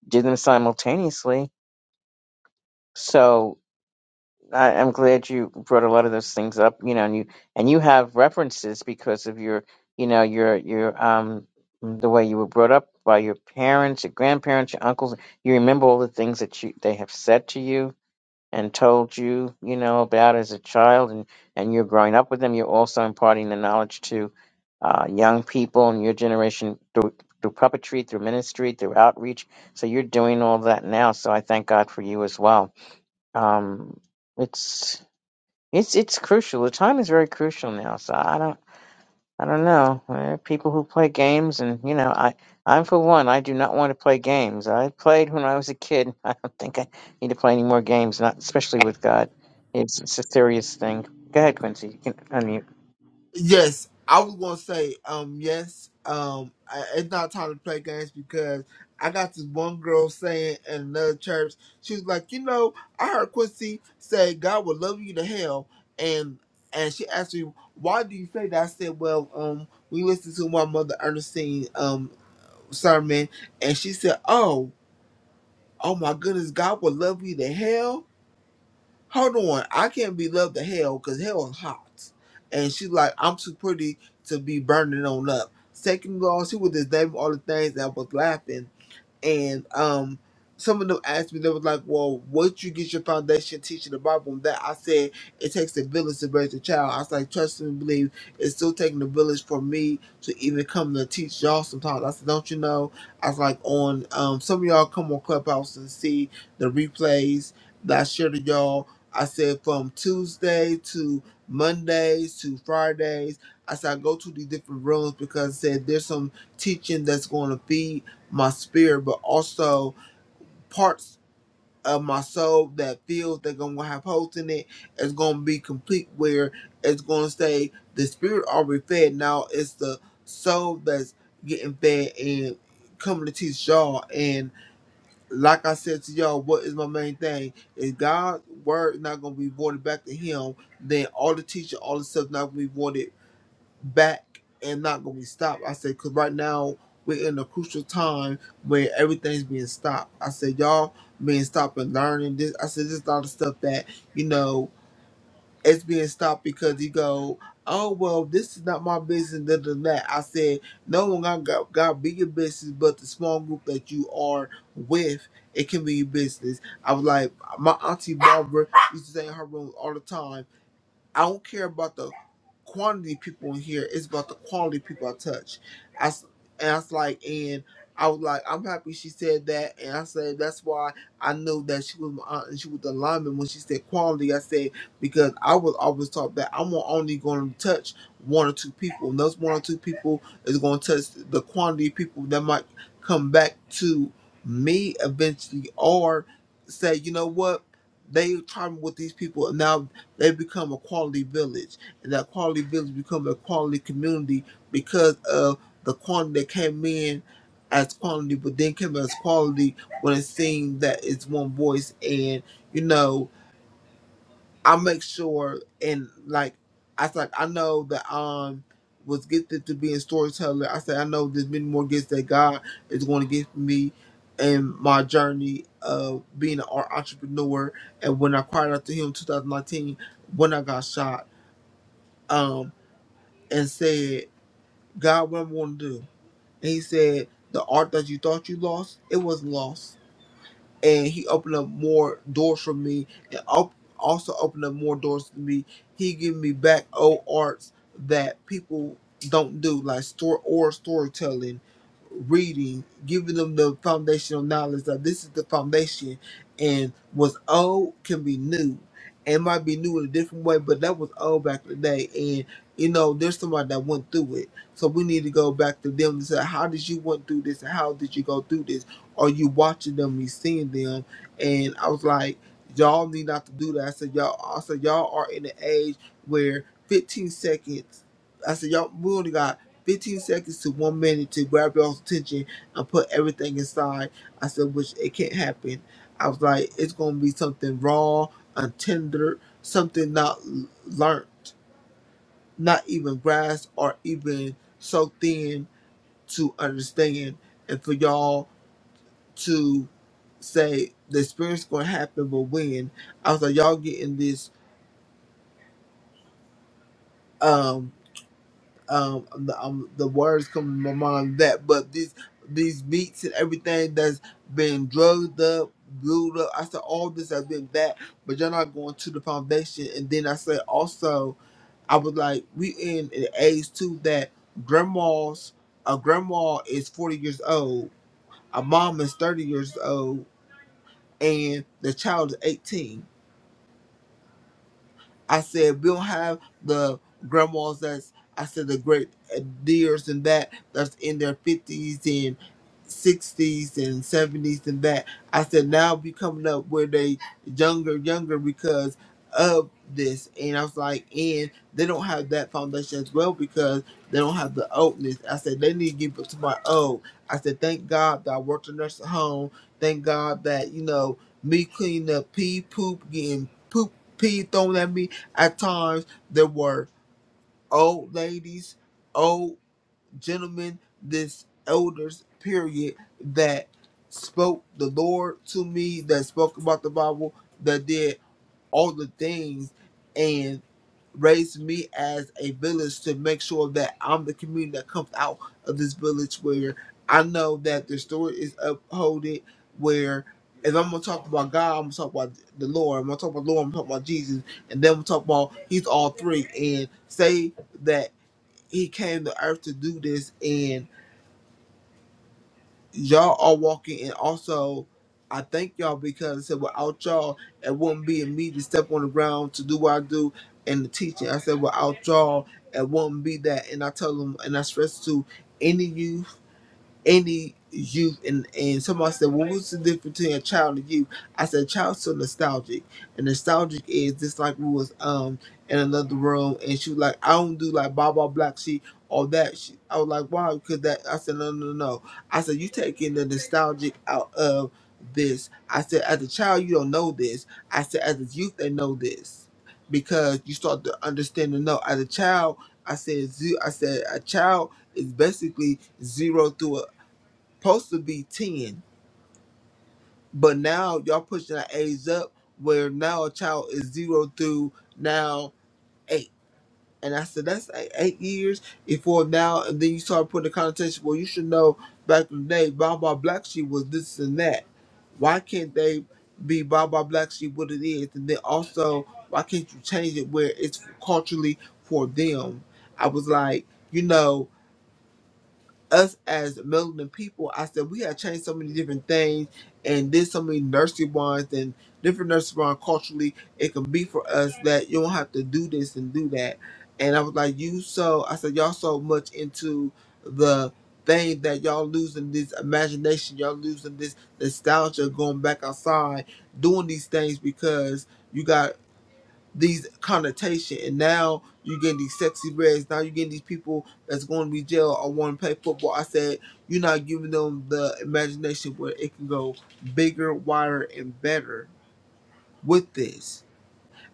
A: do them simultaneously. So I, I'm glad you brought a lot of those things up, you know, and you and you have references because of your, you know, your your um the way you were brought up by your parents, your grandparents, your uncles. You remember all the things that you they have said to you and told you, you know, about as a child, and and you're growing up with them. You're also imparting the knowledge to uh, young people in your generation through through puppetry, through ministry, through outreach. So you're doing all that now. So I thank God for you as well. Um, it's it's it's crucial. The time is very crucial now. So I don't I don't know. There are people who play games, and you know, I I'm for one. I do not want to play games. I played when I was a kid. I don't think I need to play any more games. Not especially with God. It's it's a serious thing. Go ahead, Quincy. You can unmute.
G: Yes, I was gonna say, um, yes, um, I, it's not time to play games because I got this one girl saying in another church, she was like, you know, I heard Quincy say God will love you to hell, and and she asked me why do you say that. I said, well, um, we listened to my mother Ernestine um sermon, and she said, oh, oh my goodness, God will love you to hell hold on, I can't be loved to hell because hell is hot. And she's like, I'm too pretty to be burning on up. Second of all, she was just naming all the things that I was laughing. And um, some of them asked me, they was like, "Well, once you get your foundation teaching the Bible and that?" I said, "It takes a village to raise a child." I was like, "Trust and believe. It's still taking a village for me to even come to teach y'all." Sometimes I said, "Don't you know?" I was like, "On um, some of y'all come on Clubhouse and see the replays that I shared to y'all." I said from Tuesday to Mondays to Fridays. I said I go to these different rooms because I said there's some teaching that's going to feed my spirit, but also parts of my soul that feels they're gonna have holes in it. It's gonna be complete where it's gonna say the spirit already fed. Now it's the soul that's getting fed and coming to teach y'all. And like I said to y'all, what is my main thing? If God's word is not gonna be voided back to Him, then all the teaching, all the stuff not gonna be voided back and not gonna be stopped. I said, because right now we're in a crucial time where everything's being stopped. I said, y'all being stopped and learning this. I said, there's a lot of stuff that you know it's being stopped because you go, oh well, this is not my business. This and that. I said, no one got got got bigger business, but the small group that you are with. It can be your business. I was like, my auntie Barbara used to say in her room all the time. I don't care about the quantity people in here. It's about the quality people I touch. I, s- and I was like, and I was like, I'm happy she said that. And I said, that's why I knew that she was my aunt and she was the lineman when she said quality. I said, because I was always taught that I'm only going to touch one or two people. And those one or two people is going to touch the quantity of people that might come back to me eventually or say, you know what? They tried me with these people and now they become a quality village. And that quality village become a quality community because of the quantity that came in as quantity, but then came as quality when it seemed that it's one voice. And, you know, I make sure and like I said, like, I know that um was gifted to being storyteller. I said I know there's many more gifts that God is going to give me in my journey of being an art entrepreneur. And when I cried out to Him in 2019, when I got shot, um, and said, God, what am I going to do? And He said, the art that you thought you lost, it wasn't lost and he opened up more doors for me and op- also opened up more doors to me. He gave me back old arts that people don't do, like store or storytelling, reading, giving them the foundational knowledge that this is the foundation and what's old can be new. And it might be new in a different way, but that was old back in the day. And you know, there's somebody that went through it. So we need to go back to them and say, How did you went through this and how did you go through this? or you watching them, you seeing them. And I was like, y'all need not to do that. I said, y'all, I said, y'all are in the age where 15 seconds. I said, y'all, we only got 15 seconds to one minute to grab y'all's attention and put everything inside. I said, which it can't happen. I was like, it's gonna be something raw, untender, something not l- learned, not even grasped or even so thin to understand. And for y'all to say the experience going to happen, but when I was like, y'all getting this, um, um, the, um, the words coming to my mind that, but these these beats and everything that's been drugged up, blew up. I said all this has been that, but you're not going to the foundation. And then I said also, I was like, we in an age too that grandmas, a grandma is 40 years old, a mom is 30 years old, and the child is 18 I said we don't have the grandmas that's I said the great uh, deers and that that's in their fifties and sixties and seventies and that. I said now we coming up where they younger younger because of this and I was like and they don't have that foundation as well because they don't have the oldness. I said they need to give it to my old. I said thank God that I worked in nursing home. Thank God that, you know, me cleaning up pee poop getting poop pee thrown at me at times, there were old ladies, old gentlemen, this elders, period, that spoke the Lord to me, that spoke about the Bible, that did all the things raised me as a village to make sure that I'm the community that comes out of this village where I know that the story is upholded. Where if I'm gonna talk about God, I'm gonna talk about the Lord. I'm gonna talk about the Lord. I'm gonna talk about Jesus, and then I'm gonna talk about He's all three and say that He came to earth to do this and y'all are walking and also I thank y'all because I said without y'all it wouldn't be me to step on the ground to do what I do and the teaching. I said without y'all it wouldn't be that and I tell them and I stress to any youth any youth and, and somebody said, Well, what's the difference between a child and youth? I said child's so nostalgic. And nostalgic is just like we was um in another room and she was like, I don't do like blah blah black sheep or that she, I was like, Why? Because that I said, No, no, no. no." I said, You taking the nostalgic out of this. I said, as a child you don't know this. I said as a youth they know this. Because you start to understand and know. As a child, I said, ze- I said a child is basically zero through supposed to be 10, but now y'all pushing the age up where now a child is zero through now eight. And I said, that's eight, eight years before now. And then you start putting the connotation, well, you should know back in the day, Baba Black Sheep was this and that. Why can't they be Baba Black Sheep what it is? And then also, why can't you change it where it's culturally for them? I was like, you know, us as melanin people, I said we have changed so many different things and did so many nursery rhymes and different nursery rhymes culturally. It can be for us that you don't have to do this and do that. And I was like, you so I said y'all so much into the thing that y'all losing this imagination, y'all losing this nostalgia, going back outside, doing these things because you got these connotation and now you getting these sexy reds now you're getting these people that's going to be jail or want to play football i said you're not giving them the imagination where it can go bigger wider and better with this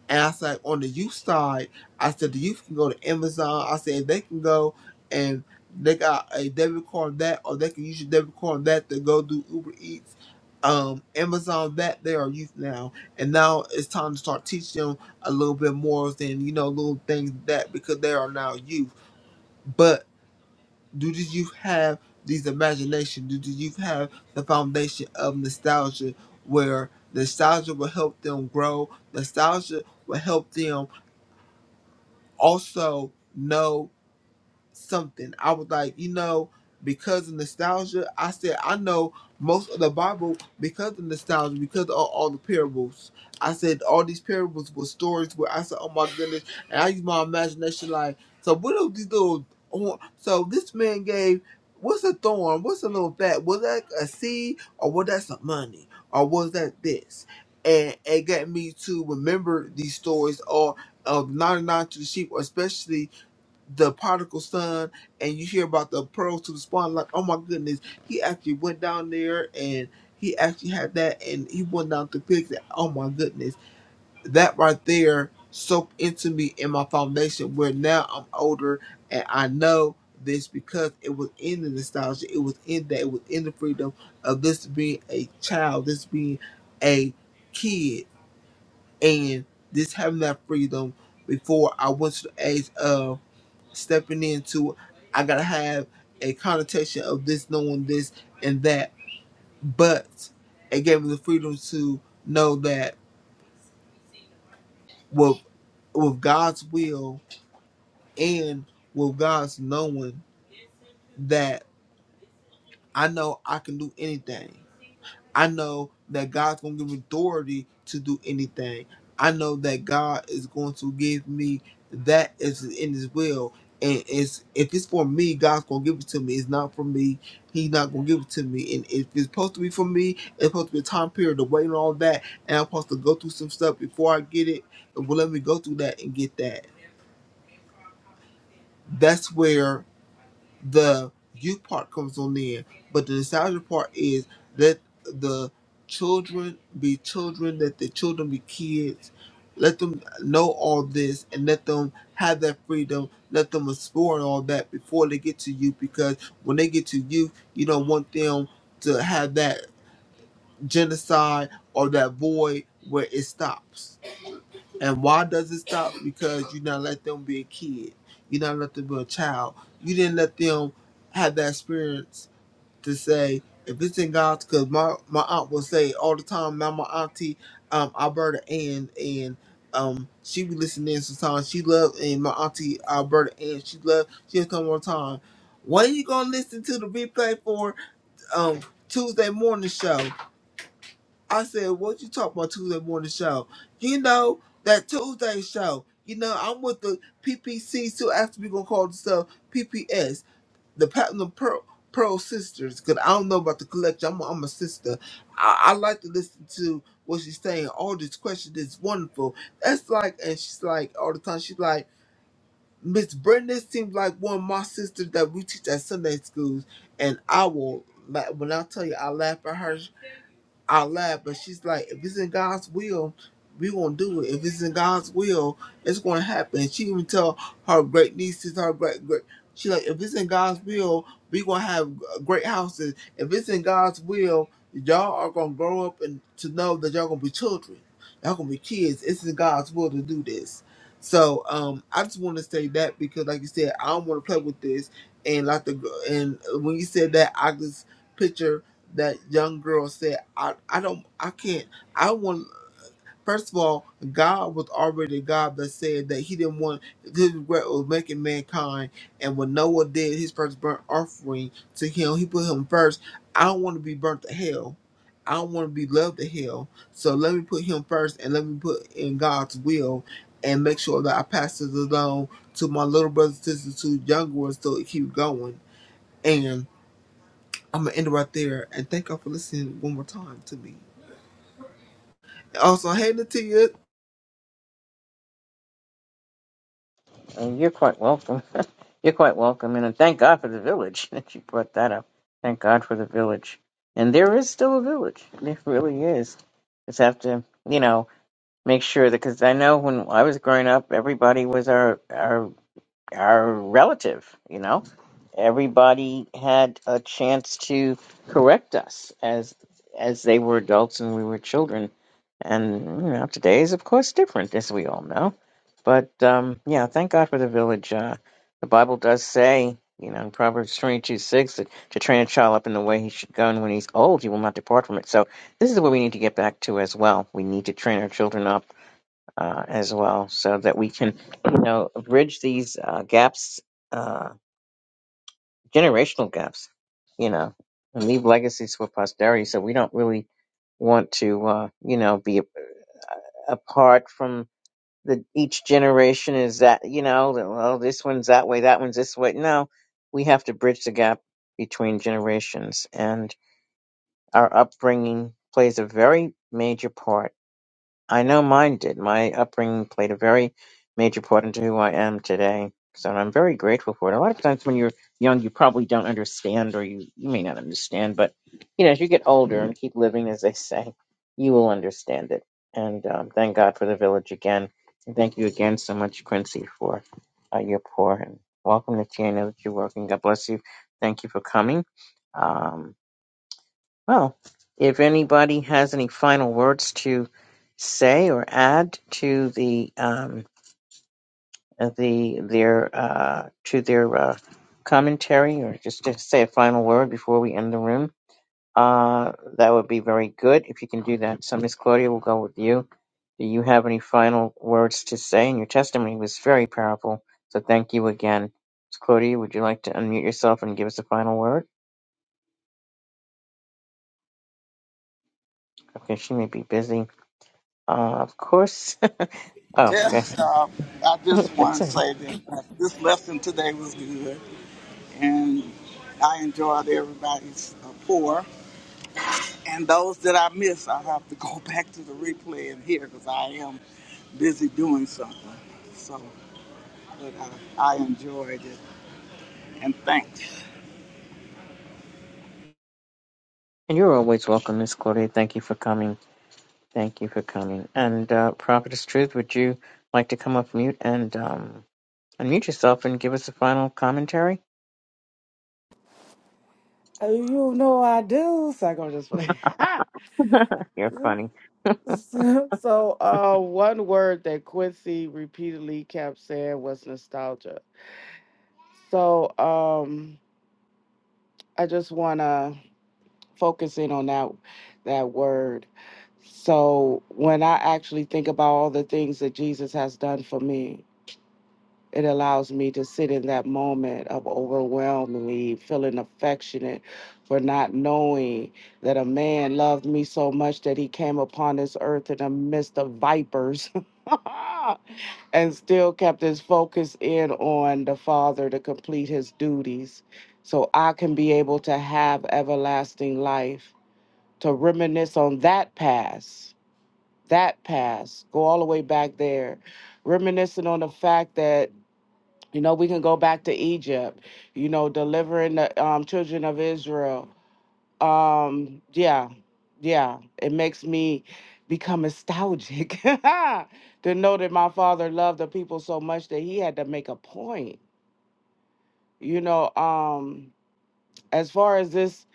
G: and I said, on the youth side, I said the youth can go to Amazon. I said they can go and they got a debit card on that, or they can use your debit card on that to go do Uber Eats, um, Amazon. That they are youth now, and now it's time to start teaching them a little bit more than you know little things like that because they are now youth. But do the youth have these imagination? Do the youth have the foundation of nostalgia, where nostalgia will help them grow? Nostalgia will help them also know something. I was like, you know, because of nostalgia, I said I know most of the Bible because of nostalgia, because of all the parables. I said all these parables were stories where I said, oh my goodness, and I used my imagination like, so what are these little? hor- So this man gave. What's a thorn? What's a little fat? Was that a seed or was that some money or was that this? And it got me to remember these stories or of 99 to the sheep, especially the particle son and you hear about the pearls to the spawn like oh my goodness he actually went down there and he actually had that and he went down to pigs and oh my goodness that right there soaked into me in my foundation where now i'm older and i know this because it was in the nostalgia it was in that it was in the freedom of this being a child this being a kid and this having that freedom before i went to the age of stepping into I gotta have a connotation of this, knowing this and that. But it gave me the freedom to know that with with God's will and with God's knowing that I know I can do anything. I know that God's going to give me authority to do anything. I know that God is going to give me that is in His will. And it's, if it's for me, God's going to give it to me. It's not for me. He's not going to give it to me. And if it's supposed to be for me, it's supposed to be a time period to wait and all that. And I'm supposed to go through some stuff before I get it. It will let me go through that and get that. That's where the youth part comes on in, but the nostalgia part is let the children be children, let the children be kids, let them know all this and let them have that freedom, let them explore all that before they get to youth because when they get to youth, you don't want them to have that genocide or that void where it stops and why does it stop? Because you not let them be a kid. You not let them be a child. You didn't let them have that experience to say, if it's in God's, because my, my aunt would say all the time, now my auntie, um, Alberta Ann, and um, she be listening in sometimes. She loved, and my auntie Alberta Ann, she loved, she had come one time. What are you going to listen to the replay for um, Tuesday morning show? I said, what you talk about Tuesday morning show? You know, that Tuesday show. You know, I'm with the PPC, so after we going to call themselves PPS, the Platinum Pearl, Pearl Sisters, because I don't know about the collection. I'm, I'm a sister. I, I like to listen to what she's saying. All this question is wonderful. That's like, and she's like, all the time, she's like, Miss Brenda seems like one of my sisters that we teach at Sunday schools, and I will, la- when I tell you, I laugh at her out loud, but she's like, if it's in God's will, we gonna do it. If it's in God's will, it's gonna happen. She even tell her great nieces, her great great. She like, if it's in God's will, we gonna have great houses. If it's in God's will, y'all are gonna grow up and to know that y'all gonna be children. Y'all gonna be kids. It's in God's will to do this. So um, I just want to say that because, like you said, I don't want to play with this. And like the and when you said that, I just picture that young girl said, I, I don't, I can't, I want, first of all, God was already God that said that he didn't want, his regret was making mankind. And when Noah did his first burnt offering to him, he put him first. I don't want to be burnt to hell. I don't want to be loved to hell. So let me put him first and let me put in God's will and make sure that I pass this along to my little brothers, sisters, to younger ones so it keep going. I'm gonna end it right there and thank y'all for listening one more time to me. And also, hey Natia,
A: Uh, You're quite welcome. You're quite welcome, and uh, thank God for the village that you brought that up. Thank God for the village, and there is still a village. There really is. Just have to, you know. make sure that because I know when I was growing up, everybody was our our our relative. You know, everybody had a chance to correct us as as they were adults and we were children. And you know, today is of course different, as we all know. But um, yeah, thank God for the village. Uh, the Bible does say, you know, in Proverbs twenty two six, that to train a child up in the way he should go, and when he's old, he will not depart from it. So this is what we need to get back to as well. We need to train our children up uh, as well, so that we can, you know, bridge these uh, gaps, uh, generational gaps, you know, and leave legacies for posterity. So we don't really want to, uh, you know, be apart from the each generation is that, you know, that, well, this one's that way, that one's this way. No, we have to bridge the gap between generations, and our upbringing plays a very major part I know mine did. My upbringing played a very major part into who I am today. So I'm very grateful for it. A lot of times when you're young, you probably don't understand, or you, you may not understand, but you know, as you get older and keep living, as they say, you will understand it. And um, thank God for the village again. And thank you again so much, Quincy, for uh, your pour. And welcome to Tia. I know that you're working. God bless you. Thank you for coming. Um, well, if anybody has any final words to say or add to the um, uh, the their uh, to their uh, commentary, or just to say a final word before we end the room, uh, that would be very good if you can do that. So, Miss Claudia, we'll go with you. Do you have any final words to say? And your testimony was very powerful, so thank you again. Miss Claudia, would you like to unmute yourself and give us a final word? Okay, she may be busy. Uh, of course. Oh, go ahead.
C: Just, uh, I just
A: That's
C: want to
A: sir.
C: say that this lesson today was good. and I enjoyed everybody's uh, pour. And those that I miss, I have to go back to the replay and hear because I am busy doing something. So, but I, I enjoyed it, and thanks.
A: And you're always welcome, Miss Claudia. Thank you for coming. Thank you for coming. And uh, Prophetess Truth, would you like to come off mute and um, unmute yourself and give us a final commentary?
E: Oh, you know I do. So I'm gonna just play.
A: You're funny.
E: so so, uh, one word that Quincy repeatedly kept saying was nostalgia. So um, I just want to focus in on that that word. So when I actually think about all the things that Jesus has done for me, it allows me to sit in that moment of overwhelmingly feeling affectionate for not knowing that a man loved me so much that he came upon this earth in the midst of vipers. and still kept his focus in on the Father to complete his duties so I can be able to have everlasting life, to reminisce on that past, that past, go all the way back there, reminiscing on the fact that. You know, we can go back to Egypt, you know, delivering the um, children of Israel um yeah yeah it makes me become nostalgic to know that my father loved the people so much that he had to make a point you know um as far as this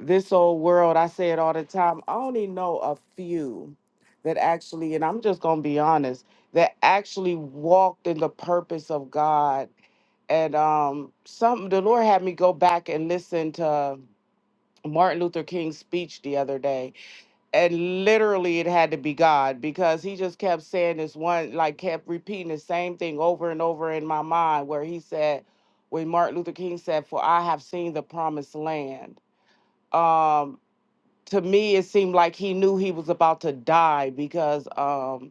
E: this old world i say it all the time i only know a few that actually and i'm just gonna be honest that actually walked in the purpose of god and um some the lord had me go back and listen to martin luther king's speech the other day and literally it had to be God because he just kept saying this one, like kept repeating the same thing over and over in my mind, where he said, when Martin Luther King said, For I have seen the promised land. Um, to me, it seemed like he knew he was about to die because um,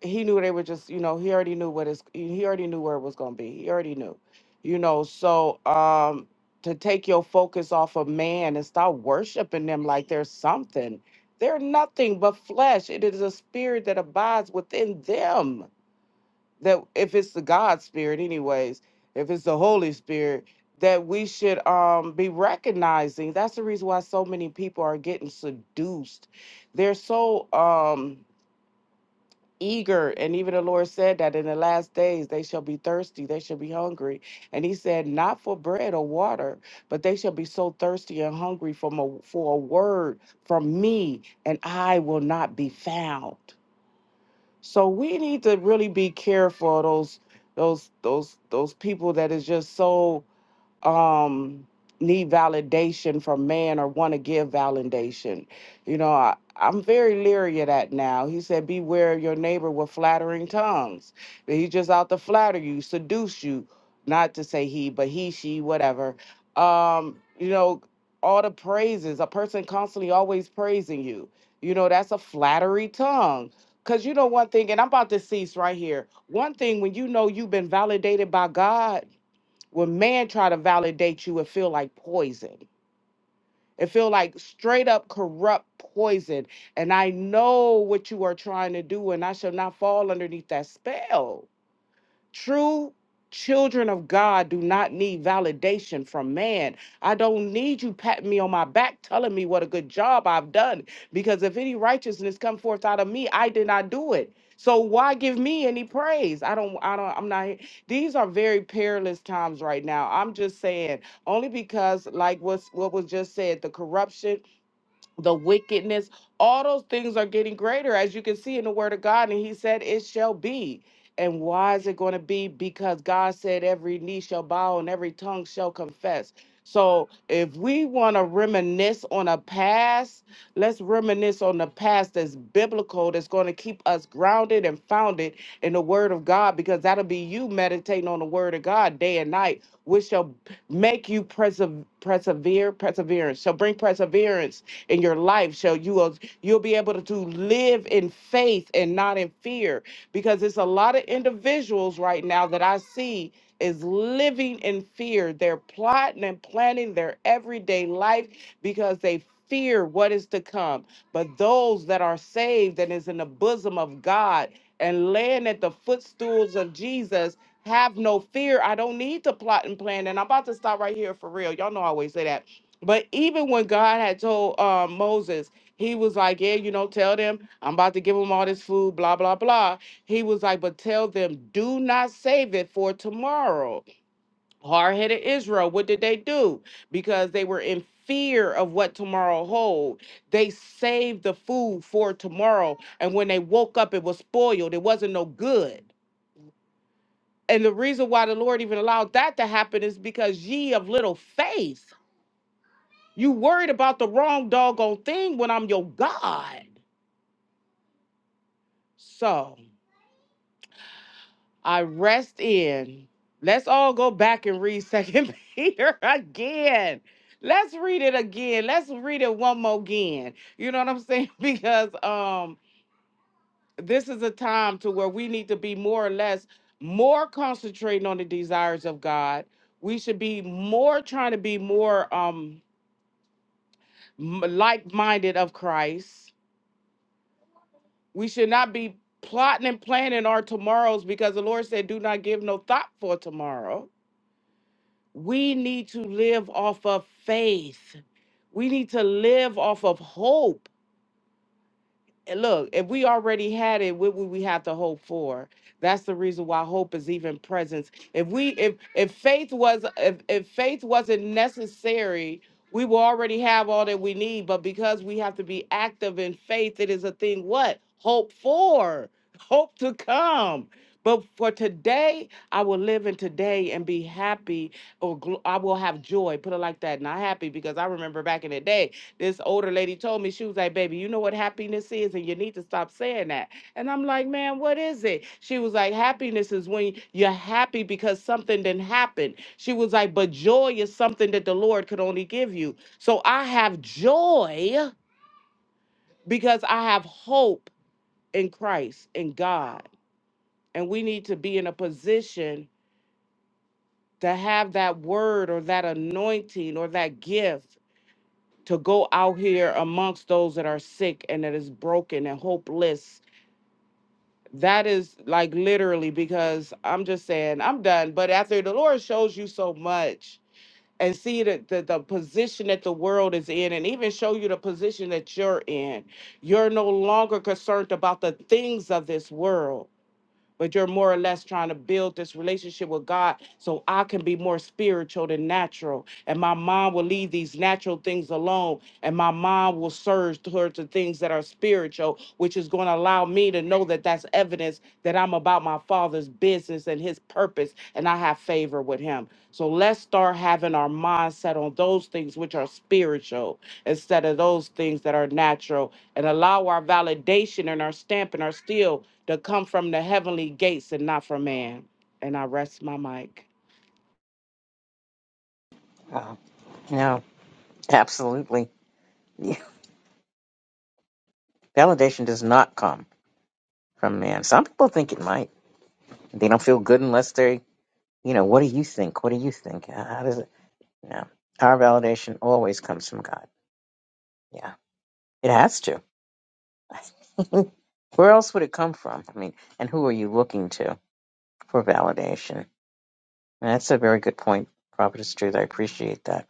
E: he knew they were just you know he already knew what his he already knew where it was going to be he already knew you know so um to take your focus off of man and start worshiping them like they're something they're nothing but flesh it is a spirit that abides within them that if it's the god spirit anyways if it's the holy spirit that we should um be recognizing that's the reason why so many people are getting seduced they're so um eager and even the lord said that in the last days they shall be thirsty they shall be hungry and he said not for bread or water but they shall be so thirsty and hungry from a, for a word from me and i will not be found so we need to really be careful of those those those those people that is just so um need validation from man or want to give validation. You know, I, I'm very leery of that now. He said, Beware of your neighbor with flattering tongues. He's just out to flatter you, seduce you, not to say he, but he, she, whatever. Um, you know, all the praises, a person constantly always praising you. You know, that's a flattery tongue. Cause you know one thing, and I'm about to cease right here. One thing when you know you've been validated by God when man try to validate you it feel like poison it feel like straight up corrupt poison and i know what you are trying to do and i shall not fall underneath that spell True children of God do not need validation from man. I don't need you patting me on my back, telling me what a good job I've done. Because if any righteousness come forth out of me, I did not do it. So why give me any praise? I don't, I don't, I'm not. These are very perilous times right now. I'm just saying, only because, like what's what was just said, the corruption the wickedness, all those things are getting greater, as you can see in the word of God. And he said, It shall be. And why is it going to be? Because God said, Every knee shall bow and every tongue shall confess. So if we want to reminisce on a past, let's reminisce on the past that's biblical, that's going to keep us grounded and founded in the word of God, because that'll be you meditating on the word of God day and night, which shall make you perse- persevere, perseverance, shall bring perseverance in your life so you will you'll be able to, to live in faith and not in fear because it's a lot of individuals right now that I see is living in fear. They're plotting and planning their everyday life because they fear what is to come. But those that are saved and is in the bosom of God and laying at the footstools of Jesus have no fear. I don't need to plot and plan. And I'm about to stop right here for real. Y'all know I always say that. But even when God had told uh, Moses, he was like, Yeah, you know, tell them I'm about to give them all this food, blah, blah, blah. He was like, But tell them, do not save it for tomorrow. Hard headed Israel, what did they do? Because they were in fear of what tomorrow hold. They saved the food for tomorrow. And when they woke up, it was spoiled, it wasn't no good. And the reason why the Lord even allowed that to happen is because ye of little faith. You worried about the wrong doggone thing when I'm your God. So I rest in. Let's all go back and read Second Peter again. Let's read it again. Let's read it one more again. You know what I'm saying? Because um, this is a time to where we need to be more or less more concentrating on the desires of God. We should be more trying to be more um m- like-minded of Christ We should not be plotting and planning our tomorrows because the Lord said, Do not give no thought for tomorrow. We need to live off of faith. We need to live off of hope and look, if we already had it, what would we have to hope for? That's the reason why hope is even present. If we if if faith was if, if faith wasn't necessary, we will already have all that we need. But because we have to be active in faith, it is a thing what? Hope for, hope to come. But for today, I will live in today and be happy, or gl- I will have joy. Put it like that, not happy, because I remember back in the day. This older lady told me, she was like, baby, you know what happiness is, and you need to stop saying that. And I'm like, man, what is it? She was like, happiness is when you're happy because something didn't happen. She was like, but joy is something that the Lord could only give you. So I have joy because I have hope in Christ, in God. And we need to be in a position to have that word or that anointing or that gift to go out here amongst those that are sick and that is broken and hopeless. That is like literally because I'm just saying I'm done. But after the Lord shows you so much and see the, the, the position that the world is in and even show you the position that you're in, you're no longer concerned about the things of this world but you're more or less trying to build this relationship with God so I can be more spiritual than natural. And my mind will leave these natural things alone, and my mind will surge towards the things that are spiritual, which is going to allow me to know that that's evidence that I'm about my Father's business and His purpose, and I have favor with Him. So let's start having our mindset on those things which are spiritual instead of those things that are natural and allow our validation and our stamp and our seal to come from the heavenly gates and not from man. And I rest my mic.
A: Uh, no, absolutely. Yeah. Validation does not come from man. Some people think it might. They don't feel good unless they, you know, what do you think? What do you think? How does it? No. Our validation always comes from God. Yeah, it has to. Where else would it come from? I mean, and who are you looking to for validation? And that's a very good point, Prophetess Truth. I appreciate that.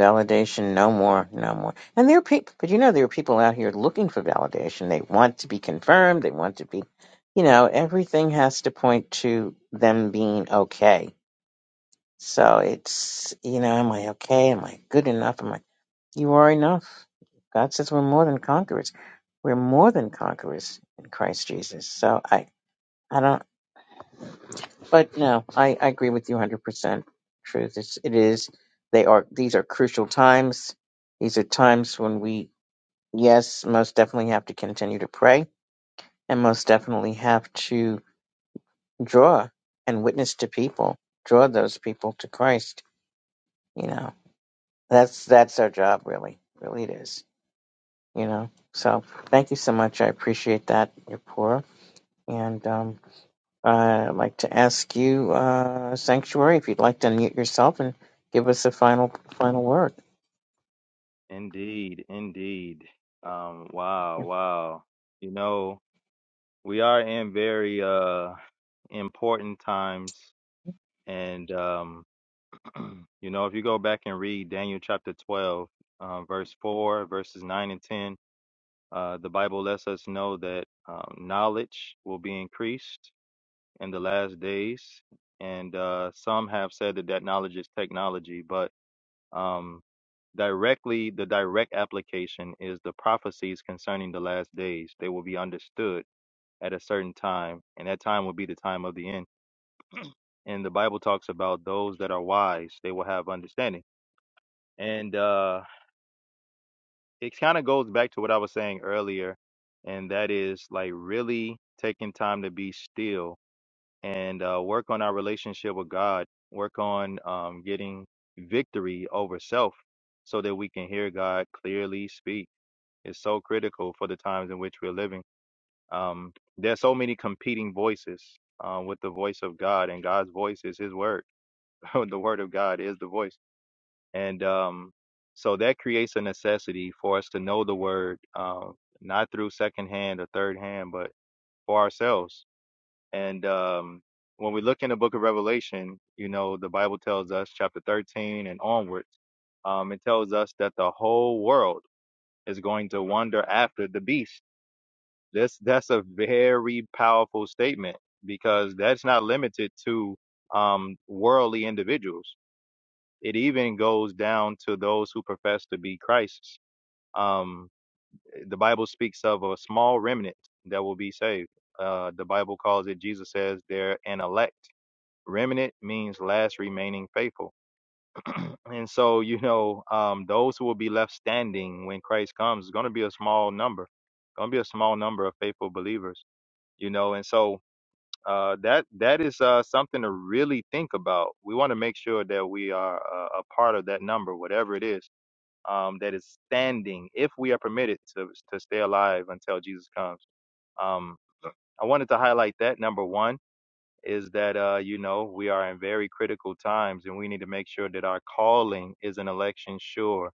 A: Validation, no more, no more. And there are people, but you know, there are people out here looking for validation. They want to be confirmed. They want to be, you know, everything has to point to them being okay. So it's, you know, am I okay? Am I good enough? Am I? You are enough. God says we're more than conquerors. We're more than conquerors in Christ Jesus. So I, I don't, but no, I, I agree with you 100%. Truth is, it is, they are, these are crucial times. These are times when we, yes, most definitely have to continue to pray and most definitely have to draw and witness to people, draw those people to Christ. You know, that's, that's our job really. Really it is. you know. So thank you so much. I appreciate that, Yapora. And um, I'd like to ask you, uh, Sanctuary, if you'd like to unmute yourself and give us a final final word.
F: Indeed, indeed. Um, wow, wow. You know, we are in very uh important times and um You know, if you go back and read Daniel chapter 12, uh, verse 4, verses 9 and 10, uh, the Bible lets us know that um, knowledge will be increased in the last days. And uh, some have said that that knowledge is technology, but um, directly, the direct application is the prophecies concerning the last days. They will be understood at a certain time, and that time will be the time of the end. And the Bible talks about those that are wise, they will have understanding. And, uh, it kind of goes back to what I was saying earlier, and that is like really taking time to be still and uh, work on our relationship with God, work on um, getting victory over self so that we can hear God clearly speak. It's so critical for the times in which we're living. Um, there's so many competing voices uh, with the voice of God, and God's voice is His word. the word of God is the voice. And um, so that creates a necessity for us to know the word, uh, not through second hand or third hand, but for ourselves. And um, when we look in the book of Revelation, you know, the Bible tells us, chapter 13 and onwards, um, it tells us that the whole world is going to wander after the beast. This, that's a very powerful statement because that's not limited to um, worldly individuals it even goes down to those who profess to be Christ's. Um, the Bible speaks of a small remnant that will be saved. Uh, the Bible calls it, Jesus says, they're an elect. Remnant means last remaining faithful. And so, you know, um, those who will be left standing when Christ comes is going to be a small number, going to be a small number of faithful believers, you know. And so uh, that that is uh, something to really think about. We want to make sure that we are uh, a part of that number, whatever it is um, that is standing if we are permitted to, to stay alive until Jesus comes. Um, I wanted to highlight that number one is that, uh, you know, we are in very critical times and we need to make sure that our calling is an election sure,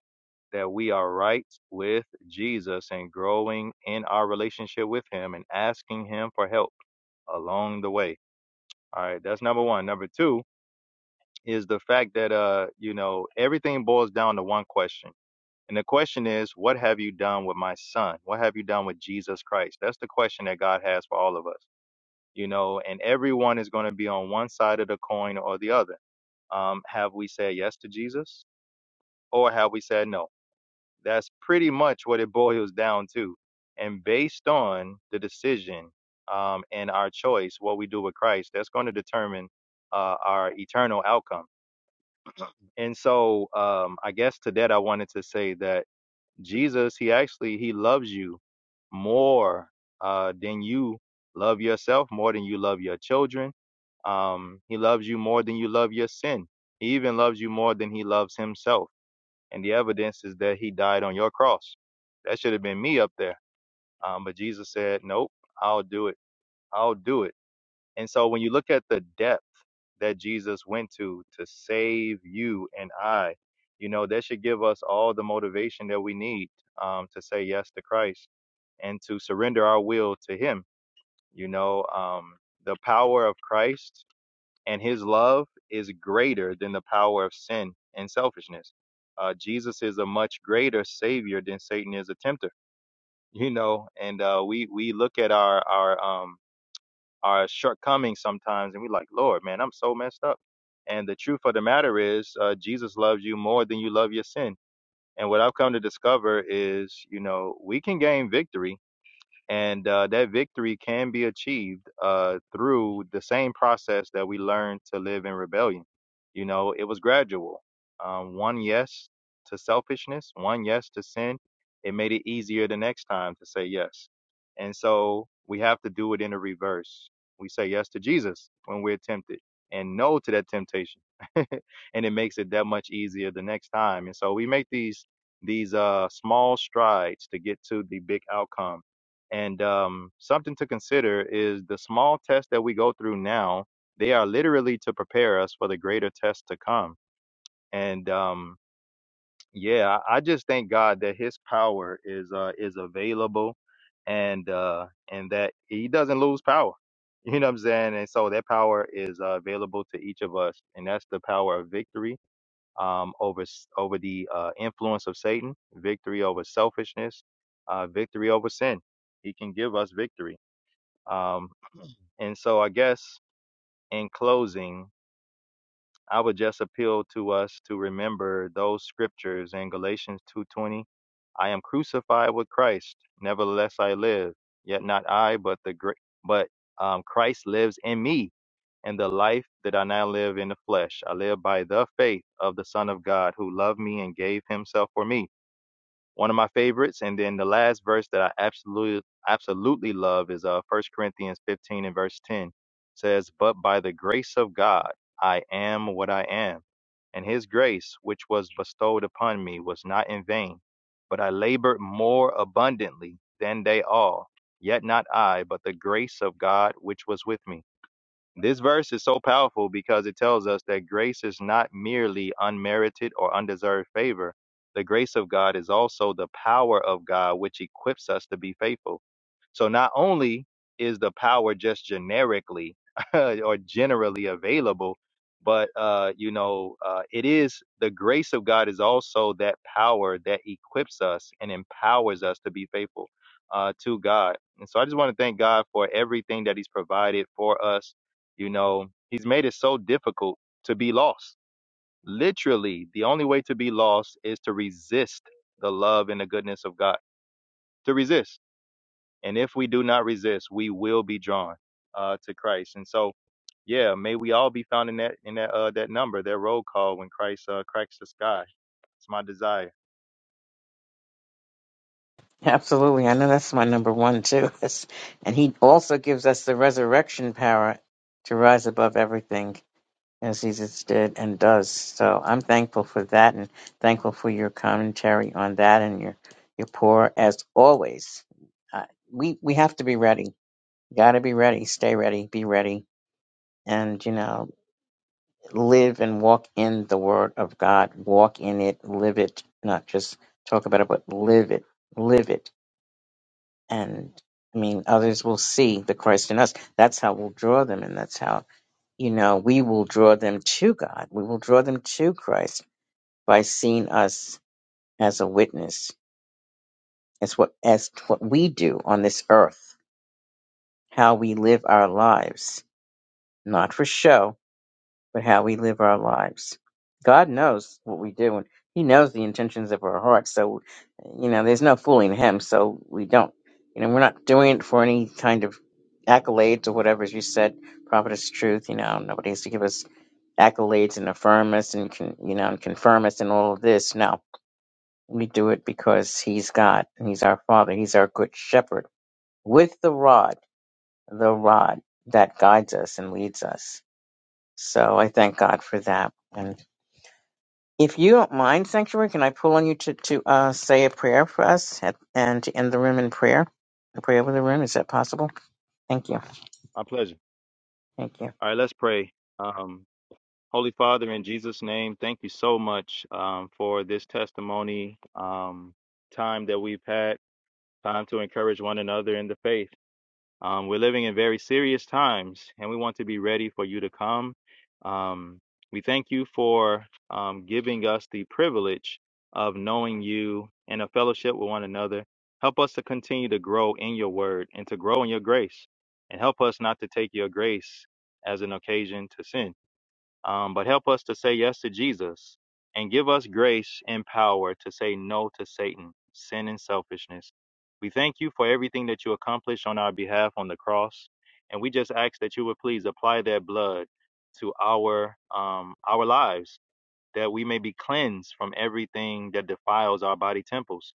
F: that we are right with Jesus and growing in our relationship with Him and asking Him for help along the way. All right, that's number one. Number two is the fact that, uh, you know, everything boils down to one question And the question is, what have you done with my son? What have you done with Jesus Christ? That's the question that God has for all of us, you know, and everyone is going to be on one side of the coin or the other. Um, have we said yes to Jesus or have we said no? That's pretty much what it boils down to. And based on the decision um, and our choice, what we do with Christ, that's going to determine uh, our eternal outcome. And so um, I guess to that, I wanted to say that Jesus, he actually he loves you more uh, than you love yourself, more than you love your children. Um, he loves you more than you love your sin. He even loves you more than he loves himself. And the evidence is that he died on your cross. That should have been me up there. Um, but Jesus said, Nope, I'll do it. I'll do it. And so when you look at the depth that Jesus went to to save you and I. You know, that should give us all the motivation that we need um, to say yes to Christ and to surrender our will to Him. You know, um, the power of Christ and His love is greater than the power of sin and selfishness. Uh, Jesus is a much greater Savior than Satan is a tempter. You know, and uh, we we look at our our um, our shortcomings sometimes and we like lord man i'm so messed up and the truth of the matter is uh, jesus loves you more than you love your sin and what i've come to discover is you know we can gain victory and uh, that victory can be achieved uh, through the same process that we learned to live in rebellion. You know, it was gradual. Um, one yes to selfishness, one yes to sin. It made it easier the next time to say yes. And so we have to do it in the reverse. We say yes to Jesus when we're tempted and no to that temptation. and it makes it that much easier the next time. And so we make these these uh small strides to get to the big outcome and um, something to consider is the small tests that we go through now, they are literally to prepare us for the greater tests to come. And um, yeah, I I just thank God that his power is uh, is available and uh, and that he doesn't lose power. You know what I'm saying? And so that power is uh, available to each of us. And that's the power of victory um, over s- over the uh, influence of Satan, victory over selfishness, uh, victory over sin. He can give us victory um, and so I guess in closing, I would just appeal to us to remember those scriptures in Galatians 2:20. I am crucified with Christ; nevertheless I live, yet not I, but the great, but um, Christ lives in me. And the life that I now live in the flesh, I live by the faith of the Son of God who loved me and gave himself for me one of my favorites. And then the last verse that I absolutely absolutely love is uh First Corinthians 15 and verse 10 says, "But by the grace of God I am what I am, and His grace which was bestowed upon me was not in vain, but I labored more abundantly than they all. Yet not I, but the grace of God which was with me." This verse is so powerful because it tells us that grace is not merely unmerited or undeserved favor. The grace of God is also the power of God which equips us to be faithful. So not only is the power just generically or generally available, but uh, you know, uh, it is the grace of God is also that power that equips us and empowers us to be faithful uh, to God. And so I just want to thank God for everything that He's provided for us you know, he's made it so difficult to be lost. Literally, the only way to be lost is to resist the love and the goodness of God, to resist. And if we do not resist, we will be drawn uh, to Christ. And so, yeah, may we all be found in that in that uh that number, that roll call when Christ uh cracks the sky. It's my desire,
A: Absolutely, I know that's my number one too. That's- and he also gives us the resurrection power to rise above everything as Jesus did and does. So I'm thankful for that, and thankful for your commentary on that and your your pour as always. Uh, we we have to be ready Gotta be ready, stay ready, be ready, and you know, live and walk in the Word of God. Walk in it, live it, not just talk about it, but live it, live it. And I mean, others will see the Christ in us. That's how we'll draw them, and that's how, you know, we will draw them to God. We will draw them to Christ by seeing us as a witness. It's what, as what we do on this earth, how we live our lives, not for show, but how we live our lives. God knows what we do, and He knows the intentions of our hearts. So, you know, there's no fooling Him. So we don't, you know, we're not doing it for any kind of accolades or whatever. As you said, prophetess truth. You know, nobody has to give us accolades and affirm us and con, you know and confirm us and all of this. No, we do it because He's God and He's our Father. He's our good Shepherd with the rod, the rod that guides us and leads us. So I thank God for that. If you don't mind, Sanctuary, can I pull on you to, to uh, say a prayer for us at, and to end the room in prayer? A prayer over the room, is that possible? Thank you.
F: my pleasure.
A: Thank you.
F: All right, let's pray. Um, Holy Father, in Jesus' name, thank you so much um for this testimony um time that we've had. time to encourage one another in the faith. Um, we're living in very serious times, and we want to be ready for you to come. Um, we thank you for um, giving us the privilege of knowing you and a fellowship with one another. Help us to continue to grow in your word and to grow in your grace, and help us not to take your grace as an occasion to sin. Um, but help us to say yes to Jesus and give us grace and power to say no to Satan, sin, and selfishness. We thank you for everything that you accomplished on our behalf on the cross. And we just ask that you would please apply that blood to our um, our lives, that we may be cleansed from everything that defiles our body temples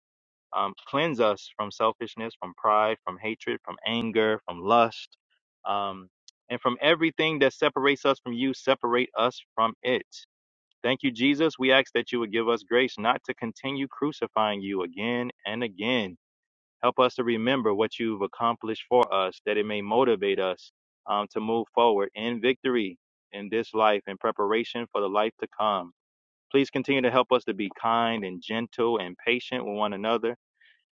F: um, cleanse us from selfishness, from pride, from hatred, from anger, from lust, um, and from everything that separates us from you, separate us from it. Thank you, Jesus. We ask that you would give us grace not to continue crucifying you again and again. Help us to remember what you've accomplished for us, that it may motivate us um, to move forward in victory in this life in preparation for the life to come. Please continue to help us to be kind and gentle and patient with one another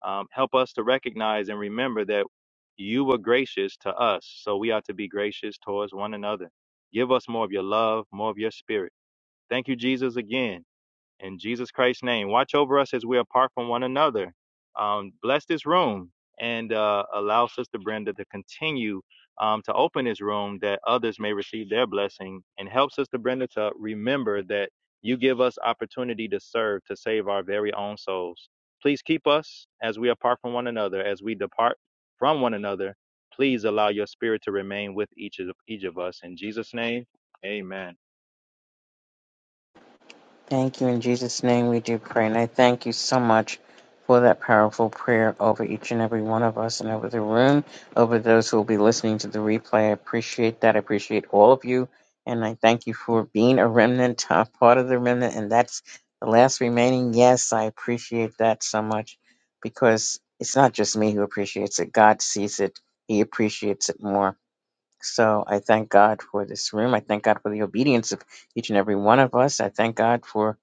F: um, help us to recognize and remember that you were gracious to us, so we ought to be gracious towards one another. Give us more of your love, more of your spirit. Thank you, Jesus, again in Jesus Christ's name. Watch over us as we are apart from one another. Um, bless this room and uh, allow Sister Brenda to continue um, to open this room that others may receive their blessing and help Sister Brenda to remember that you give us opportunity to serve to save our very own souls. Please keep us as we apart from one another, as we depart from one another. Please allow your spirit to remain with each of each of us. In Jesus' name, amen.
A: Thank you. In Jesus' name we do pray. And I thank you so much for that powerful prayer over each and every one of us and over the room, over those who will be listening to the replay. I appreciate that. I appreciate all of you. And I thank you for being a remnant, a part of the remnant. And that's the last remaining. Yes, I appreciate that so much because it's not just me who appreciates it. God sees it. He appreciates it more. So I thank God for this room. I thank God for the obedience of each and every one of us. I thank God for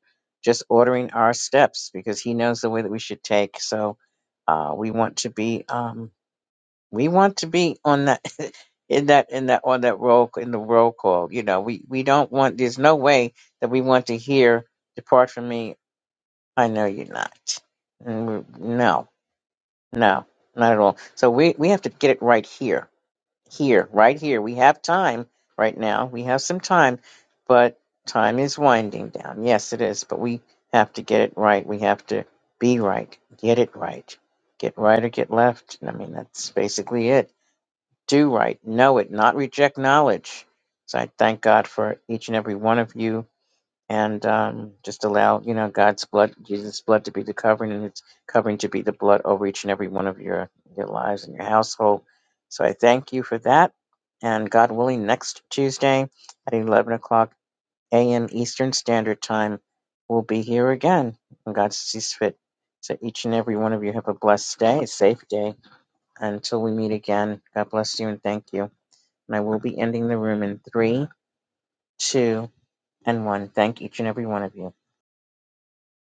A: just ordering our steps because He knows the way that we should take. So uh, we want to be um, we want to be on that in that in that on that roll in the roll call. You know, we we don't want. There's no way that we want to hear depart from me. I know you're not. And we, no, no, not at all. So we we have to get it right here here, right here. We have time right now. We have some time, but time is winding down. Yes, it is, but we have to get it right. We have to be right. Get it right. Get right or get left. I mean, that's basically it. Do right. Know it. Not reject knowledge. So I thank God for each and every one of you and um, just allow you know God's blood, Jesus' blood, to be the covering, and its covering to be the blood over each and every one of your your lives and your household. So I thank you for that, and God willing, next Tuesday at eleven o'clock a.m. Eastern Standard Time, we'll be here again when God sees fit. So each and every one of you have a blessed day, a safe day. Until we meet again, God bless you and thank you. And I will be ending the room in three, two, and one. Thank each and every one of you.